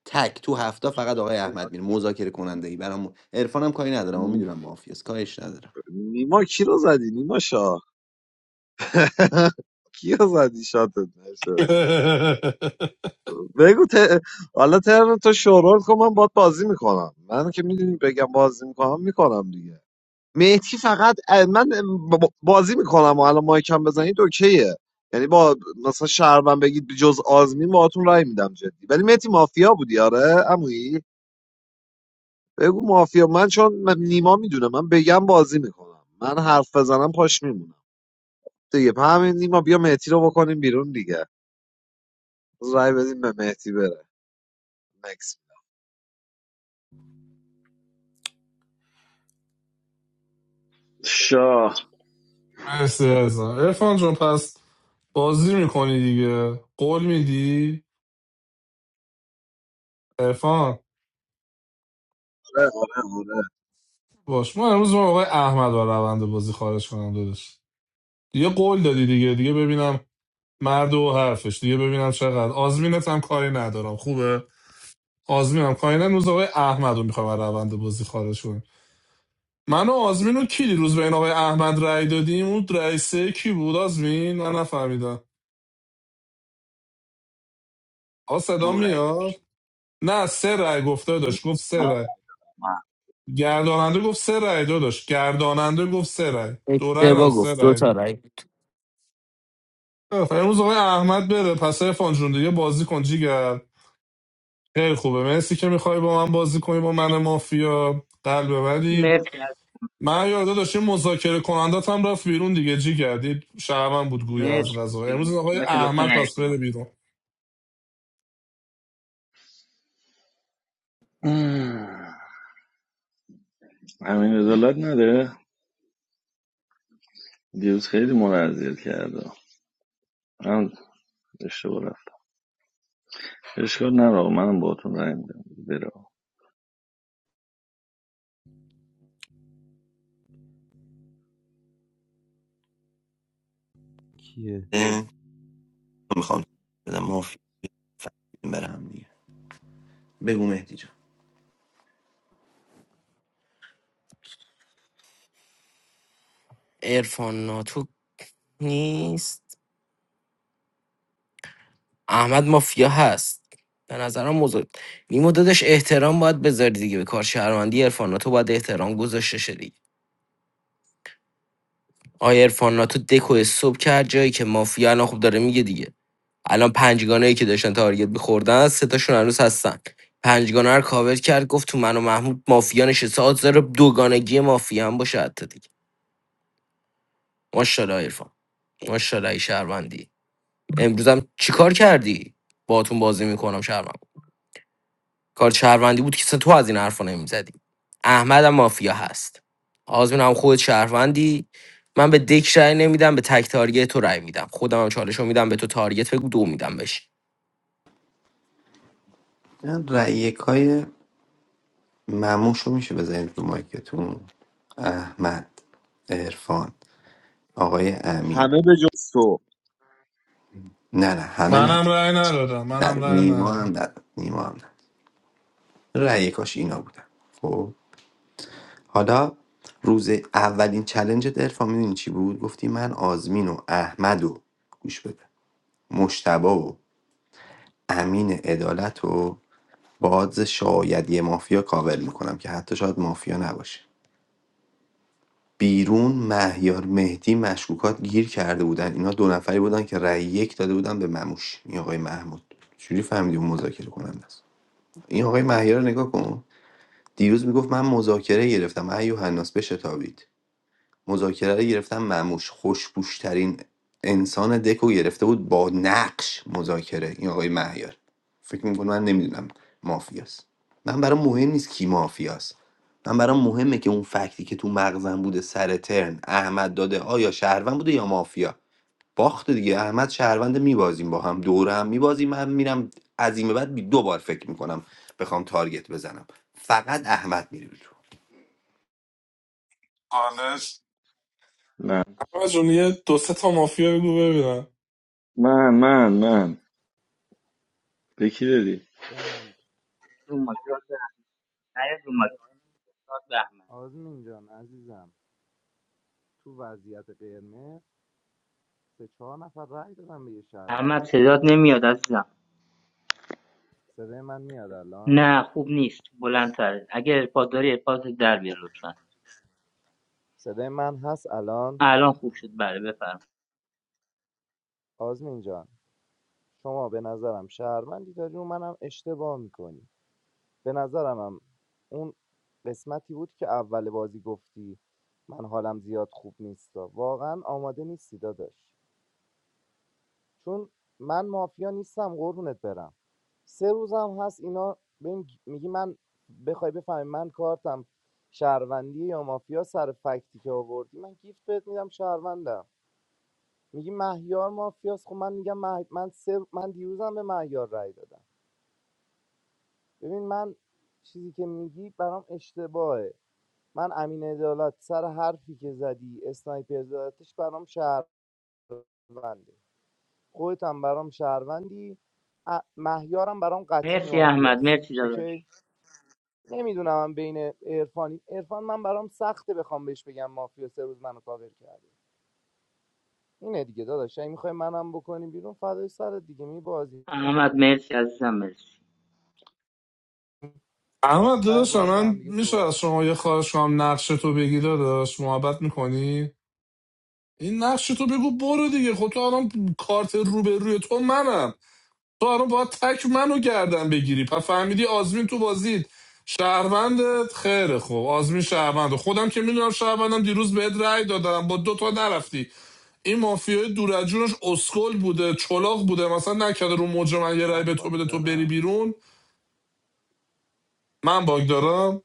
L: تک تو هفته فقط آقای احمد میره مذاکره کننده ای برام عرفانم کاری ندارم و
E: نی-
L: میدونم مافیاس کاریش ندارم
E: نیما کی رو زدی نیما شاه کی رو زدی شاتت نشست بگو ت... حالا تر تو شورول کن من باید بازی میکنم من که میدونی بگم بازی میکنم میکنم دیگه مهدی فقط من ب- بازی میکنم و الان مایکم بزنید اوکیه یعنی با مثلا شهروند بگید جز آزمین باهاتون رای میدم جدی ولی مهدی مافیا بودی آره عمویی بگو مافیا من چون من- نیما میدونه من بگم بازی میکنم من حرف بزنم پاش میمونم دیگه همین نیما بیا مهدی رو بکنیم بیرون دیگه رای بدیم به مهدی بره نکس
C: شاه
I: مرسی رضا ارفان جون پس بازی میکنی دیگه قول میدی ارفان
E: آره آره آره
I: باش ما امروز ما آقای احمد رو روند بازی خارج کنم دادش دیگه قول دادی دیگه دیگه ببینم مرد و حرفش دیگه ببینم چقدر آزمینت هم کاری ندارم خوبه آزمینم کاری ندارم امروز آقای احمد رو میخوام روند بازی خارج من و آزمین و کی دیروز به این آقای احمد رأی دادیم اون رأی کی بود آزمین من نفهمیدم آقا صدا
L: دو رای
I: میاد
L: داشت
I: نه سه رأی گفته
E: نه
I: داشت گفت سه رأی
E: نه.
I: گرداننده گفت سه رأی داداش گرداننده گفت سه رأی دو رأی نه
K: اشتباه گفت.
I: سه رأی بود امروز آقای احمد بره پس ارفان جون دیگه بازی کن جیگر خیلی خوبه مرسی که میخوای با من بازی کنی با من مافیا قلب ببری
J: مرسی از
I: من یاد داشتیم مذاکره کنندت هم رفت بیرون دیگه جیگر دید شهرم بود گویا
J: مرسی
I: از غذا امروز آقای
J: مرسی بچه‌ها، لطفا
I: احمد
J: نیاید
I: پس
J: رو مایک.
I: بره بیرون
C: مم. امین عدالت نداره دیروز خیلی مرا اذیت کرده من اشتباه اشکال نداره آقا. منم باهاتون رای میدم بره آقا.
G: کیه
L: میخوام بدم مافی فهمیدیم برم دیگه بگو مهدی جان
K: عرفان ناتو نیست احمد مافیا هست به نظرم موضوع نیمو دادش احترام باید بذاری دیگه به کار شهروندی عرفاناتو باید احترام گذاشته شه دیگه آیا عرفاناتو دکو صبح کرد جایی که مافیا الان خوب داره میگه دیگه الان پنجگانه ای که داشتن تارگت میخوردن سه تاشون هنوز هستن پنجگانه رو کاور کرد گفت تو من و محمود مافیا نشسته آز داره دوگانگی مافیا هم باشه حتی دیگه ماشاءالله عرفان ماشاءالله ای شهروندی امروزم چیکار کردی باهاتون بازی میکنم شهروند. کار شهروندی بود که اصلا تو از این حرفا نمیزدی احمد هم مافیا هست آزمین هم خود شهروندی من به دک رای نمیدم به تک تارگت تو رای میدم خودم هم چالش میدم به تو تارگت بگو دو میدم بهش
L: من رای یکای مموش رو میشه بزنید رو مایکتون احمد عرفان آقای امین
E: همه به جز تو
L: نه نه همه نبود
I: منم رأی ندادم
L: نه
I: منم رأی
L: نیما هم
I: ندادم
L: نداد نیما هم نه رای یکاش اینا بودن خب حالا روز اولین چلنجت عرفان میدونی چی بود گفتی من آزمین و احمد و گوش بده مشتبا و امین عدالت و با آدز شاید یه مافیا کاور میکنم که حتی شاید مافیا نباشه بیرون مهیار مهدی مشکوکات گیر کرده بودن اینا دو نفری بودن که رأی یک داده بودن به مموش این آقای محمود چجوری فهمیدی اون مذاکره کننده است این آقای مهیار رو نگاه کن دیروز میگفت من مذاکره گرفتم ایو هناس بشتابید مذاکره رو گرفتم مموش خوشبوشترین انسان دکو گرفته بود با نقش مذاکره این آقای مهیار فکر میکنم من نمیدونم مافیاست من برام مهم نیست کی مافیاست من برام مهمه که اون فکتی که تو مغزم بوده سر ترن احمد داده آیا شهروند بوده یا مافیا باخت دیگه احمد شهروند میبازیم با هم دوره هم میبازیم من میرم عظیمه بعد بی- دو بار فکر میکنم بخوام تارگت بزنم فقط احمد میره بیرون
I: حالش
C: نه
I: احمد جون یه دو سه تا مافیا بگو ببینم
C: من من من به کی دادی
D: به من
J: رو مایک، راست رو مایک.
D: آزمین جان عزیزم تو وضعیت قرمز سه چهار نفر رأی دادن به یه
J: احمد
D: شهروندم
J: صدات نمیاد عزیزم
D: صدای من میاد الان
J: نه خوب نیست بلندتر اگر ارپاد داری ارپاد در بیار لطفا
D: صدای من هست الان
J: الان خوب شد بله بفرم
D: آزمین جان شما به نظرم شهروندی داری و منم اشتباه میکنی به نظرم هم اون قسمتی بود که اول بازی گفتی من حالم زیاد خوب نیستا واقعا آماده نیستی داداش چون من مافیا نیستم قربونت برم سه روزم هست اینا بهم میگی من بخوای بفهمی من کارتم شهروندی یا مافیا سر فکتی که آوردی من گیفت بهت میدم شهروندم میگی مهیار مافیاست خب من میگم مه... من سه... من دیروزم به مهیار رای دادم ببین من چیزی که میگی برام اشتباهه من امین عدالت سر حرفی که زدی اسنایپر زدتش برام شهرونده خودت هم برام شهروندی ا- مهیارم برام قطعی
J: مرسی احمد
D: مافیاست
J: مرسی داداش
D: اوکی نمیدونم من بین عرفانی عرفان من برام سخته بخوام بهش بگم مافیا سه روز منو کاور کرده اینه دیگه داداش اگه میخوای منم بکنیم بیرون فدای سرت دیگه می بازی
J: احمد مرسی عزیزم مرسی
I: اما
D: ته
I: داداش
D: بازی با هم
I: من
D: دیگه
I: میشه
D: صحبت
I: از شما یه خواهش کنم نقش تو بگی داداش محبت میکنی این نقش تو بگو برو دیگه خب تو الان کارت رو به روی تو منم تو الان باید تک منو گردن بگیری پس فهمیدی آزمین تو بازید شهروندت خیره خب آزمین شهروند خودم که میدونم شهروندم دیروز بهت رأی دادم با دو تا نرفتی این مافیای دور از جونش اسکل بوده چلاق بوده مثلا نکرده رو موج من یه رای
D: من
I: به تو
D: باگ
I: بده تو بری
D: دارم
I: بیرون من باگ دارم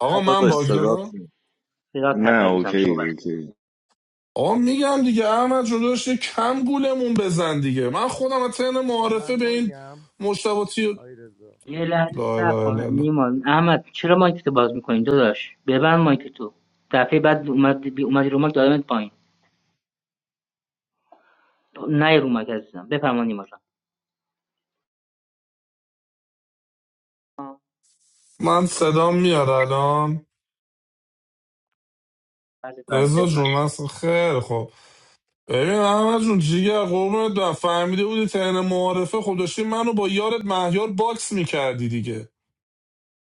I: آقا
E: نه
I: من
E: داداش
J: عزیزم
I: باگ
J: صدات
E: صدات
I: دارم
E: نیست
J: صدات هست
C: نه
J: عزیزم
C: اوکی
J: صحبت
C: اوکی
I: آقا میگم دیگه احمد جداش یه کم گولمون بزن دیگه من خودم از طریق
D: و
I: معارفه
D: من
I: به این
D: باگم
I: مشتباتی
D: آی رضا
J: یه لحظه
I: لا
J: صبر
I: لا
J: کن
I: لا لا
J: نیما احمد چرا مایک تو باز میکنی داداش ببند مایک تو دفعه بعد اومد بی اومدی رو مایک دادمت پایین نه رو مایک عزیزم بفرما نیما جان
I: من صدام میاد الان
J: بله بله
I: رضا
J: بفرما
I: جون من اصلا خیلی خوب ببین احمد جون جیگر قربونت برم. فهمیده بودی ترن معارفه خب داشتی منو با یارت مهیار باکس میکردی دیگه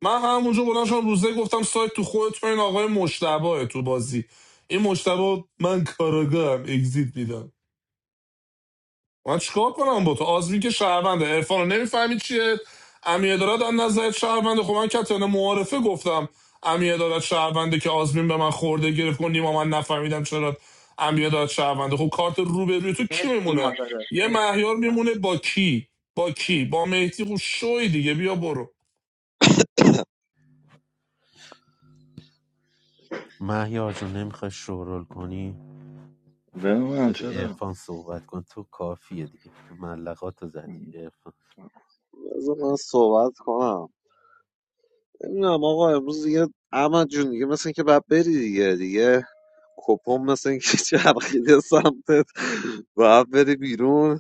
I: من همونجا بلند شدم روزه گفتم سایت تو خودت و این آقای مشتبه تو بازی این مشتبه من کاراگاهم اگزییت میدم من چیکار کنم با تو آزمین که شهرونده عرفانو نمیفهمی چیه امیه دارد از نظرت شهرونده خب من کتن معارفه گفتم امیه دارد شهرونده که آزمین به من خورده گرفت کنیم و من نفهمیدم چرا امیه دارد شهرونده خب کارت رو به روی تو کی
J: مرسی نیما
I: میمونه
J: داداش
I: یه
J: مرسی
I: مهیار
J: عزیزم.
I: میمونه با کی با کی با مهدی خب شوی دیگه بیا برو
G: مهیار جون نمیخوای شورول کنی
C: به من
G: بذار
C: چرا
G: ارفان صحبت کن تو کافیه دیگه ملقاتو زدی عرفان.
E: بذار من صحبت کنم نمیدونم آقا امروز دیگه احمد جون دیگه مثل اینکه باید بری دیگه دیگه کپم مثل اینکه چرخیده سمتت باید بری بیرون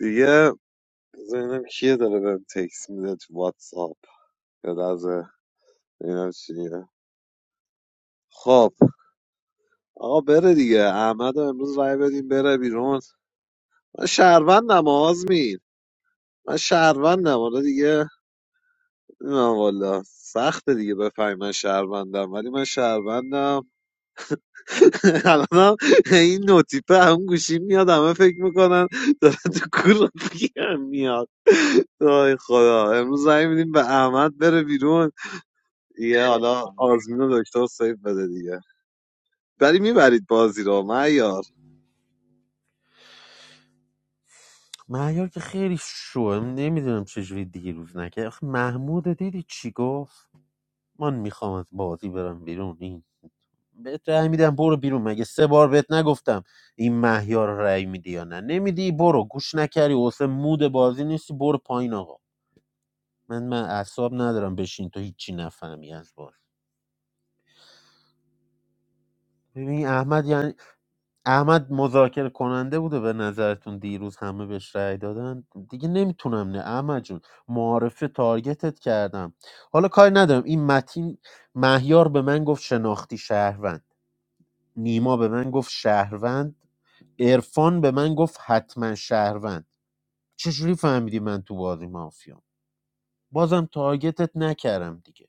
E: دیگه بذار ببینم کیه داره بهم تکس میده تو واتساپ یه لحظه ببینم چیه خب آقا بره دیگه احمد رو امروز رای بدیم بره بیرون من شهروندم آزمین من شهروندم حالا دیگه نه والا سخته دیگه بفهمی من شهروندم ولی من شهروندم الانم این نوتیپه هم گوشی میاد همه فکر میکنن داره تو کور پیرم میاد وای خدا امروز زنگ میدیم به احمد بره بیرون دیگه
J: مرسی
E: حالا
J: خانم. مرسی
E: آزمین و دکتر سیف بده دیگه ولی میبرید بازی رو معیار
G: مهیار که خیلی شوه نمیدونم چجوری دیروز نکرد آخه محمود دیدی چی گفت من میخوام از بازی برم بیرون این بهت رأی میدم برو بیرون مگه سه بار بهت نگفتم این مهیار رو رأی میدی یا نه نمیدی برو گوش نکردی واسه مود بازی نیستی برو پایین آقا من من اعصاب ندارم بشین تو هیچی نفهمی از بازی ببین احمد یعنی احمد مذاکره کننده بوده به نظرتون دیروز همه بهش رأی دادن دیگه نمیتونم نه احمد جون معارفه تارگتت کردم حالا کاری ندارم این متین مهیار به من گفت شناختی شهروند نیما به من گفت شهروند عرفان به من گفت حتما شهروند چجوری فهمیدی من تو بازی مافیام بازم تارگتت نکردم دیگه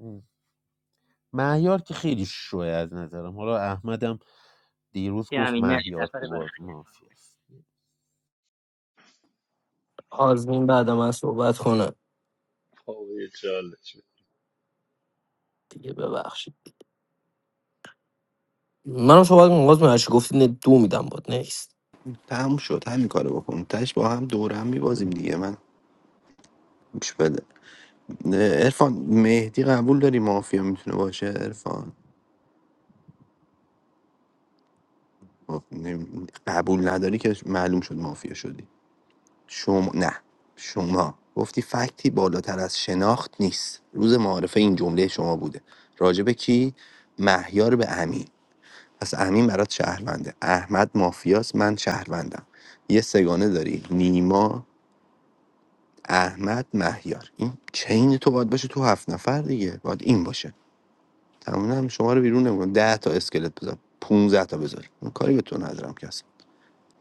G: ام. مهیار که خیلی شوه از نظرم حالا احمدم دیروز گفت
J: همین مرسی
G: مهیار
J: نفر
G: تو
J: بعد
G: بازی مافیاست
K: آزمین بعد من صحبت کنه
C: آقا یه چالش
K: دیگه ببخشید منم صحبت کنم آزمین هرچی گفتی نه، دو میدم باد نیست
L: تموم شد همین کارو بکن تش با هم دور هم میبازیم دیگه من گوش بده ارفان مهدی قبول داری مافیا میتونه باشه ارفان قبول نداری که معلوم شد مافیا شدی شما نه شما گفتی فکتی بالاتر از شناخت نیست روز معارفه این جمله شما بوده راجبه کی مهیار به امین پس امین برات شهرونده احمد مافیاست من شهروندم یه سگانه داری نیما احمد مهیار این چین تو باید باشه تو هفت نفر دیگه باید این باشه تمام هم شما رو بیرون نمیکنم ده تا اسکلت بذار 15 تا بذار من کاری به تو ندارم کس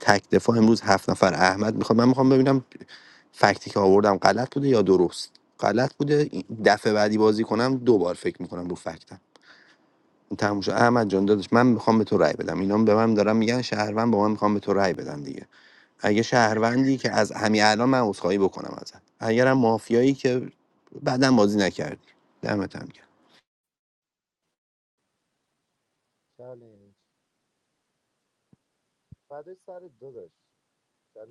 L: تک دفاع امروز هفت نفر احمد میخوام من میخوام ببینم فکتی که آوردم غلط بوده یا درست غلط بوده این دفعه بعدی بازی کنم دوبار فکر میکنم رو فکتم تموم شد احمد جان داداش من میخوام به تو رأی بدم اینا به من دارن میگن شهروند با من میخوام به تو رأی بدم دیگه اگه شهروندی که از همین الان من عذرخواهی بکنم ازت اگرم مافیایی که بعدا بازی نکردی دمت هم
D: چالش فدای سرت داداش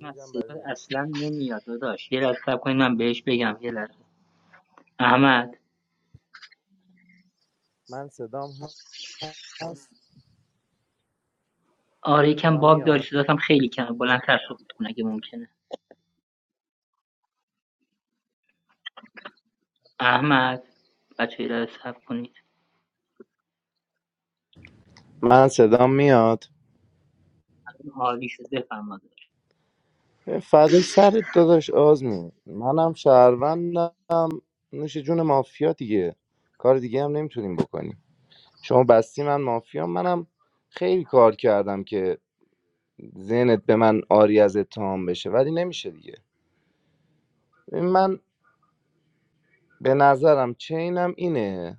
J: نه
D: برای
J: صدا
D: نیما.
J: اصلا نمیاد داداش یه لحظه صبر کنید من بهش بگم یه لحظه احمد
D: من صدام هست
J: آره یکم
D: صدام
J: باگ داری
D: میاد
J: صداتم خیلی کمه بلندتر صحبت کن اگه ممکنه احمد بچه یه لحظه صبر کنید
D: من صدام میاد
J: عالی شد بفرما داداش.
D: فدای سرت داداش آزمی منم شهروند نوش جون مافیا دیگه کار دیگه هم نمیتونیم بکنیم شما بستی من مافیا منم خیلی کار کردم که ذهنت به من آری از اتهام بشه ولی نمیشه دیگه ببین من به نظرم چینم اینه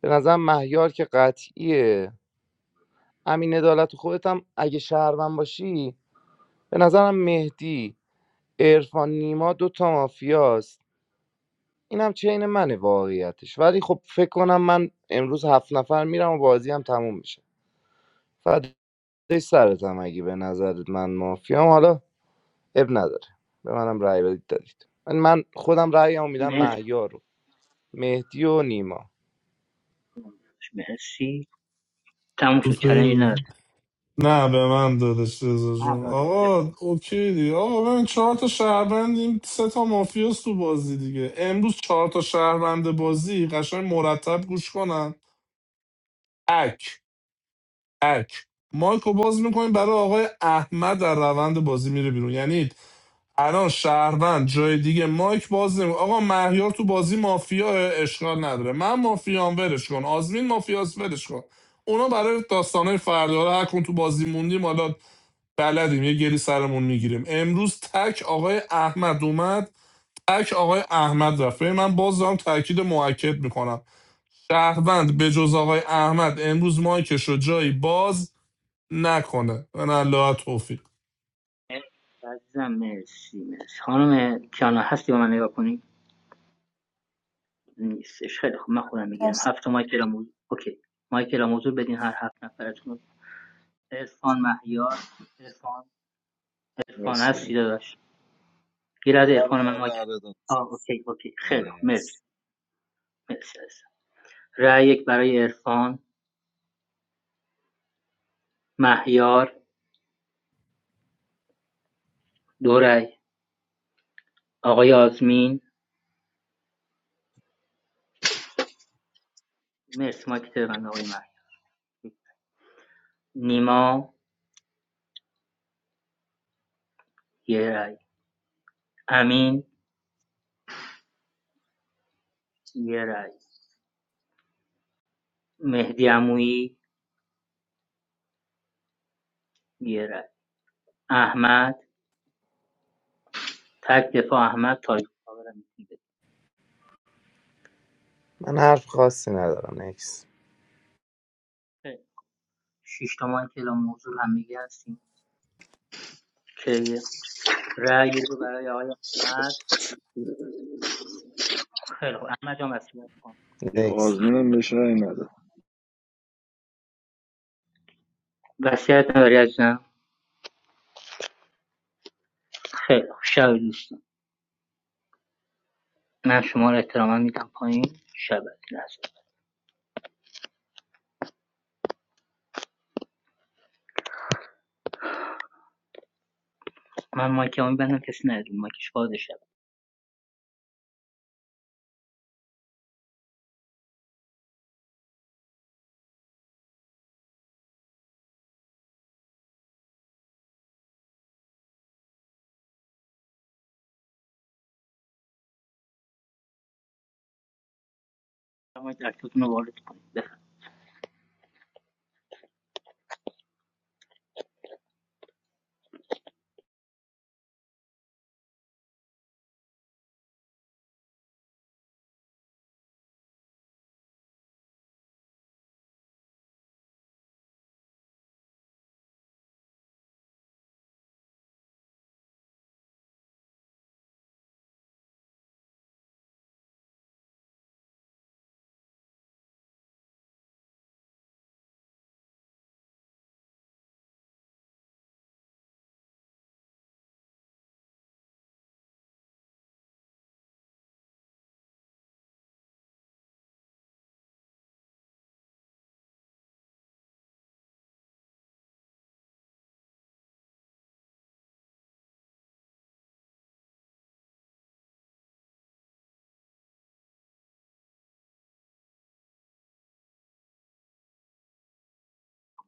D: به نظرم مهیار که قطعیه امین عدالت خودت هم اگه شهروند باشی به نظرم مهدی عرفان نیما دوتا مافیاست این هم چین منه واقعیتش ولی خب فکر کنم من امروز هفت نفر میرم و بازی هم تموم میشه فدای سرتم اگه به نظرت من مافیام حالا اب نداره به منم رأی بدید دادید من من خودم رأیمو میدم
J: مرسی
D: مهیار رو مهدی و نیما
J: مرسی تموم شد
I: سوپر
J: چالش نداره
I: بودی. نه به من دادش رزا
J: آه
I: جون
J: داده بوده
I: آقا اوکی دیگه آقا ببین چهار تا شهروندیم سه تا مافیاس تو بازی دیگه امروز چهار تا شهروند بازی قشنگ مرتب گوش کنن اک اک مایکو باز میکنیم برای آقای احمد در روند بازی میره بیرون یعنی الان شهروند جای دیگه مایک باز نمی آقا مهیار تو بازی مافیا اشکال نداره من مافیام ورش کن آزمین مافیاس ورش کن اونا برای داستانه فردا حالا هر کدوم تو بازی موندیم حالا بلدیم یه گلی سرمون میگیریم امروز تک آقای احمد اومد تک آقای احمد رفت من باز دارم تاکید موکد میکنم شهروند به جز آقای احمد امروز مایکش رو جایی باز نکنه من الله توفیق
J: عزیزم مرسی مرسی خانم کیانا هستی با من نگاه کنی نیستش خیلی خوب من خودم میگیرم هفت تا مایکل موضوع اوکی مایکل موضوع بدین هر هفت نفرتون عرفان مهیار عرفان عرفان هستی
C: هستم
J: داداش گیر از
E: آره
J: عرفان من
E: آره
J: مایکل
E: آره
J: آه
E: دانشنسی.
J: اوکی اوکی خیلی خوب
E: آره
J: مرسی
E: هست.
J: مرسی عزیزم رأی یک برای عرفان مهیار دو رأی آقای آزمین مرسی مایکل من آقای مهیار نیما یه رأی. امین یه رای مهدی عمویی یه رای احمد تک دفاع احمد تاج کاورم دیگه
D: من حرف خاصی ندارم نکس
J: خیلی. شش تا مایک اعلام موضوع هم دیگه هستیم که رای رو برای آقای احمد خیلی خوب احمد جان وصیت کن
C: یه
D: نکس
C: آزمینم بهش رای نده
J: وصیت نداری عزیزم خیلی خوب شب دوستان من شما رو احتراما میدم پایین شب لحظه من مایک هم میبندم کسی نداره مایکش باز شب مایک اکتتون رو وارد کنید بفرمایید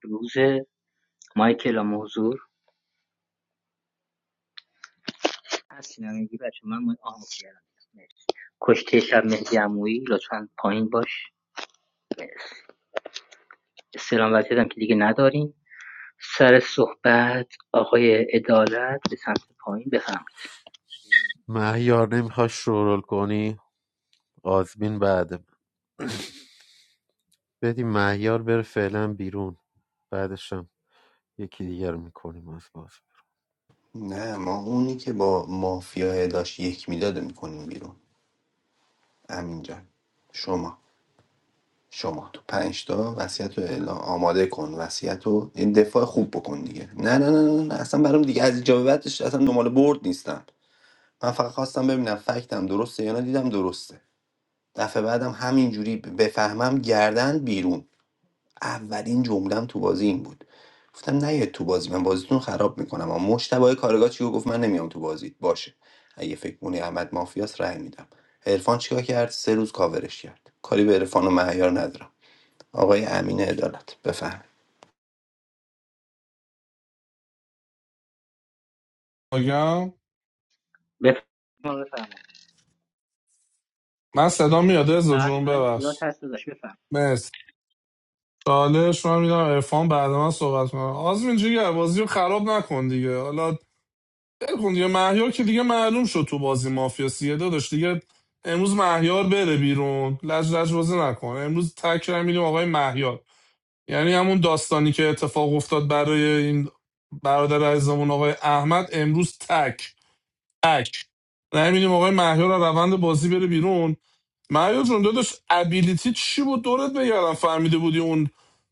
J: روز مایک اعلام موضوع هستین همگی بچه من مایک آن کردم کشته شب مهدی عمویی لطفا پایین باش استلام وضعیت هم که دیگه نداریم سر صحبت آقای عدالت به سمت پایین بفرمایید
G: مهیار نمیخوای شورول کنی آزمین بعد من. بدیم مهیار بره فعلا بیرون بعدشم یکی دیگر رو میکنیم از باز
L: گرم نه ما اونی که با مافیا داشت یک میداده میکنیم بیرون امین جان شما شما تو پنج تا وصیت رو اعلام آماده کن وصیت رو این دفاع خوب بکن دیگه نه نه نه نه, نه. اصلا برام دیگه از اینجا به بعدش اصلا دنبال برد نیستم من فقط خواستم ببینم فکتم درسته یا نه دیدم درسته دفعه بعدم همینجوری بفهمم گردن بیرون اولین جملم تو بازی این بود گفتم نه تو بازی من بازیتون خراب میکنم اما مشتبه کارگاه چیو گفت من نمیام تو بازیت باشه اگه فکر مونی احمد مافیاس رأی میدم عرفان چیکار کرد سه روز کاورش کرد کاری به عرفان و مهیار ندارم آقای امین عدالت بفهم
I: آگم
J: بفرمایید بفرمایید
I: من صدا میاد ازا جون
J: بله من صدا
I: ببخش
J: هست داشت بفرمایید
I: مرسی چالش من میدم عرفان بعد من صحبت کنم آزمین جیگر بازی رو خراب نکن دیگه حالا ول کن دیگه مهیار که دیگه معلوم شد تو بازی مافیا سیه داداش دیگه امروز مهیار بره بیرون لج لج بازی نکنه امروز تک رای میدیم آقای مهیار یعنی همون داستانی که اتفاق افتاد برای این برادر عزیزمون آقای احمد امروز تک تک رای میدیم آقای مهیار از روند بازی بره بیرون مهیار جون داداش ابیلیتی چی بود دورت بگردم فهمیده بودی اون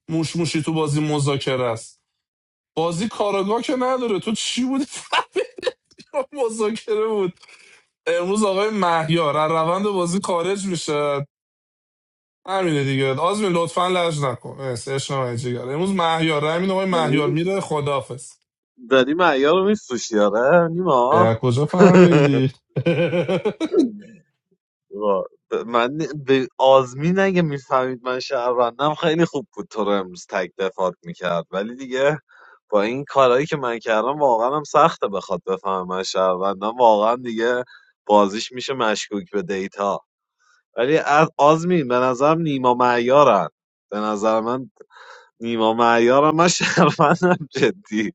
I: موش موشی تو بازی مذاکره است بازی کاراگاه که نداره تو چی بودی فهمیدی مذاکره بود امروز آقای مهیار از روند بازی خارج میشه همینه دیگه آزمین لطفا لج نکن مرسی، عشق من جگر امروز مهیار همین آقای مهیار
E: داری
I: میره خدافز
E: داری معیار رو میفروشی آره نیما
I: کجا فهمیدی
E: وا- ب- من به آزمین اگه میفهمید من شهروندم خیلی خوب بود تو رو امروز تک دفات میکرد ولی دیگه با این کارهایی که من کردم واقعا هم سخته بخواد بفهمه من شهروندم واقعا دیگه بازیش میشه مشکوک به دیتا ولی از آزمین به نظرم نیما معیارن به نظر من نیما معیارم من شرمندم جدی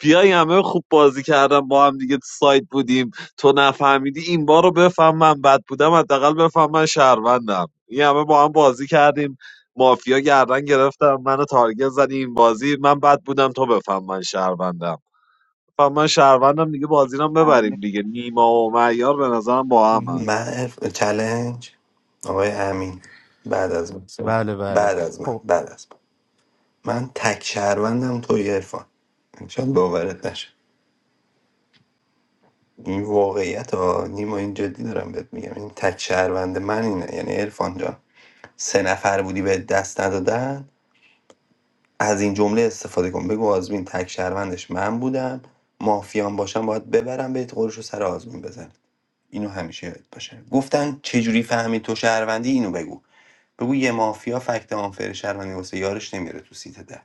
E: بیای همه خوب بازی کردم با هم دیگه تو سایت بودیم تو نفهمیدی این بار رو بفهم من بد بودم حداقل بفهم من شهروندم این همه با هم بازی کردیم مافیا گردن گرفتم منو تارگت زدی این بازی من بد بودم تو بفهم من شهروندم بفهم من شهروندم دیگه بازی رو هم
J: آقا،
E: ببریم
J: مرسی
E: دیگه نیما و معیار به نظرم با هم
L: من عرف... چلنج آقای امین بعد از من
G: بله بله
L: بعد از من
G: خب
L: بعد از من من تک شهروندم توی عرفان شاید باورت نشه این واقعیت ها نیما این جدی دارم بهت میگم این تک شهروند من اینه یعنی عرفان جان سه نفر بودی به دست ندادن از این جمله استفاده کن بگو آزمین تک شهروندش من بودم مافیان باشم باید ببرم بهت قرش رو سر آزمین بزن اینو همیشه یاد باشه گفتن چجوری فهمی تو شهروندی اینو بگو بگو یه مافیا فکت آنفر شهروندی واسه یارش نمیره تو سیت ده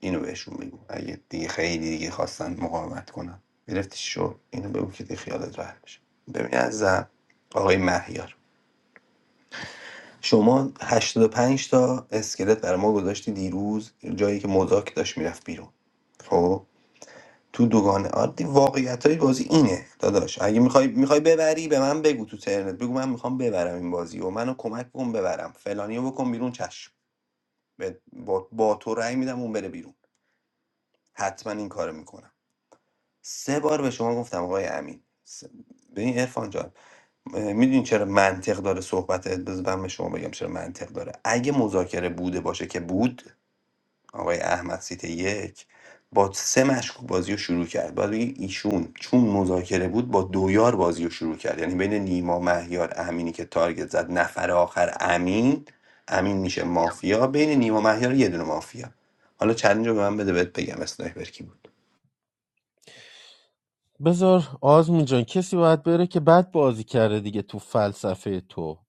L: اینو بهشون بگو اگه دیگه خیلی دیگه خواستن مقاومت کنن گرفتی شو اینو بگو که دیگه خیالت راحت بشه ببین از آقای مهیار شما 85 تا اسکلت برای ما گذاشتی دیروز جایی که مذاک داشت میرفت بیرون خب تو دوگانه عادی واقعیتای بازی اینه داداش اگه میخوای میخوای ببری به من بگو تو ترنت بگو من میخوام ببرم این بازی و منو کمک کن ببرم فلانیو بکن بیرون چشم به- با, با تو رأی میدم اون بره بیرون حتما این کارو میکنم سه بار به شما گفتم آقای امین س- ببین عرفان جان میدونی چرا منطق داره صحبتت بذار من به شما بگم چرا منطق داره اگه مذاکره بوده باشه که بود آقای احمد سیت یک با سه مشکوک بازی رو شروع کرد باید بگی ایشون چون مذاکره بود با دویار بازی رو شروع کرد یعنی بین نیما مهیار امینی که تارگت زد نفر آخر امین امین میشه
J: آقا.
L: مافیا بین نیما مهیار یه دونه مافیا حالا چلنج رو به من بده بهت بگم اسنایپر کی بود
G: بذار آزمون جان کسی باید بره که بد بازی کرده دیگه تو فلسفه تو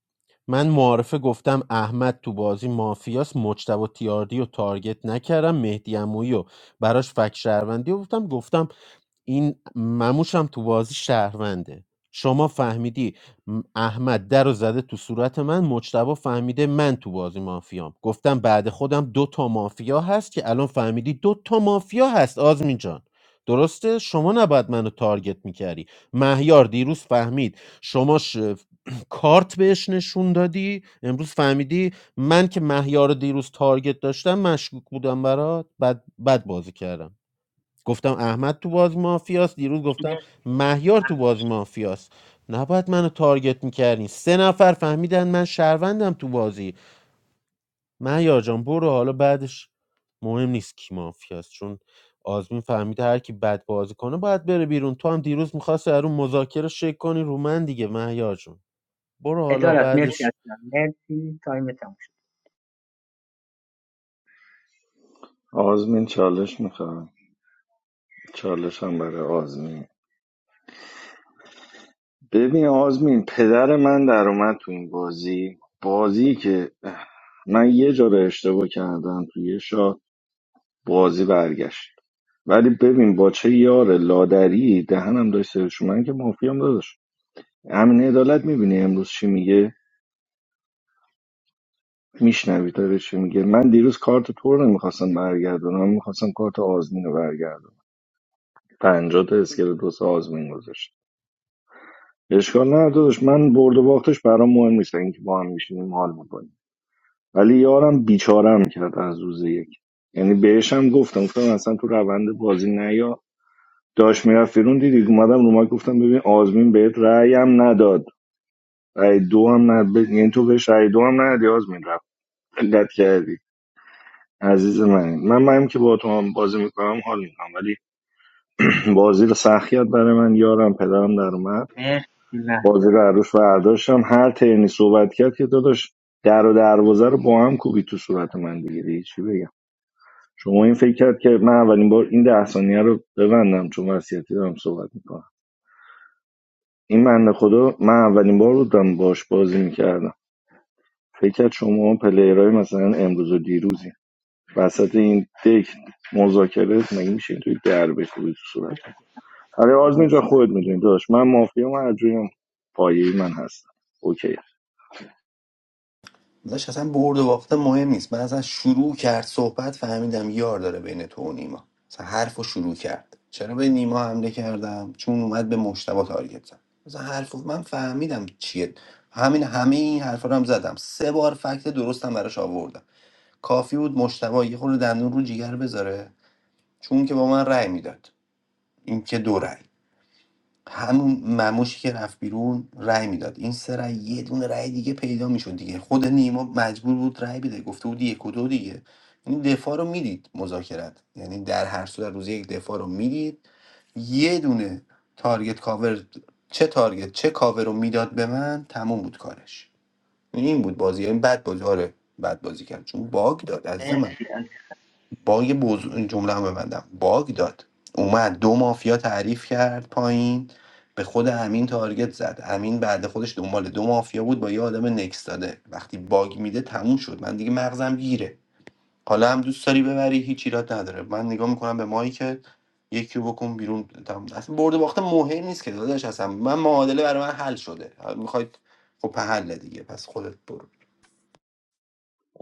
G: من معارفه گفتم احمد تو بازی مافیاس مجتبی تیاردی و تارگت نکردم مهدی عمویی و براش فک شهروندی و گفتم گفتم این مموشم تو بازی شهرونده شما فهمیدی م- احمد در رو زده تو صورت من مجتبا فهمیده من تو بازی مافیام گفتم بعد خودم دو تا مافیا هست که الان فهمیدی دو تا مافیا هست آزمین جان درسته شما نباید منو تارگت میکردی مهیار دیروز فهمید شما ش... کارت بهش نشون دادی امروز فهمیدی من که مهیار رو دیروز تارگت داشتم مشکوک بودم برات بد, بد بازی کردم گفتم احمد تو بازی مافیاست دیروز گفتم
J: مرسی
G: مهیار تو
J: همین
G: بازی مافیاست نباید منو تارگت میکردین سه نفر فهمیدن من شهروندم تو بازی مهیار جان برو حالا بعدش مهم نیست کی مافیاست چون آزمین فهمیده هر کی بد بازی کنه باید بره بیرون تو هم دیروز میخواست رو مذاکره شک کنی رو من دیگه مهیار جون برو حالا
J: عدالت مرسی
G: بعدش
J: عزیزم مرسی تایم تموم شد
C: آزمین چالش میخوام چالش هم برای آزمین ببین آزمین پدر من در اومد تو این بازی بازی که من یه جا رو اشتباه کردم تو یه شات بازی برگشت ولی ببین با چه یار لادری دهنم داشت سرش اومد. من که مافیام داداش امین عدالت میبینی امروز چی میگه میشنوی داره چی میگه من دیروز کارت تو رو نمیخواستم برگردونم من میخواستم کارت آزمین رو برگردونم پنجاه تا اسکل دوست آزمین گذاشت اشکال نه داداش من برد و باختش برام مهم نیست اینکه با هم میشینیم حال میکنیم ولی یارم بیچارم کرد از روز یک یعنی بهش هم گفتم گفتم اصلا تو روند بازی نیا داش میرفت بیرون دیدی اومدم رو ما گفتم ببین آزمین بهت رأیم نداد رای دو هم نه ب... یعنی تو بهش رای دو هم ندی آزمین رفت علت کردی عزیز من من من که با تو هم بازی میکنم حال میکنم ولی بازی رو سخیات برای من یارم پدرم در اومد
J: مرسی
C: بازی
J: مهیار
C: رو
J: عزیزم.
C: عروش و برداشتم هر ترنی صحبت کرد که داداش در و دروازه رو با هم کوبی تو صورت من دیگه دیگه چی بگم شما این فکر کرد که من اولین بار این ده ثانیه رو ببندم چون وصیتی دارم صحبت میکنم این بنده خدا من اولین بار بودم باش بازی میکردم فکر کرد شما پلیرهای مثلا امروز و دیروزی وسط این دک مذاکره مگه میشه توی در بکوبی تو صورت آره آزمین جان
J: مرسی مهیار.
C: خودت میدونی داشت من مافیا من هرجوریم پایه من هستم اوکی
L: داشت اصلا برد و باخته مهم نیست من اصلا شروع کرد صحبت فهمیدم یار داره بین تو و نیما اصلا حرف رو شروع کرد چرا به نیما حمله کردم چون اومد به مشتبه تارگت زد مثلا حرف رو- من فهمیدم چیه همین همه این حرفا رو هم زدم سه بار فکت درستم براش آوردم کافی بود مشتبه یه خورده دندون رو جیگر بذاره چون که با من رأی میداد این که دو رأی همون مموشی که رفت بیرون رأی میداد این سه رأی یه دونه رأی دیگه پیدا میشد دیگه خود نیما مجبور بود رأی بده گفته بود یک و دو دیگه این دفاع رو میدید مذاکرت یعنی در هر صورت روز یک دفاع رو میدید یه دونه تارگت کاور چه تارگت چه کاور رو میداد به من تموم بود کارش یعنی این بود بازی این بد بازی آره بد بازی کرد چون باگ داد از من
J: مرسی عزیزم.
L: باگ بزر... این جمله هم ببندم باگ داد اومد دو مافیا تعریف کرد پایین به خود امین تارگت زد امین بعد خودش دنبال دو مافیا بود با یه آدم نکس داده وقتی باگ میده تموم شد من دیگه مغزم گیره حالا هم دوست داری ببری هیچ ایراد نداره من نگاه میکنم به مایی یکی رو بکن بیرون تموم. اصلا برده باخته مهم نیست که داداش اصلا من معادله برای من حل شده میخواید خب پهله دیگه پس خودت برو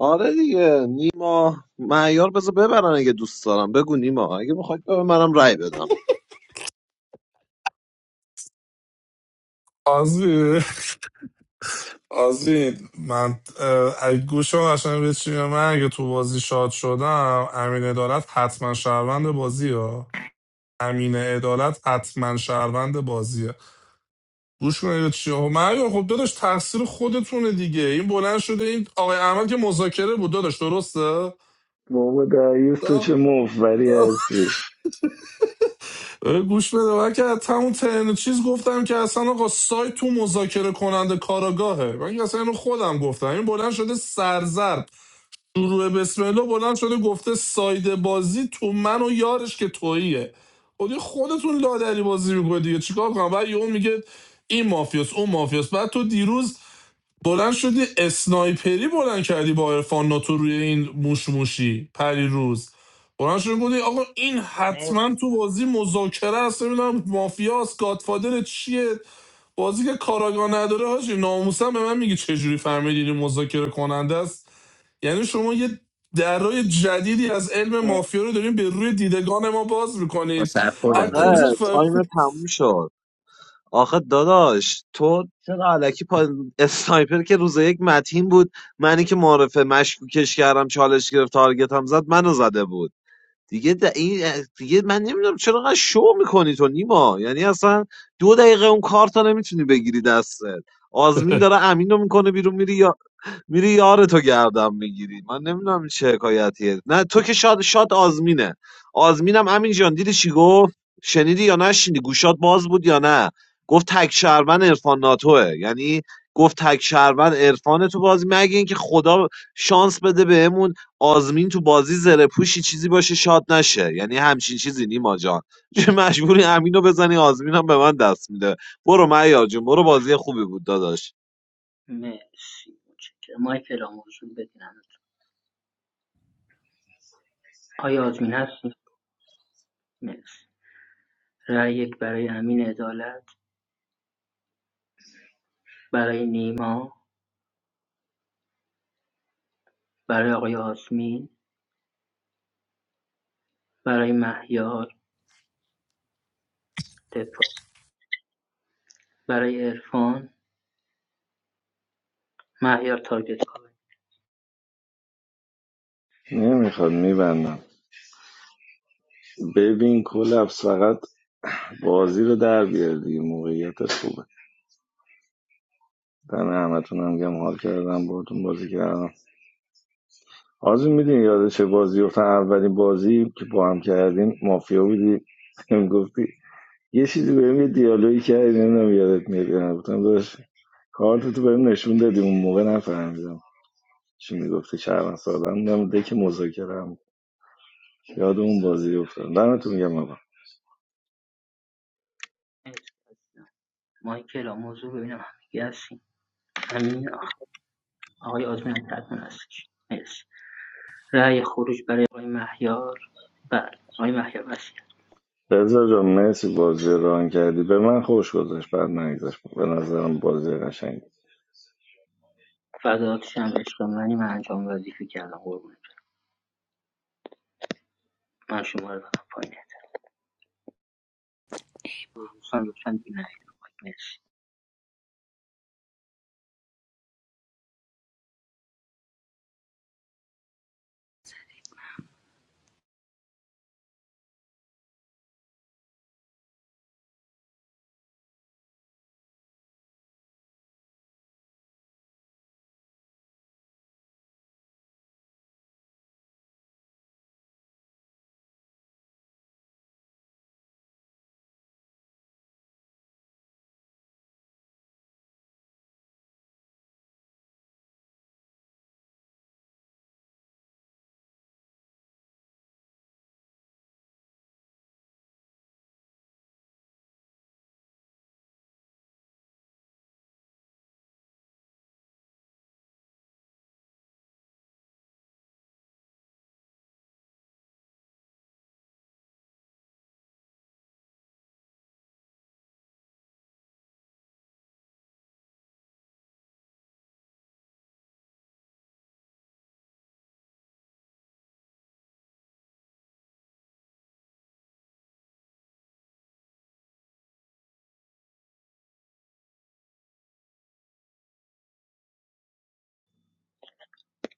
E: آره دیگه نیما معیار بذار ببرن اگه دوست دارم بگو نیما اگه میخواد به منم رأی بدم
I: آزمین آزمین من اه، اگه گوشم قشنگ به چی میاد، من اگه تو بازی شاد شدم امین عدالت حتما شهروند بازیه ها امین عدالت حتما شهروند بازیه گوش کنید چی ها مریم خب داداش تقصیر خودتونه دیگه این بلند شده این آقای احمد که مذاکره بود داداش درسته
C: بابا دریوز تو
I: دا-
C: چه مفوری
I: دا.
C: هستی
I: گوش بده من که حتی اون ترن چیز گفتم که اصلا آقا سایت تو مذاکره کننده کاراگاهه من که اصلا اینو خودم گفتم این بلند شده سرزرد شروع بسم الله بلند شده گفته ساید بازی تو من و یارش که توییه خب دیگه خودتون لادری بازی میکنه دیگه چیکار کنم بعد یهو میگه این مافیاس اون مافیاس بعد تو دیروز بلند شدی اسنایپری بلند کردی با عرفان ناتو روی این موش موشی پری روز بلند شدی گفتی آقا این حتما
J: مرسی
I: تو بازی مذاکره است نمیدونم مافیاست گادفادر چیه بازی که کاراگاه نداره حاجی ناموسم به من میگی چجوری فهمیدی این مذاکره کننده است یعنی شما یه درای جدیدی از علم
J: عزیزم.
I: مافیا رو دارین به روی دیدگان ما باز میکنید از
L: سرخوردم
I: کجا
E: آخه
L: داداش
E: تایم
I: فهمید
E: تموم شد آخه داداش تو چرا علکی پا... اسنایپر که روز یک متین بود منی که معرفه مشکوکش کردم چالش گرفت تارگت هم زد منو زده بود دیگه د... این... دیگه من نمیدونم چرا انقدر شو میکنی تو نیما یعنی اصلا دو دقیقه اون کارتا نمیتونی بگیری دستت آزمین داره امینو میکنه بیرون میری میری یار تو گردم میگیری من نمیدونم این چه حکایتیه نه تو که شاد شاد آزمینه آزمینم امین جان دیدی چی گفت شنیدی یا نشنیدی گوشات باز بود یا نه گفت تک شهروند عرفان ناتوه یعنی گفت تک شهروند عرفان تو بازی مگه اینکه خدا شانس بده بهمون آزمین تو بازی زره پوشی چیزی باشه شاد نشه یعنی همچین چیزی نیما جان چه مجبوری امینو بزنی آزمینم به من دست میده برو معیار جون برو بازی خوبی بود داداش
J: مرسی متشکرم مایکل آموزون بدینم آیا آزمین هستی؟ مرسی رأی یک برای امین عدالت برای نیما، برای آقای آسمین، برای مهیار دفاع برای عرفان مهیار تارگت کاور
C: نمیخواد میبندم ببین کلپس فقط بازی رو در بیار دیگه موقعیت خوبه دم همتون هم گم حال کردم باهاتون بازی کردم آزمین میدونی یاد چه بازی افتادم اولین بازی که با هم کردیم مافیا بودی هم گفتی یه چیزی بهم یه دیالوگی کردی نمیدونم یادت میاد یا نه گفتم داشت کارت تو بهم نشون دادی اون موقع نفهمیدم چی میگفتی چهار سالم بودم دک مذاکره هم یاد اون بازی افتادم دمتون گرم آقا
J: مرسی از مایک اعلام موضوع ببینم همگی هستیم امین آقای آزمین هم تکمون هستش مرسی رأی خروج برای آقای مهیار بله آقای مهیار وسیع
C: رضا جان مرسی بازی رو ران کردی به من خوش گذاشت بعد نگذاشت به نظرم بازی قشنگی
J: فداتش هم عشق منی من انجام وظیفه کردم قربونت من شما رو بدم پایین دوستان لطفا دیگه نهید رو مایک. مرسی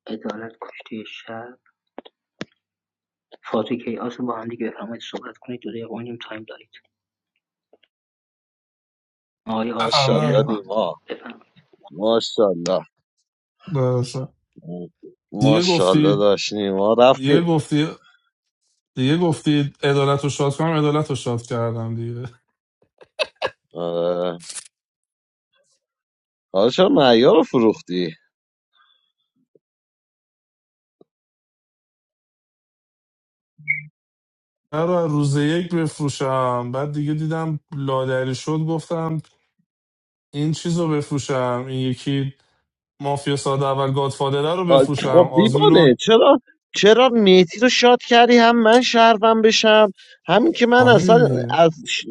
J: عدالت کشتی شب فاتو کیاس رو با هم دیگه بفرمایید صحبت کنید دو دقیقه و نیم تایم داریم آقای آزمین
E: ماشاءالله
J: عرفان
E: نیما
J: بفرمایید
E: ماشاءالله
I: دیگه
E: ماشاءالله
I: گفتید
E: داشتیم ما
I: دیگه
E: رفتیم
I: گفتی دیگه گفتید عدالت رو شاد کنم عدالت رو شاد کردم دیگه
E: آره حالا چرا معیار رو فروختی
I: قرار روز یک بفروشم بعد دیگه دیدم لادری شد گفتم این چیز رو بفروشم این یکی مافیا ساده اول گادفادره رو
E: آ، خب
I: بفروشم آزمین رو
E: دیوانه چرا چرا میتی رو شاد کردی هم من شهروند بشم همین که من
I: آره
E: اصلا
I: دیگه
E: از ش-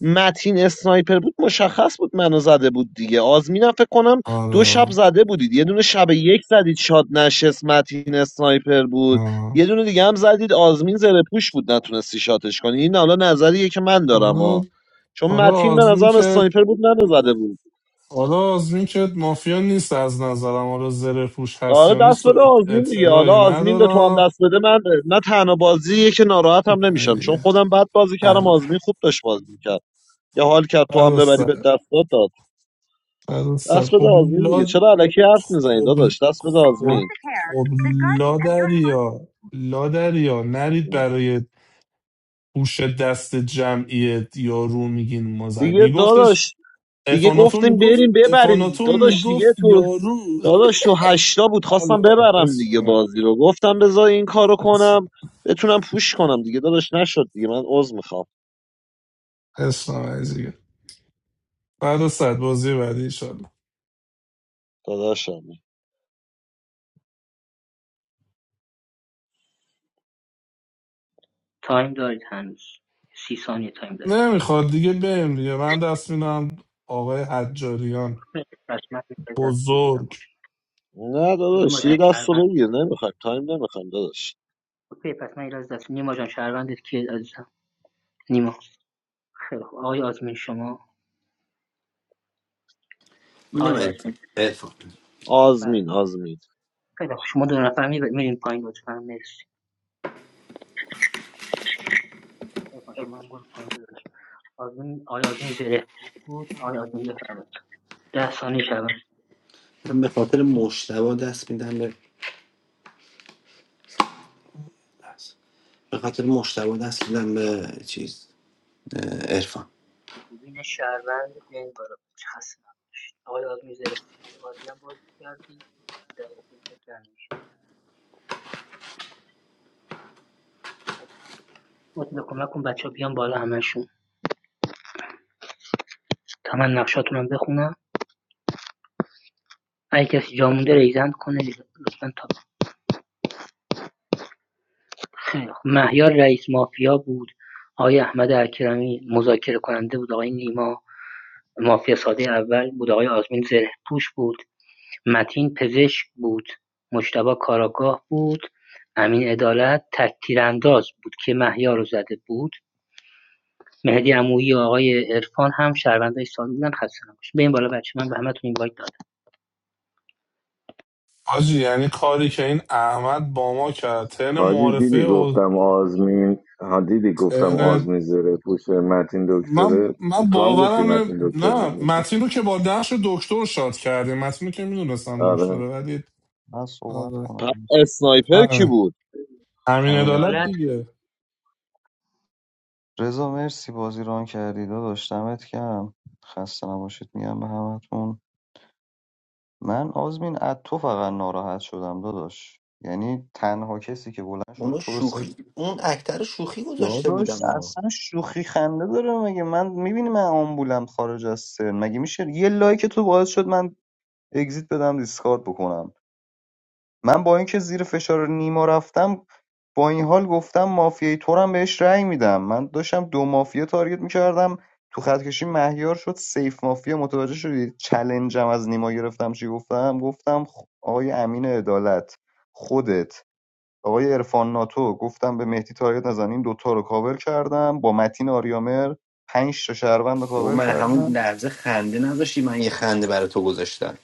E: متین اسنایپر بود مشخص بود منو زده بود دیگه آزمینم فکر کنم دو شب
I: آره
E: زده بودید یه دونه شب یک زدید شاد نشست متین اسنایپر بود
I: آه.
E: یه دونه دیگه هم زدید آزمین زره پوش بود نتونستی شاتش کنی این حالا نظریه که من دارم
I: حالا
E: ها چون
I: حالا
E: متین به
I: آزمین
E: نظرم
I: که
E: اسنایپر بود منو زده بود
I: حالا آزمین که مافیا نیست از نظرم حالا زره پوش هست
E: آره
I: یا نیست
E: دست بده
I: و
E: آزمین دیگه حالا
I: اطلاعی
E: آزمین به تو هم
I: ندارم
E: دست بده من نه تنها بازیه که ناراحت
I: این
E: هم
I: همه
E: نمیشم چون
I: دیگه
E: خودم بد بازی کردم
I: حل.
E: آزمین خوب داشت بازی میکرد یا حال کرد تو هم
I: بر
E: ببری
I: سر
E: به دست داد
I: بر سر.
E: دست بده آزمین دیگه
I: خب
E: چرا علکی حرف میزنی
I: خب
E: داداش دست بده
I: خب
E: آزمین
I: خب لادریا لادریا نرید برای هوش دست جمعی یارو میگین مزک
E: دیگه
I: میگفتش
E: داداش دیگه
I: افاناتون
E: گفتیم
I: میگفت
E: بریم ببریم
I: افاناتون
E: داداش دیگه
I: میگفت
E: تو
I: یارو
E: داداش تو هشتا بود خواستم
I: الا
E: ببرم دیگه
I: اسفند
E: بازی رو گفتم بذار این کارو کنم بتونم پوش کنم دیگه داداش نشد دیگه من عذر میخوام
I: اسفند دیگه بعد از صد بازی بعدی ایشالله
E: داداشم
J: تایم دارید هنوز سی ثانیه تایم دارید
I: نمیخواد دیگه بریم دیگه من دست میدم آقای حجاریان
J: پس من از دست بگیرم
I: بزرگ
J: اوکی
E: نه
J: نیما
E: داداش یه
J: جان
E: دست رو
J: شهروند
E: بگیر نمیخوایم تایم نمیخوایم داداش
J: اوکی پس من از دست دست نیما جان شهروندت کیه عزیزم نیما خیلی خوب آقای آزمین شما
L: میدم
J: آقای آزمین
L: عرفان. عرفان.
J: بله
E: آزمین آزمین
J: خیلی خوب شما دو نفر می- میرین پایین لطفا مرسی عرفان، شما هم برو پایین داداش آزمین آقای آزمین زره بود آقای آزمین بفرمایید ده ثانیه شهروند
L: من به خاطر مشتبه دست میدم به لحظه. به خاطر مشتبه دست میدم به چیز ارفان
J: خوبین شهروند بیاین بالا بچه خسته نباشید آقای آزمین زرفی بود عالی هم بازی کردی در واقع تنش مطلب کمک کن بچه بیان بالا همشون تا من نقشاتون هم بخونم اگه کسی جا مونده ریزند کنه لطفا تا خیلی خوب. مهیار رئیس مافیا بود آقای احمد اکرمی مذاکره کننده بود آقای نیما مافیا ساده اول بود آقای آزمین زره پوش بود متین پزشک بود، مجتبی کاراگاه بود، امین عدالت تکتیرانداز بود که محیا رو زده بود مهدی عمویی و آقای عرفان هم شهروندای سال بودن خسته نباشید. به این بالا بچه من به همتون این وایت دادم
I: حاجی یعنی کاری که این احمد با ما کرد تن
C: حاجی دیدی
I: معارفه
C: گفتم آزمین ها دیدی گفتم
I: اه،
C: آزمین زره پوشه متین
I: من
C: دکتره
I: من
C: تو هم گفتی
I: باورم نه
C: متین
I: نه،
C: دکتره
I: متین رو که با نقش دکتر شاد کردیم متین رو که میدونستم دکتره
C: آره
I: ولی
M: من صحبت
I: آره
E: پ...
M: کنم
E: اسنایپر کی
I: فهمی
E: بود
I: امین
M: همین
I: عدالت
J: عدالت
I: دیگه
M: رضا مرسی بازی ران کردی داداش دمت کم خسته نباشید میگم به همتون من آزمین از تو فقط ناراحت شدم داداش یعنی تنها کسی که بلند شد
L: اونو
M: تو رو صفر
L: شوخی اون اکتر شوخی گذاشته
M: داداش
L: بودم ها
M: اصلا شوخی خنده داره مگه من میبینی من آمبولم خارج از سن مگه میشه یه لایک تو باعث شد من اگزیت بدم دیسکارد بکنم من با اینکه زیر فشار نیما رفتم با این حال گفتم مافیای تورم بهش رأی میدم من داشتم دو مافیا تارگت میکردم تو خط کشی مهیار شد سیف مافیا متوجه شدی چلنجم از نیما گرفتم چی گفتم گفتم خ- آقای امین عدالت خودت آقای عرفان ناتو گفتم به مهدی تارگت نزن این دوتا رو کاور کردم با متین آریامر پنج تا شهروند رو
L: بابا
M: کاور
L: من همون
M: کردم
L: لحظه خنده نذاشتی من یه خنده برای تو گذاشتم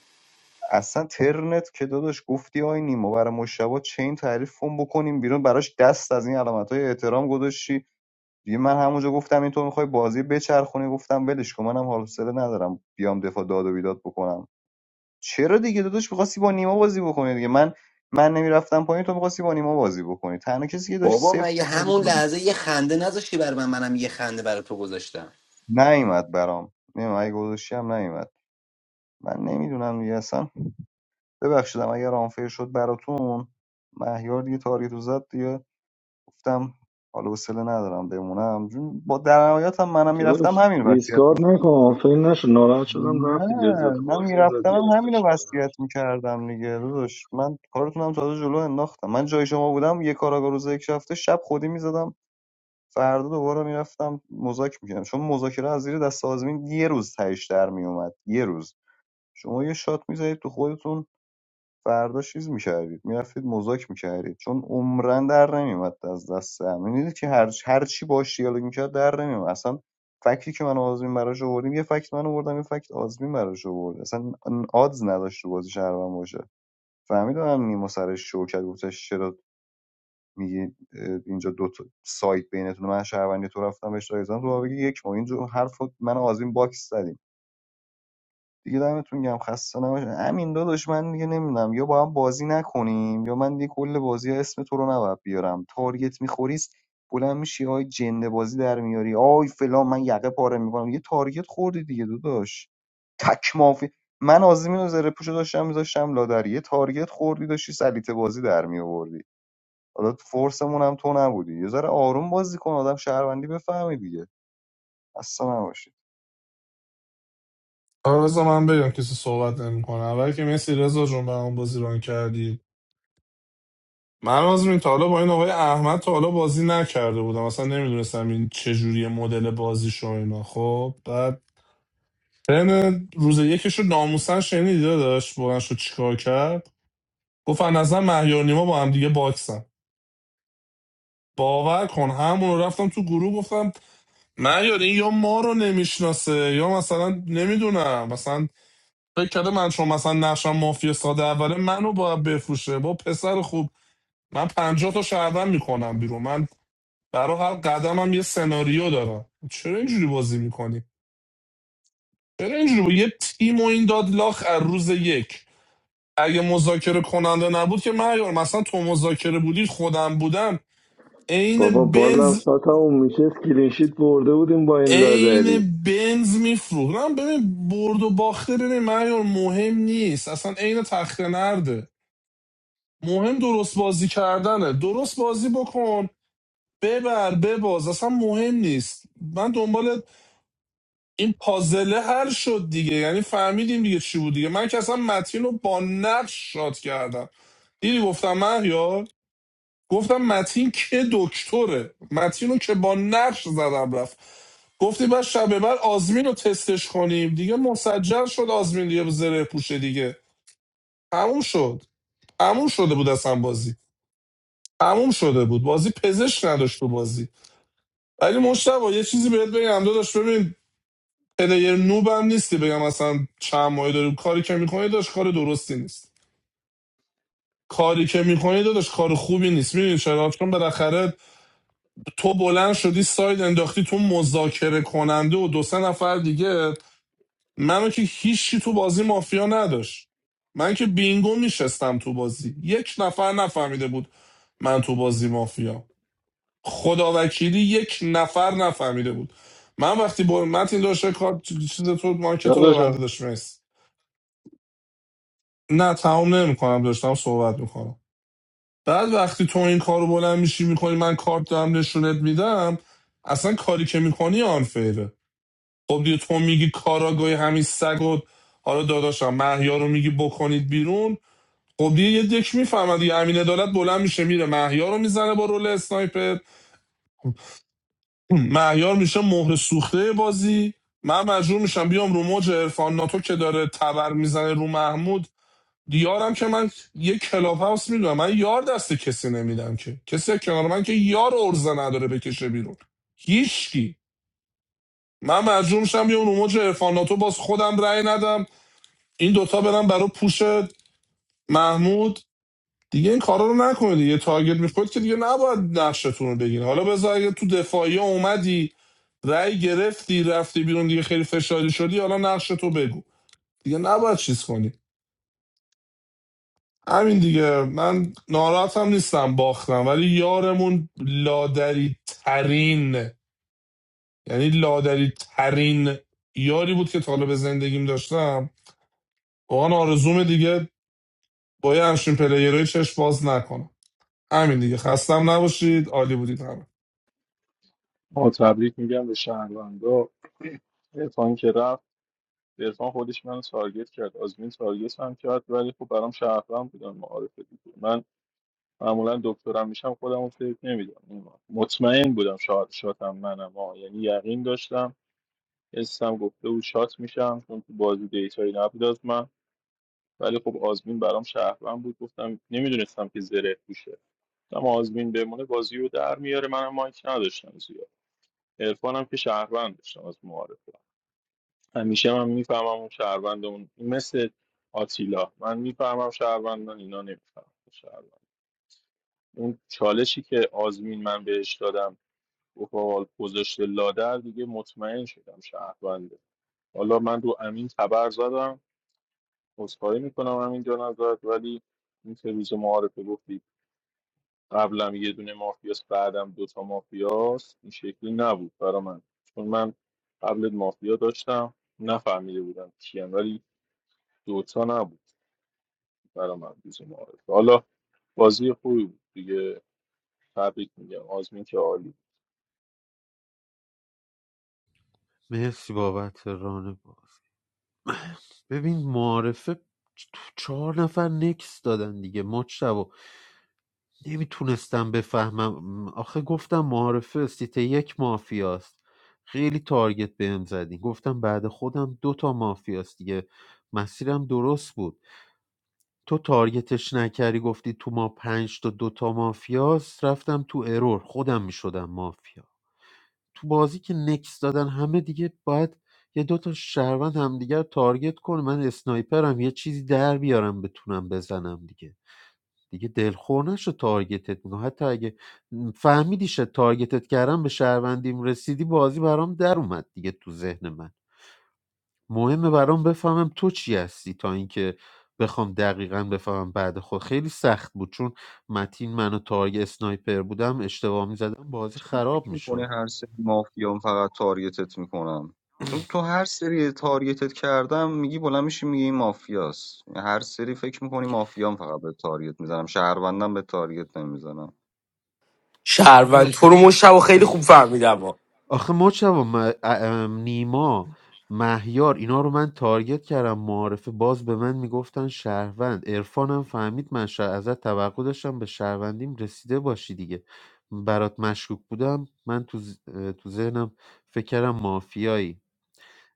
M: اصلا ترنت که داداش گفتی آی نیما برای مشتبه چین تعریف کن بکنیم بیرون براش دست از این علامت های احترام گذاشتی دیگه من همونجا گفتم این تو میخوای بازی بچرخونی گفتم ولش کن منم حوصله ندارم بیام دفاع داد و بیداد بکنم چرا دیگه داداش میخواستی با نیما بازی بکنی دیگه من من نمیرفتم پایین تو میخواستی با نیما بازی بکنی تنها کسی که داشت
L: بابا
M: صفر
L: من یه همون
M: می‌کرد
L: لحظه یه خنده نذاشتی برای من منم یه خنده برای تو گذاشتم
M: نیومد برام نمیدونم اگه گذاشتی هم نیومد من نمیدونم دیگه اصلا ببخشیدم اگر آنفیر شد براتون مهیار دیگه تارگت رو زد دیگه گفتم حالا حوصله ندارم بمونم جون با در نهایت هم منم میرفتم
C: داداش
M: همین وصیت
C: دیسکارد
M: میشه
C: نکن آفرین نشد ناراحت شدم رفتی
M: نه
C: لذت
M: من
C: بازی ازت
M: میرفتم هم
C: گرفته
M: همین رو
C: شد
M: وصیت میکردم دیگه داداش من کارتونم تازه جلو انداختم من جای شما بودم یه کاراگاه روز یک رفته شب خودی میزدم فردا دوباره میرفتم مذاکره میکردم چون مذاکره از زیر دست آزمین یه روز تهش در میومد یه روز شما یه شات میزدید تو خودتون فردا چیز میکردید میرفتید مذاک میکردید چون عمرن در نمیومد از دست هم میدید که هر هر چی باش دیالوگ میکرد در نمیومد اصلا فکتی که من و آزمین براش آوردیم یه فکت من آوردم یه فکت آزمین براش آورد اصلا آدز نداشت تو بازی شهروند باشه فهمیدم نیما سر شوکت گفتش چرا میگی اه، اینجا دو تا سایت بینتون من شهروندی تو رفتم بهش رای تو بابا بگی یک ما اینجا حرف رو من و آزمین باکس زدیم دیگه دمتون گم خسته نباشین همین داداش من دیگه نمیدونم یا با هم بازی نکنیم یا من دیگه کل بازی ها اسم تو رو نباید بیارم تارگت میخوریست بلند میشی آی جنده بازی در میاری آی فلان من یقه پاره میکنم یه تارگت خوردی دیگه داداش تک مافی من آزمین و زره پوشو داشتم میذاشتم لادری یه تارگت خوردی داشتی سلیته بازی در میآوردی حالا تو فورسمون هم تو نبودی یه ذره آروم بازی کن آدم شهروندی بفهمی دیگه اصلا نباشی
I: آره بذار من بگم کسی صحبت نمیکنه اول که مسی رضا جون به اون بازی ران کردی من از این تا حالا با این آقای احمد تا حالا بازی نکرده بودم اصلا نمیدونستم این چه جوری مدل بازیش و اینا خب بعد ترن روز یکش رو ناموسن شنیدی داشت بلند شد چیکار کرد گفت از نظر مهیار نیما با هم دیگه باکسن باور کن همون رفتم تو گروه گفتم مهیار این یا ما رو نمیشناسه یا مثلا نمیدونم مثلا فکر کرده من چون مثلا نقشم مافیا ساده اوله منو باید بفروشه با پسر خوب من پنجاه تا شهروند میکنم بیرون من برای هر قدمم یه سناریو دارم چرا اینجوری بازی میکنی چرا اینجوری با یه تیم و این داد لاخ از روز یک اگه مذاکره کننده نبود که مهیار مثلا تو مذاکره بودی خودم بودم
C: بابا
I: عین
C: بازم
I: بنز
C: شاتمون میشه کلینشیت برده بودیم با این لادری
I: عین بنز میفروختم ببین برد و باخته ببین معیار مهم نیست اصلا عین تخته نرده مهم درست بازی کردنه درست بازی بکن ببر بباز اصلا مهم نیست من دنبال این پازله حل شد دیگه یعنی فهمیدیم دیگه چی بود دیگه من که اصلا متین رو با نقش شاد کردم دیدی گفتم مهیار گفتم متین که دکتره متین رو که با نقش زدم رفت گفتیم بعد شب بعد آزمین رو تستش کنیم دیگه مسجل شد آزمین دیگه زره پوشه دیگه تموم شد تموم شده بود اصلا بازی تموم شده بود بازی پزشک نداشت تو بازی ولی مشتبه یه چیزی بهت بگم داداش ببین پلیر نوبم نیستی بگم اصلا چند ماهی داریم کاری که میکنی داشت کار درستی نیست کاری که میکنی داداش کار خوبی نیست میدونی چرا چون بالاخره تو بلند شدی ساید انداختی تو مذاکره کننده و دو سه نفر دیگه منو که هیچی تو بازی مافیا نداشت من که بینگو میشستم تو بازی یک نفر نفهمیده بود من تو بازی مافیا خدا وکیلی یک نفر نفهمیده بود من وقتی با متین داشته کار چیز تو مارکت رو ببنده
H: داداش
I: داشت مرسی. نه تمام نمیکنم داشتم صحبت میکنم بعد وقتی تو این کار رو بلند میشی میکنی من کارت دارم نشونت میدم اصلا کاری که میکنی آنفیره خب دیگه تو میگی کاراگاه همین سگ و حالا داداشم محیا رو میگی بکنید بیرون خب دیگه یه دک میفهمد دیگه امین عدالت بلند میشه میره محیا رو میزنه با رول اسنایپر محیار میشه مهر سوخته بازی من مجبور میشم بیام رو موج عرفان ناتو که داره تبر میزنه رو محمود دیارم که من یه کلاب هاوس میدونم من یار دست کسی نمیدم که کسی کنار من که یار ارزه نداره بکشه بیرون هیچکی من مجبور میشم بیام رو موج عرفان ناتو باز خودم رأی ندم این دوتا برن برای پوش محمود دیگه این کارا رو نکنید یه تارگت میخورد که دیگه نباید نقشتون رو بگین حالا بذار اگه تو دفاعی اومدی رأی گرفتی رفتی بیرون دیگه خیلی فشاری شدی حالا نقش تو بگو دیگه نباید چیز کنی همین دیگه من ناراحتم نیستم باختم ولی یارمون لادری ترین یعنی لادری ترین یاری بود که تا حالا به زندگیم داشتم واقعا آرزوم دیگه با یه همچین پلیرهای چشم باز نکنم همین دیگه خستم نباشید عالی بودید همه
H: ما تبریک میگم به شهروندا عرفان که رفت عرفان خودش منو تارگت کرد آزمین تارگت هم کرد ولی خب برام شهروند بودن معارفه دیگه من معمولا دکترم میشم خودم رو فکر نمیدم مطمئن بودم شاد شاتم منم آه. یعنی یقین داشتم حسم گفته بود شات میشم چون تو بازی دیتایی نبود از من ولی خب آزمین برام شهروند بود گفتم نمیدونستم که زره پوشه گفتم آزمین بمونه بازی رو در میاره منم مایک نداشتم زیاد عرفانم که شهروند داشتم از معارفه همیشه من میفهمم اون شهروندمون مثل آتیلا من میفهمم شهروندان اینا نمیفهمم شهروند اون چالشی که آزمین من بهش دادم اوپاوال گذاشته لادر دیگه مطمئن شدم شهرونده حالا من رو امین تبر زدم عذرخواهی میکنم امین جان ازت ولی این که روز معارفه گفتی قبلم یه دونه مافیاس بعدم دوتا مافیاس این شکلی نبود برا من چون من قبل مافیا داشتم نفهمیده بودم کیم ولی دوتا نبود برای من روز معارفه حالا بازی خوبی بود دیگه تبریک میگم آزمین که عالی
G: مرسی بابت ران باز ببین معارفه چ- چهار نفر نکس دادن دیگه ما نمیتونستم بفهمم آخه گفتم معارفه سیته یک مافیاست خیلی تارگت بهم زدی گفتم بعد خودم دو تا مافیاست دیگه مسیرم درست بود تو تارگتش نکردی گفتی تو ما پنج تا دو تا مافیاست رفتم تو ارور خودم میشدم مافیا تو بازی که نکس دادن همه دیگه باید یه دو تا شهروند همدیگه رو تارگت کنه من اسنایپرم یه چیزی در بیارم بتونم بزنم دیگه دیگه دلخور نشو تارگتت میکنم حتی اگه فهمیدی شه تارگتت کردم به شهروندیم رسیدی بازی برام در اومد دیگه تو ذهن من مهمه برام بفهمم تو چی هستی تا اینکه بخوام دقیقا بفهمم بعد خود خیلی سخت بود چون متین منو تارگ اسنایپر بودم اشتباه میزدم بازی
M: چرا
G: خراب
M: فکر میکنه
G: میشد
M: هر سری مافیام فقط تارگتت میکنم چون تو هر سری تارگتت کردم میگی بلند میشی میگی این مافیاست یعنی هر سری فکر میکنی مافیام فقط به تارگت میزنم شهروندم به تارگت نمیزنم
K: شهروند
G: حالا
K: تو رو مشتبه خیلی خوب فهمیدم
G: آخه مجتبی م- ا- نیما مهیار اینا رو من تارگت کردم معارفه باز به من میگفتن شهروند عرفانم فهمید من شه- ازت توقع داشتم به شهروندیم رسیده باشی دیگه برات مشکوک بودم من تو, ز- اه، تو ذهنم فکر کردم مافیایی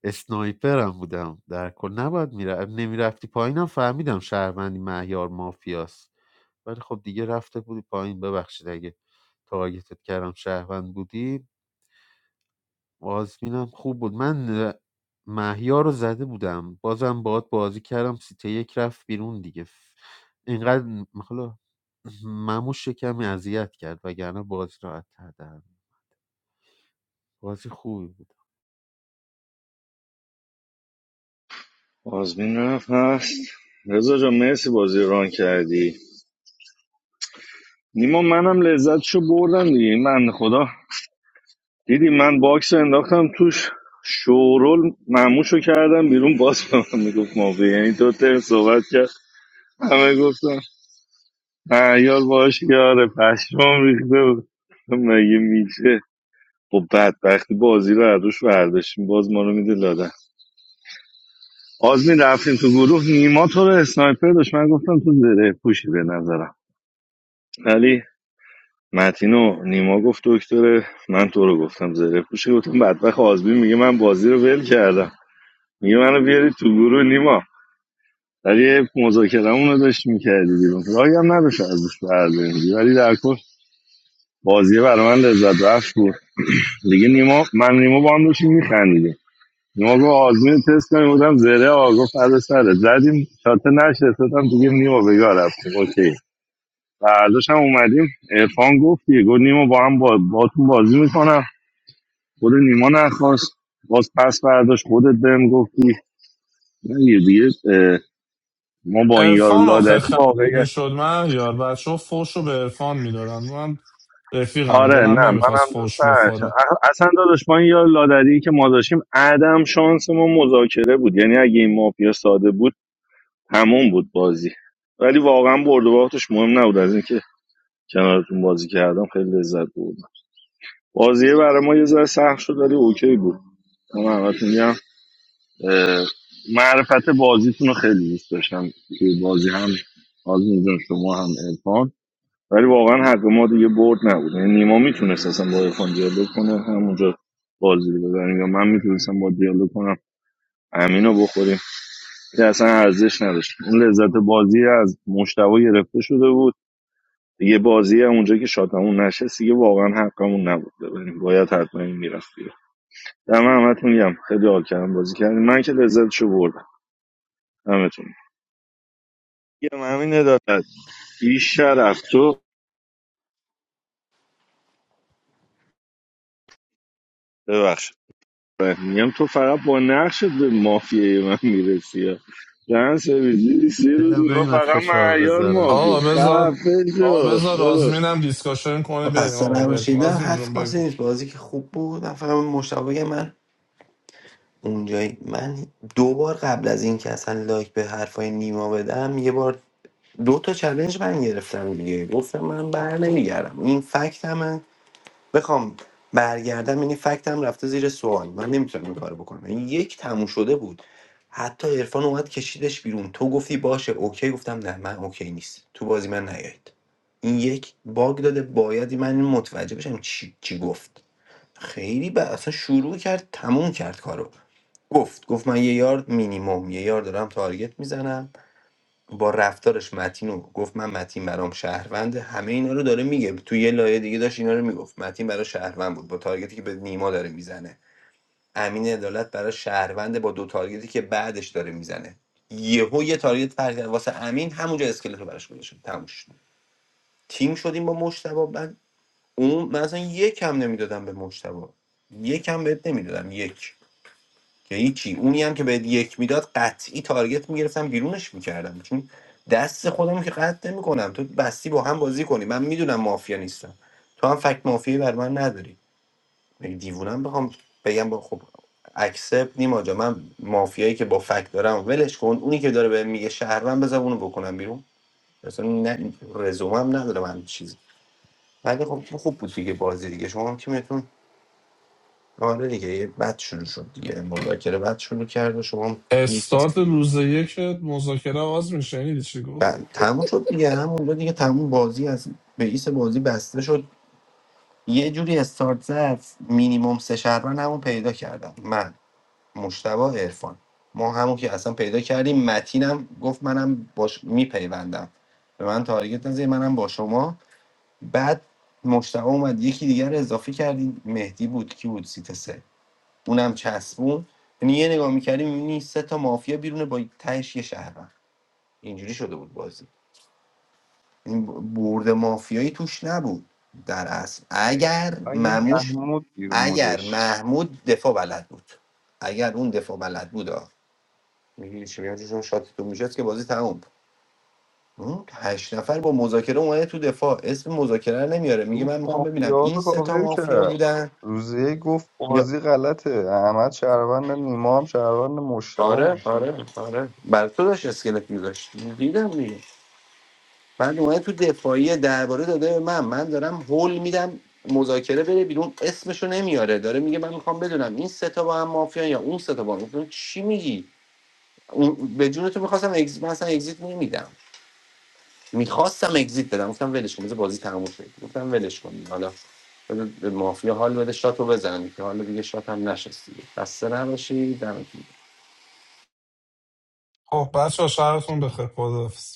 G: اسنایپرم بودم در کل نباید میره نمیرفتی پایینم فهمیدم شهروندی مهیار مافیاست ولی خب دیگه رفته بودی پایین ببخشید اگه تارگتت کردم شهروند بودی آزمینم خوب بود من اه، مهیار رو زده بودم بازم باهات بازی کردم سیته یک رفت بیرون دیگه ف- اینقدر م- حالا مموش کمی اذیت کرد وگرنه بازی راحت تر در می‌آورد. بازی خوبی بود
C: آزمین رفت هست رضا جان مرسی بازی رو ران کردی نیما منم لذتشو بردم دیگه این بنده خدا دیدی من باکس رو انداختم توش شورول معموشو کردم بیرون باز به من میگفت مافیا یعنی تو ترم صحبت کرد همه گفتم مهیار باش یاره پشمام ریخته بود مگه میشه خب بدبختی بازی رو از روش برداشتیم باز ما رو میده لادن آزمین رفتیم تو گروه نیما تو رو اسنایپر داشت من گفتم تو زره پوشی به نظرم ولی متینو نیما گفت دکتره من تو رو گفتم زره پوشی گفتم بدبخت آزمین میگه من بازی رو ول کردم میگه منو بیاری تو گروه نیما ولی مذاکره رو داشت میکردی بیرون راهی هم نداشت از روش برداریم ولی در کل بازی برای من لذت بخش بود دیگه نیما من نیما با هم داشتیم میخندیدیم نیما گفت آزمین تست کنیم بودم زره آقا گفت فردا سره زدیم شاته نشستم دیگه نیما به یار رفتیم اوکی فرداش هم اومدیم ارفان گفت دیگه گفت نیما با هم با باتون بازی میکنم خود نیما نخواست باز پس برداشت خودت بهم گفتی نه دیگه دیگه، اه، ما با این یار
I: عرفان
C: لادری
I: آخر خراب
C: واقعی
I: میشد من یار بچه ها فوش رو به عرفان میدادن من رفیقمه
C: آره نه
I: دلم نمیخواست
C: منم دوست
I: فوش
C: نداشتم.
I: بخوره
C: اخ- اصلا داداش با این یار لادری که ما داشتیم عدم شانس ما مذاکره بود یعنی اگه این مافیا ساده بود تموم بود بازی ولی واقعا برد و باختش مهم نبود از اینکه کنارتون بازی کردم خیلی لذت بردم بازی برای ما یه ذره سخت شد ولی اوکی بود من همتون میگم اه، معرفت بازیتون رو خیلی دوست داشتم توی بازی هم آزمین جان شما هم ارفان ولی واقعا حق ما دیگه برد نبود یعنی نیما میتونست اصلا با ارفان دیالوگ کنه همونجا بازی رو ببریم یا من میتونستم با دیالوگ کنم امین رو بخوریم که اصلا ارزش نداشت اون لذت بازی از مشتبه گرفته شده بود دیگه بازی اونجا که شادمون نشست دیگه واقعا حقمون نبود ببینیم باید حتما این میرفت بیرون دم همتون میگم خیلی حال کردم بازی کردیم من که لذتشو بردم همتون میگم همین عدالت بی شرف تو ببخش میگم تو فقط با نقشت به مافیای من میرسی یا دهن سرویس سه روز
G: دلم
C: میگم
G: نیمد
C: فقط
G: فشار
C: معیار
G: بذارم
C: مافی
I: آقا بذار
C: خفه
I: آقا
C: شو
I: بذار
C: برو
I: آزمینم دیسکاشن کنه
L: خب
I: بریم
L: خسته
I: آقا بگو
L: نباشید نه
I: آزمین
L: حرف
I: جون
L: خاصی
I: بگو
L: نیست بازی که خوب بود من فقط مشتبه بگم من اونجایی من دو بار قبل از این که اصلا لایک به حرفای نیما بدم یه بار دو تا چلنج من گرفتم دیگه گفتم من بر نمیگردم این فکت همه بخوام برگردم این فکتم رفته زیر سوال من نمیتونم این کارو بکنم این یک تموم شده بود حتی عرفان اومد کشیدش بیرون تو گفتی باشه اوکی گفتم نه من اوکی نیست تو بازی من نیاید این یک باگ داده باید من متوجه بشم چی, چی گفت خیلی ب... اصلا شروع کرد تموم کرد کارو گفت گفت من یه یار مینیمم یه یار دارم تارگت میزنم با رفتارش متینو گفت من متین برام شهروند همه اینا رو داره میگه تو یه لایه دیگه داشت اینا رو میگفت متین برای شهروند بود با تارگتی که به نیما داره میزنه امین عدالت برای شهروند با دو تارگتی که بعدش داره میزنه یهو یه تارگت فرق کرد. واسه امین همونجا اسکلت رو براش گذاشت تموم شد. تیم شدیم با مشتبه اون من اصلا یک هم نمیدادم به مجتبا یک هم بهت نمیدادم یک که هیچی اونی هم که بهت یک میداد قطعی تارگت میگرفتم بیرونش میکردم چون دست خودم که قطع نمیکنم تو بستی با هم بازی کنی من میدونم مافیا نیستم تو هم فکت مافیایی بر من نداری مگه دیوونم بخوام بگم با خب اکسپت نیما جا من مافیایی که با فکت دارم ولش کن اونی که داره بهم میگه شهروند بذار اونو بکنم بیرون اصلا نه رزومم نداره من چیزی ولی خب خوب بود دیگه بازی دیگه شما هم تیمتون آره دیگه یه بد شروع شد دیگه مذاکره بد شروع کرد و شما گیت
I: استارت روز یک مذاکره آزمین شنیدی چی
L: ب-
I: گفت
L: تموم شد دیگه همونجا دیگه تموم بازی از رئیس بازی بسته شد یه جوری استارت زد مینیمم سه شهروند همون پیدا کردم من مشتبا عرفان ما همون که اصلا پیدا کردیم متینم گفت منم باش میپیوندم به من تارگت نزدی منم با شما بعد مشتبا اومد یکی دیگر رو اضافه کردیم مهدی بود کی بود سیت سه اونم چسبون یعنی یه نگاه میکردی میبینی سه تا مافیا بیرونه با تهش یه شهروند اینجوری شده بود بازی این برد مافیایی توش نبود در اصل اگر
M: دقیقا یه
L: مموش
M: محمود بیرون
L: اگر
M: بودش
L: محمود دفاع بلد بود اگر اون دفاع بلد بود آه. می‌دونی چی میگم چون شاتتون میشد که بازی تموم اون هشت نفر با مذاکره اومده تو دفاع اسم مذاکره رو نمیاره میگه
M: رو
L: من میخوام ببینم
M: مافیا
L: این
M: رو
L: سه تا
M: کاور
L: مافیا
M: کرد
L: بودن
M: روزه گفت
L: یا
M: بازی غلطه احمد شهروند نیما هم شهروند مشتبه
L: آره آره آره بر تو داشت اسکلت میذاشت دیدم دیگه بعد اومده تو دفاعی درباره داده به من من دارم هول میدم مذاکره بره بیرون اسمشو نمیاره داره میگه من میخوام بدونم این سه تا با هم مافیان یا اون سه تا با هم گفتم چی میگی اون- به جون تو میخواستم اگز... من اصلا اگزیت نمیدم میخواستم اگزیت بدم گفتم ولش کن بذار بازی تموم شه گفتم ولش کن حالا بذار به مافیا حال بده شاتو بزنن که حالا دیگه شات هم نشست دیگه خسته نباشی دمتون گرم.
I: خب بچه ها شهرتون بخیر خداحافظ